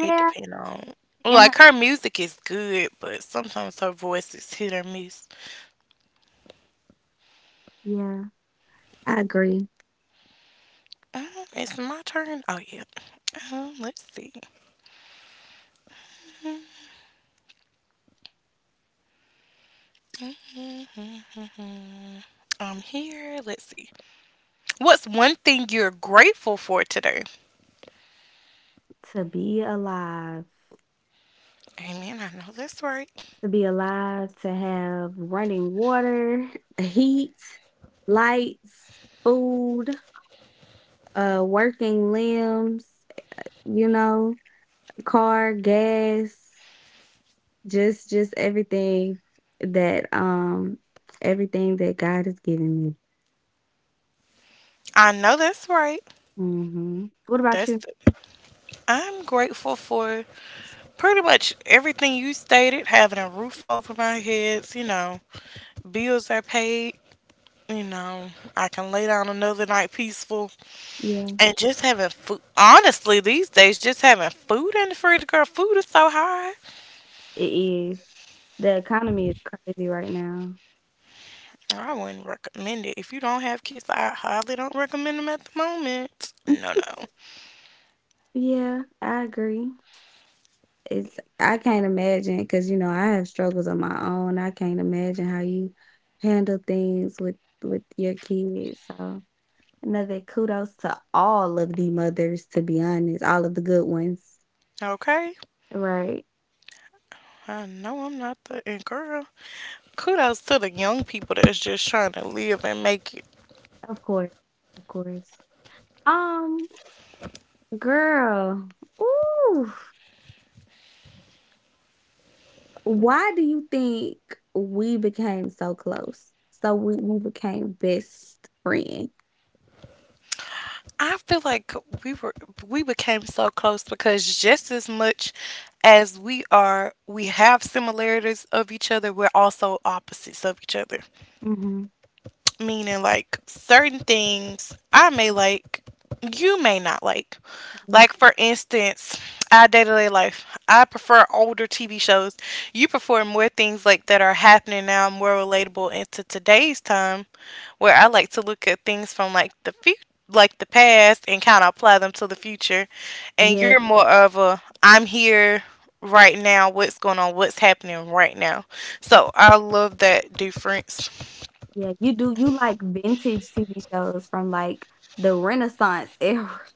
Speaker 1: It depends on,
Speaker 2: and her
Speaker 1: like, her music is good, but sometimes her voice is hit or miss.
Speaker 2: yeah, I agree.
Speaker 1: Uh, it's my turn. Oh yeah. Um, let's see. Mhm. I'm here. Let's see. What's one thing you're grateful for today?
Speaker 2: To be alive,
Speaker 1: Amen. I know that's right.
Speaker 2: to be alive, to have running water, heat, lights, food, uh, working limbs, you know, car, gas, just just everything that um everything that God has given me.
Speaker 1: I know that's right.
Speaker 2: Mhm. What about
Speaker 1: That's
Speaker 2: you?
Speaker 1: I'm grateful for pretty much everything you stated, having a roof over my head, you know, bills are paid, you know, I can lay down another night peaceful
Speaker 2: Yeah.
Speaker 1: and just having food. Honestly, these days, just having food in the fridge, girl, food is so high.
Speaker 2: It is. The economy is crazy right now.
Speaker 1: I wouldn't recommend it. If you don't have kids, I highly don't recommend them at the moment.
Speaker 2: Mm,
Speaker 1: No, no.
Speaker 2: yeah, I agree. It's I can't imagine imagine because you know, I have struggles of my own. I can't imagine how you handle things with with your kids, so, another kudos to all of the mothers, to be honest, all of the good ones.
Speaker 1: Okay,
Speaker 2: Right.
Speaker 1: I know I'm not the, and girl, kudos to the young people that's just trying to live and make it.
Speaker 2: Of course, of course. Um, girl, ooh. Why do you think we became so close? So we, we became best friends.
Speaker 1: I feel like we were we became so close because just as much as we are we have similarities of each other, we're also opposites of each other,
Speaker 2: Mhm.
Speaker 1: meaning like certain things I may like, you may not like.
Speaker 2: Mm,
Speaker 1: Like for instance, our day to day life. I prefer older T V shows. You prefer more things like that are happening now, more relatable into today's time, where I like to look at things from like the future. Like the past and kind of apply them to the future, and
Speaker 2: yeah,
Speaker 1: you're more of a I'm here right now, what's going on, what's happening right now.
Speaker 2: y-
Speaker 1: So I love that difference.
Speaker 2: yeah. You do you like vintage T V shows from like the Renaissance era.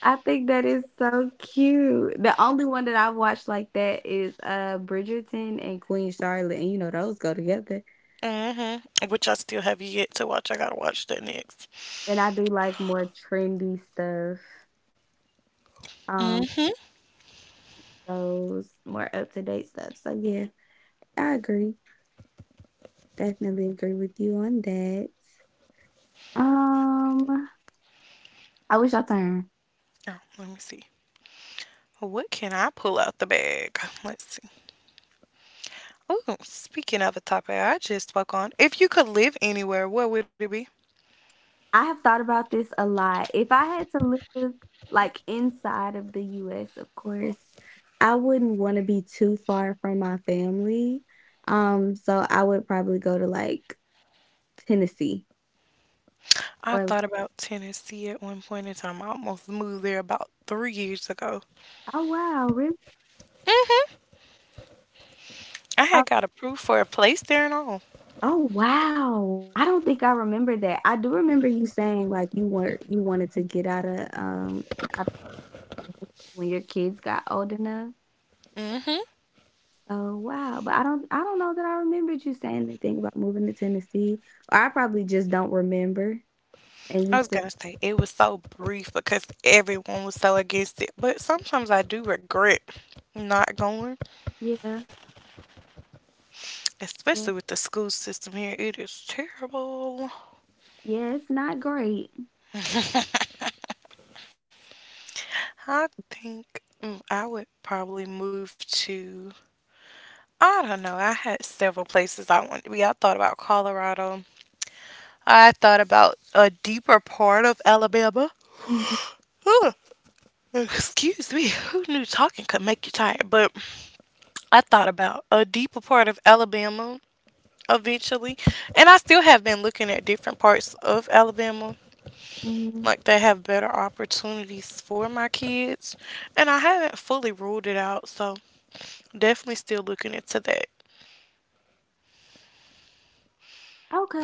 Speaker 2: I think that is so cute. The only one that I've watched like that is uh Bridgerton and Queen Charlotte, and you know those go together.
Speaker 1: hmm Which I still have yet to watch. I gotta watch that next.
Speaker 2: And I do like more trendy stuff, um,
Speaker 1: Mm.
Speaker 2: those more up to date stuff. So yeah, I agree. Definitely agree with you on that. Um, I wish I turn.
Speaker 1: Oh, let me see. Well, what can I pull out the bag? Let's see. Oh, speaking of a topic I just spoke on, if you could live anywhere, where would it be?
Speaker 2: I have thought about this a lot. If I had to live like inside of the U S, of course, I wouldn't want to be too far from my family. Um, so I would probably go to like Tennessee
Speaker 1: I
Speaker 2: or
Speaker 1: thought about Tennessee at one point in time. I almost moved there about three years ago.
Speaker 2: oh wow, really?
Speaker 1: hmm I
Speaker 2: I,
Speaker 1: had got approved for a place there and all.
Speaker 2: oh wow. I don't think I remember that. I do remember you saying like you were you wanted to get out of um out of, the- when your kids got old enough.
Speaker 1: hmm
Speaker 2: Oh, wow, but I don't I don't know that I remembered you saying anything about moving to Tennessee, or I probably just don't remember, and you
Speaker 1: I was
Speaker 2: said
Speaker 1: gonna say it was so brief because everyone was so against it, but sometimes I do regret not going.
Speaker 2: yeah, yeah,
Speaker 1: Especially with the school system here. It is terrible.
Speaker 2: yeah, it's not great.
Speaker 1: I think, mm, I would probably move to, I don't know, I had several places I wanted to be. I thought about Colorado, I thought about a deeper part of Alabama.
Speaker 2: Mhm,
Speaker 1: Ugh. Excuse me, who knew talking could make you tired? But I thought about a deeper part of Alabama eventually, and I still have been looking at different parts of Alabama.
Speaker 2: mhm.
Speaker 1: Like they have better opportunities for my kids, and I haven't fully ruled it out, so definitely still looking into that.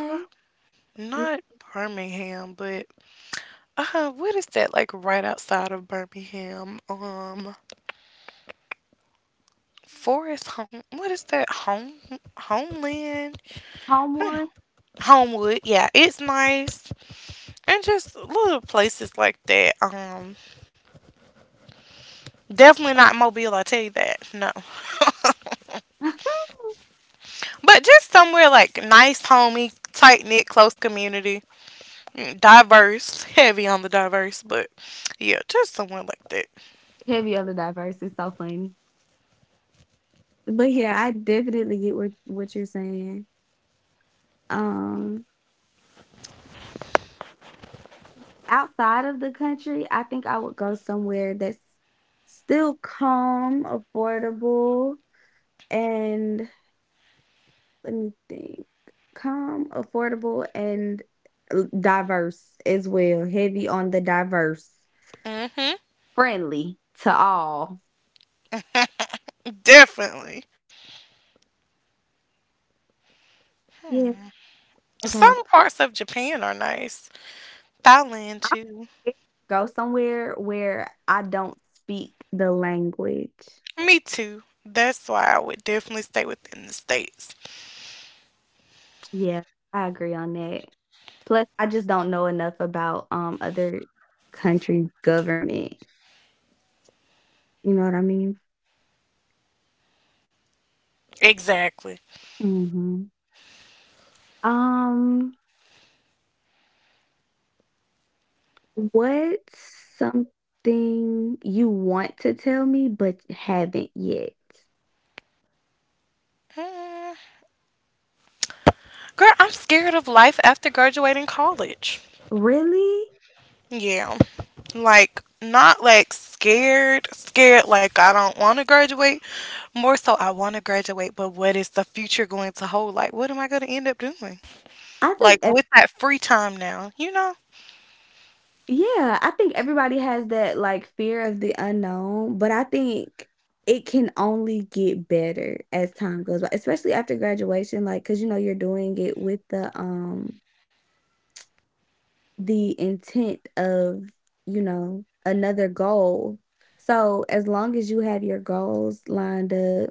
Speaker 1: Pro-
Speaker 2: yeah,
Speaker 1: Not Birmingham, but uh what is that, like right outside of Birmingham? Um forest Home. What is that, Home, Homeland? I don't-
Speaker 2: Homewood.
Speaker 1: Homewood, yeah, it's nice. And just little places like that. Um definitely not Mobile, I tell you that. No. But just somewhere like nice, homey, tight knit, close community, Mm, diverse, heavy on the diverse, but yeah, just somewhere like
Speaker 2: Heavy on the diverse is so funny. But yeah, I definitely get what what you're saying. Um, outside of the country, I think I would go somewhere that's still calm, affordable, and let me think. Calm, affordable, and l- diverse as well. Heavy on the diverse.
Speaker 1: that. hmm
Speaker 2: Friendly to all.
Speaker 1: Definitely.
Speaker 2: Yeah.
Speaker 1: Hmm.
Speaker 2: Okay.
Speaker 1: Some parts of Japan are nice.
Speaker 2: I
Speaker 1: Thailand
Speaker 2: would
Speaker 1: too.
Speaker 2: go somewhere where I don't speak the language.
Speaker 1: Me too. That's why I would definitely stay within the states.
Speaker 2: Yeah, I agree on that. Plus, I just don't know enough about um other country government. You know what I mean?
Speaker 1: Exactly.
Speaker 2: Hmm. Um, what's something you want to tell me but haven't yet?
Speaker 1: Hmm. Girl, I'm scared of life after graduating college.
Speaker 2: Really?
Speaker 1: Yeah. Like not like scared, scared, like I don't want to graduate. More so, I want to graduate, but what is the future going to hold? Like, what am I going to end up doing?
Speaker 2: I think
Speaker 1: Like,
Speaker 2: ev
Speaker 1: with that free time now, you know?
Speaker 2: Yeah, I think everybody has that like fear of the unknown, but I think it can only get better as time goes by, especially after graduation, like because you know you're doing it with the um the intent of, you know, another goal. So as long as you have your goals lined up,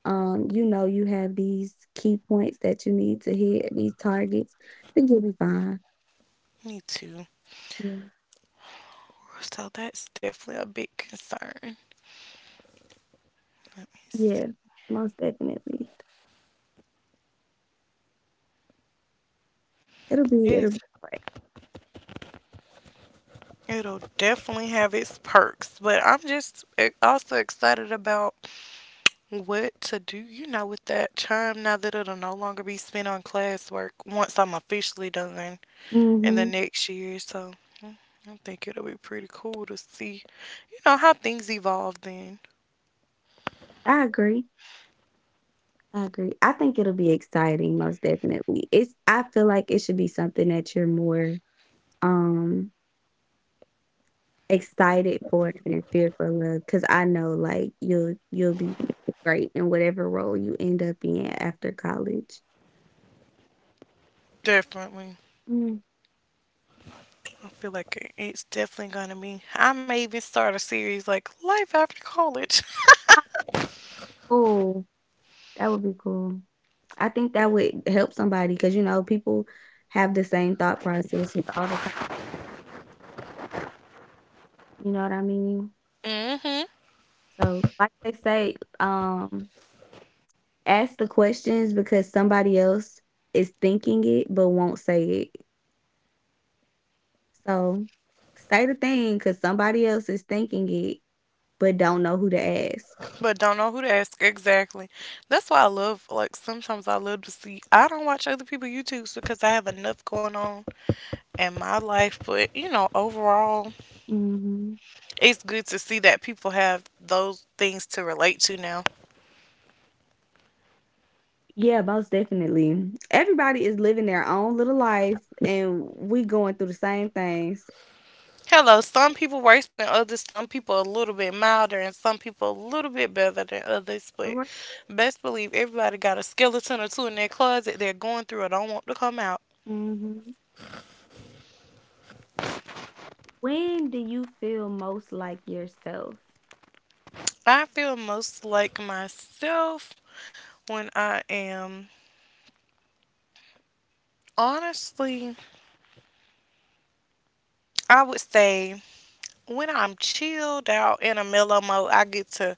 Speaker 2: um, you know, you have these key points that you need to hit, these targets, then you'll be fine.
Speaker 1: Me too.
Speaker 2: Yeah,
Speaker 1: So, that's definitely a big concern. Let me see.
Speaker 2: yeah, most definitely. It'll be it'll
Speaker 1: It's,
Speaker 2: be great.
Speaker 1: it'll definitely have its perks, but I'm just e- also excited about what to do, you know, with that time now that it'll no longer be spent on classwork once I'm officially done in the
Speaker 2: Mm-hmm.
Speaker 1: next year. So, I think it'll be pretty cool to see, you know, how things evolve then.
Speaker 2: I agree. I agree. I think it'll be exciting, most definitely. It's I feel like it should be something that you're more um excited for it and fear for cause I know, like, you'll you'll be great in whatever role you end up in after college.
Speaker 1: Definitely.
Speaker 2: Mm.
Speaker 1: I feel like it's definitely gonna be. I may even start a series like Life After College.
Speaker 2: Ah, cool. That would be cool. I think that would help somebody, cause you know, people have the same thought processes all the time, you know what I mean?
Speaker 1: hmm
Speaker 2: So, like they say, um, ask the questions because somebody else is thinking it but won't say it. So, say the thing because somebody else is thinking it, but don't know who to ask.
Speaker 1: But don't know who to ask, exactly. That's why I love, like sometimes I love to see, I don't watch other people YouTubes because I have enough going on in my life. But you know, overall
Speaker 2: Mhm.
Speaker 1: it's good to see that people have those things to relate to now.
Speaker 2: Yeah, most definitely. Everybody is living their own little life and we going through the same things.
Speaker 1: Hello, some people worse than others, some people a little bit milder, and some people a little bit better than others. But
Speaker 2: Alright.
Speaker 1: best believe everybody got a skeleton or two in their closet they're going through and don't want to come out.
Speaker 2: Mhm. When do you feel most like yourself?
Speaker 1: I feel most like myself when I am, honestly, I would say when I'm chilled out in a mellow mode, I get to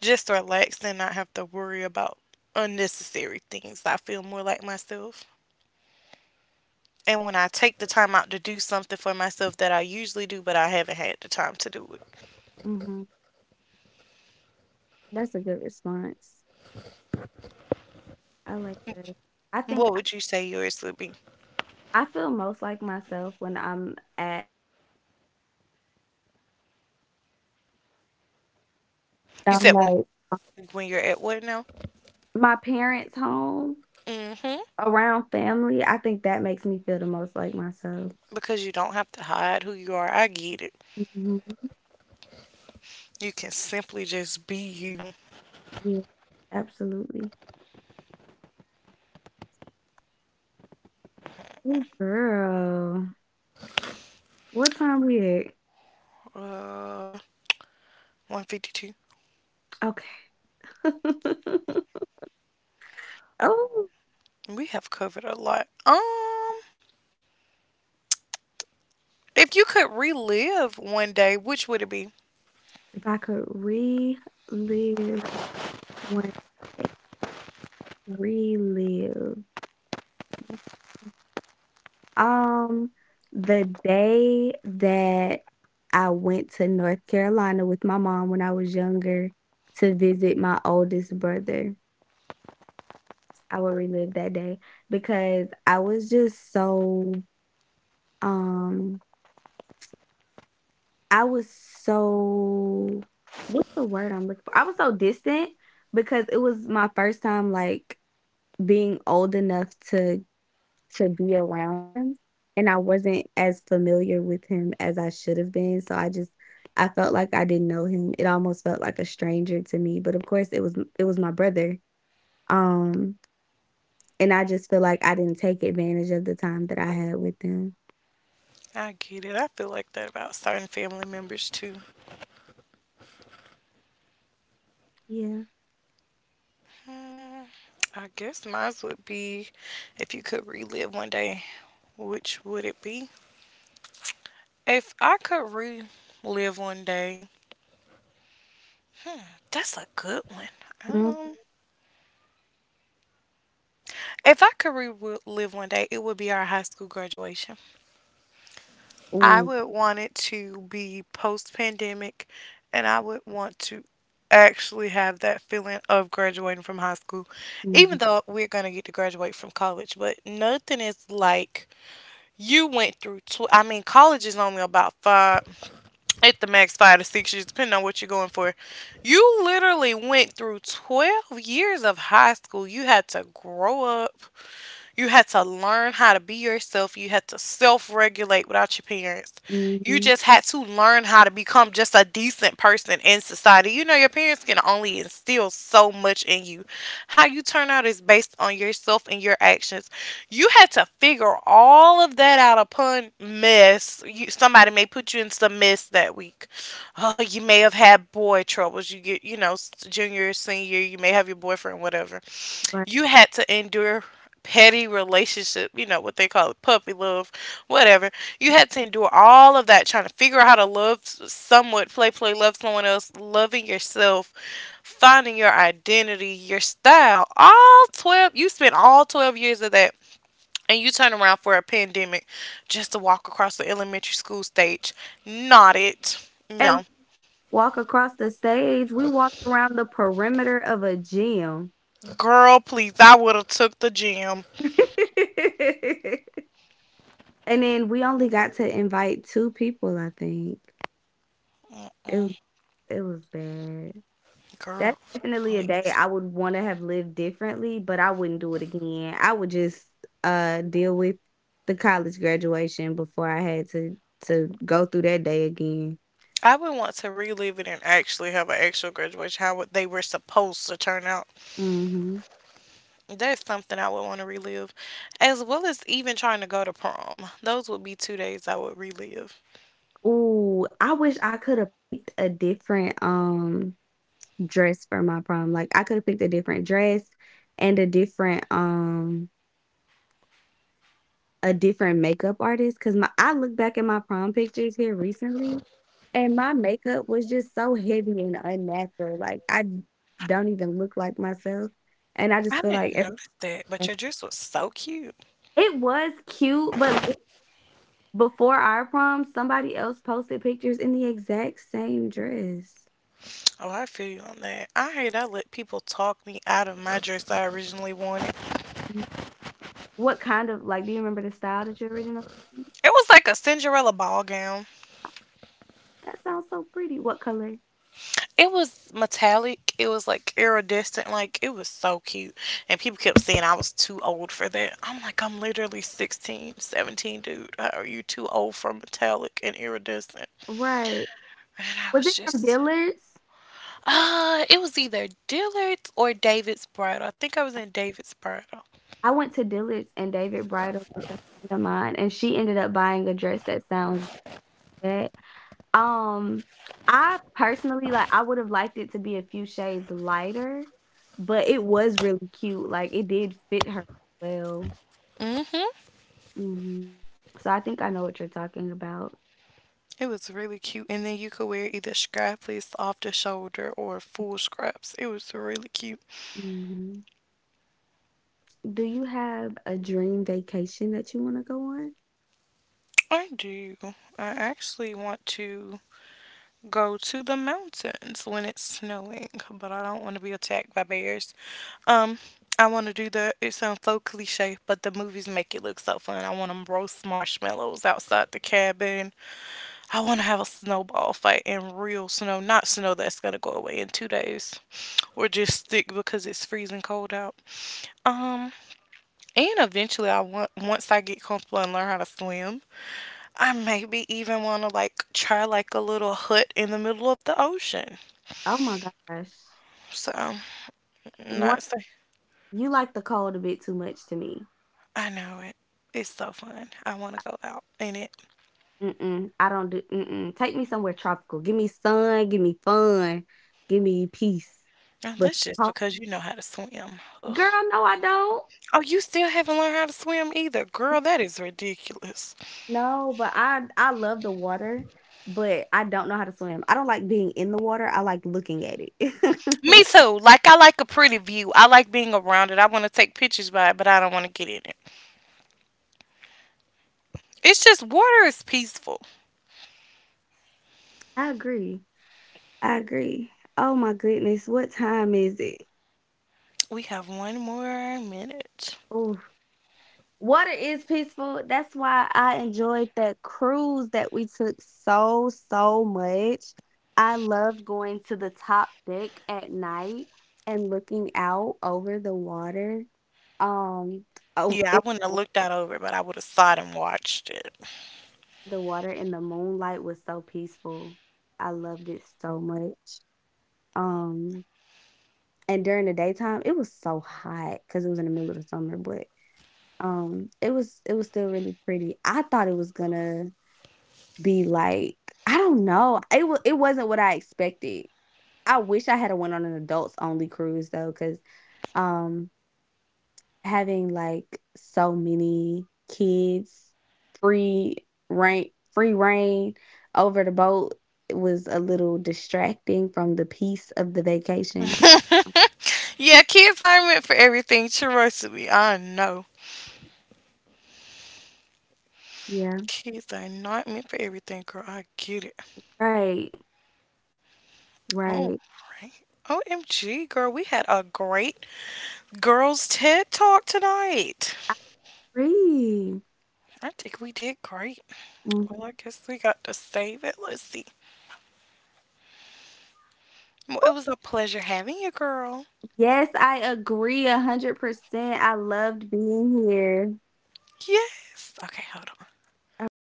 Speaker 1: just relax and not have to worry about unnecessary things. I feel more like myself. And when I take the time out to do something for myself that I usually do, but I haven't had the time to do it.
Speaker 2: Mhm. That's a good response. I like that. I think
Speaker 1: What
Speaker 2: I
Speaker 1: would you say yours would be?
Speaker 2: I feel most like myself when I'm at
Speaker 1: You said when, when you're at what now?
Speaker 4: My parents' home,
Speaker 1: Mm-hmm.
Speaker 4: around family, I think that makes me feel the most like myself.
Speaker 1: Because you don't have to hide who you are. I get it.
Speaker 4: Mhm.
Speaker 1: You can simply just be you.
Speaker 4: Yeah, absolutely. Oh, girl. What time we at?
Speaker 1: Uh, one fifty two.
Speaker 4: Okay. Oh,
Speaker 1: We have covered a lot. Um, if you could relive one day, which would it be?
Speaker 4: if I could relive one day, relive. Um, the day that I went to North Carolina with my mom when I was younger to visit my oldest brother, I will relive that day because I was just so, um, I was so, what's the word I'm looking for? I was so distant because it was my first time like being old enough to to be around him, and I wasn't as familiar with him as I should have been, so I just I felt like I didn't know him. It almost felt like a stranger to me, but of course it was it was my brother, um, and I just feel like I didn't take advantage of the time that I had with him.
Speaker 1: I get it. I feel like that about certain family members too.
Speaker 4: Yeah.
Speaker 1: I guess mine would be, if you could relive one day, which would it be? If I could relive one day, that's a good one.
Speaker 4: Mhm.
Speaker 1: Um, if I could relive one day, it would be our high school graduation. I
Speaker 4: Ooh,
Speaker 1: would want it to be post pandemic, and I would want to actually have that feeling of graduating from high school,
Speaker 4: mhm,
Speaker 1: even though we're going to get to graduate from college, but nothing is like. You went through, Tw- I mean, college is only about five, at the max five to six years, depending on what you're going for. You literally went through twelve years of high school. You had to grow up. You had to learn how to be yourself. You had to self regulate without your parents. You
Speaker 4: mhm,
Speaker 1: just had to learn how to become just a decent person in society. You know, your parents can only instill so much in you. How you turn out is based on yourself and your actions. You had to figure all of that out upon one mess, you, somebody may put you in some mess that week. Oh, you may have had boy troubles. You get, you know, s- junior, senior, you may have your boyfriend, whatever.
Speaker 4: right.
Speaker 1: You had to endure petty relationship, you know, what they call it, puppy love, whatever. You had to endure all of that trying to figure out how to love s- somewhat, play, play love someone else, loving yourself, finding your identity, your style. All twelve, you spent all twelve years of that and you turn around for a pandemic just to walk across the elementary school stage. Not it.
Speaker 4: At least
Speaker 1: No.
Speaker 4: walk across the stage. We walked around the perimeter of a gym.
Speaker 1: Girl, please. I would have took the gym.
Speaker 4: And then we only got to invite two people, I think. It w it was bad. That's
Speaker 1: Girl,
Speaker 4: definitely a day
Speaker 1: please.
Speaker 4: I would wanna have lived differently, but I wouldn't do it again. I would just, uh, deal with the college graduation before I had to to go through that day again.
Speaker 1: I would want to relive it and actually have an actual graduation, how would- they were supposed to turn out.
Speaker 4: Mhm.
Speaker 1: That's something I would want to relive, as well as even trying to go to prom. Those would be two days I would relive.
Speaker 4: Ooh, I wish I coulda picked a different, um, dress for my prom. Like, I coulda picked a different dress and a different, um A different makeup artist, cause my I look back at my prom pictures here recently, and my makeup was just so heavy and unnatural, like, I don't even look like myself, and I just feel
Speaker 1: I
Speaker 4: like
Speaker 1: didn't notice that,
Speaker 4: everything
Speaker 1: but your dress was so cute.
Speaker 4: It was cute, but li before our prom, somebody else posted pictures in the exact same dress.
Speaker 1: Oh, I feel you on that. I hate I let people talk me out of my dress that I originally wanted.
Speaker 4: W What kind of, like, do you remember the style that you originally wanted?
Speaker 1: It was like a Cinderella ball gown.
Speaker 4: That sounds so pretty. What color?
Speaker 1: It was metallic. It was like iridescent. Like it was so cute. And people kept saying I was too old for that. I'm like, I'm literally sixteen, seventeen, dude. How are you too old for metallic and iridescent?
Speaker 4: Right.
Speaker 1: And I
Speaker 4: Was
Speaker 1: was
Speaker 4: it from
Speaker 1: just
Speaker 4: Dillard's?
Speaker 1: uh, it was either Dillard's or David's Bridal. I think I was in David's Bridal.
Speaker 4: I went to Dillard's and David Bridal with a friend of mine, and she ended up buying a dress that sounds good. Um, I personally, like, I would have liked it to be a few shades lighter, but it was really cute, like, it did fit her well.
Speaker 1: hmm
Speaker 4: Mhm. So I think I know what you're talking about.
Speaker 1: It was really cute. And then you could wear either strapless off the shoulder or full scraps. It was really cute.
Speaker 4: Mhm. Do you have a dream vacation that you wanna go on?
Speaker 1: I do. I actually want to go to the mountains when it's snowing, but I don't want to be attacked by bears. Um, I want to do the, it sounds so cliche, but the movies make it look so fun. I want to roast marshmallows outside the cabin. I want to have a snowball fight in real snow, not snow that's going to go away in two days or just stick because it's freezing cold out. Um, and eventually, I want, once I get comfortable and learn how to swim, I maybe even want to like try like a little hut in the middle of the ocean.
Speaker 4: Oh my gosh.
Speaker 1: So,
Speaker 4: One,
Speaker 1: not say.
Speaker 4: you like the cold a bit too much to me.
Speaker 1: I know it. It's so fun. I want to go out in it.
Speaker 4: Mm-mm, I don't do mm-mm. Take me somewhere tropical. Give me sun, give me fun, give me peace.
Speaker 1: And
Speaker 4: But
Speaker 1: that's just
Speaker 4: Huh?
Speaker 1: because you know how to swim. Ugh.
Speaker 4: Girl, no, I don't.
Speaker 1: Oh, you still haven't learned how to swim either, girl. That is ridiculous.
Speaker 4: No, but I I love the water, but I don't know how to swim. I don't like being in the water. I like looking at it.
Speaker 1: Me too. Like I like a pretty view. I like being around it. I want to take pictures by it, but I don't want to get in it. It's just water is peaceful.
Speaker 4: I agree. I agree. Oh my goodness, what time is it?
Speaker 1: We have one more minute.
Speaker 4: Ooh. Water is peaceful. That's why I enjoyed that cruise that we took so, so much. I loved going to the top deck at night and looking out over the water. Um, oh,
Speaker 1: Yeah, I
Speaker 4: it,
Speaker 1: wouldn't have looked that over, but I would have sat and watched it.
Speaker 4: the water and the moonlight was so peaceful. I loved it so much. Um, and during the daytime, it was so hot because it was in the middle of the summer, but Um, it was it was still really pretty. I thought it was gonna be like I don't know. It was it wasn't what I expected. I wish I had a went on an adults only cruise though, because um, having, like, so many kids, free reign free reign over the boat, it was a little distracting from the peace of the vacation.
Speaker 1: Yeah, kids aren't meant for everything. Trust me, I know.
Speaker 4: Yeah.
Speaker 1: Kids are not meant for everything, girl. I get it.
Speaker 4: Right, right.
Speaker 1: All right. O M G, girl, we had a great girls' TED talk tonight.
Speaker 4: I agree.
Speaker 1: I think we did great.
Speaker 4: Mhm.
Speaker 1: Well, I guess we got to save it. Let's see. Well, it was a pleasure having you, girl.
Speaker 4: Yes, I agree one hundred percent. I loved being here.
Speaker 1: Yes. Okay, hold on.
Speaker 4: Alright.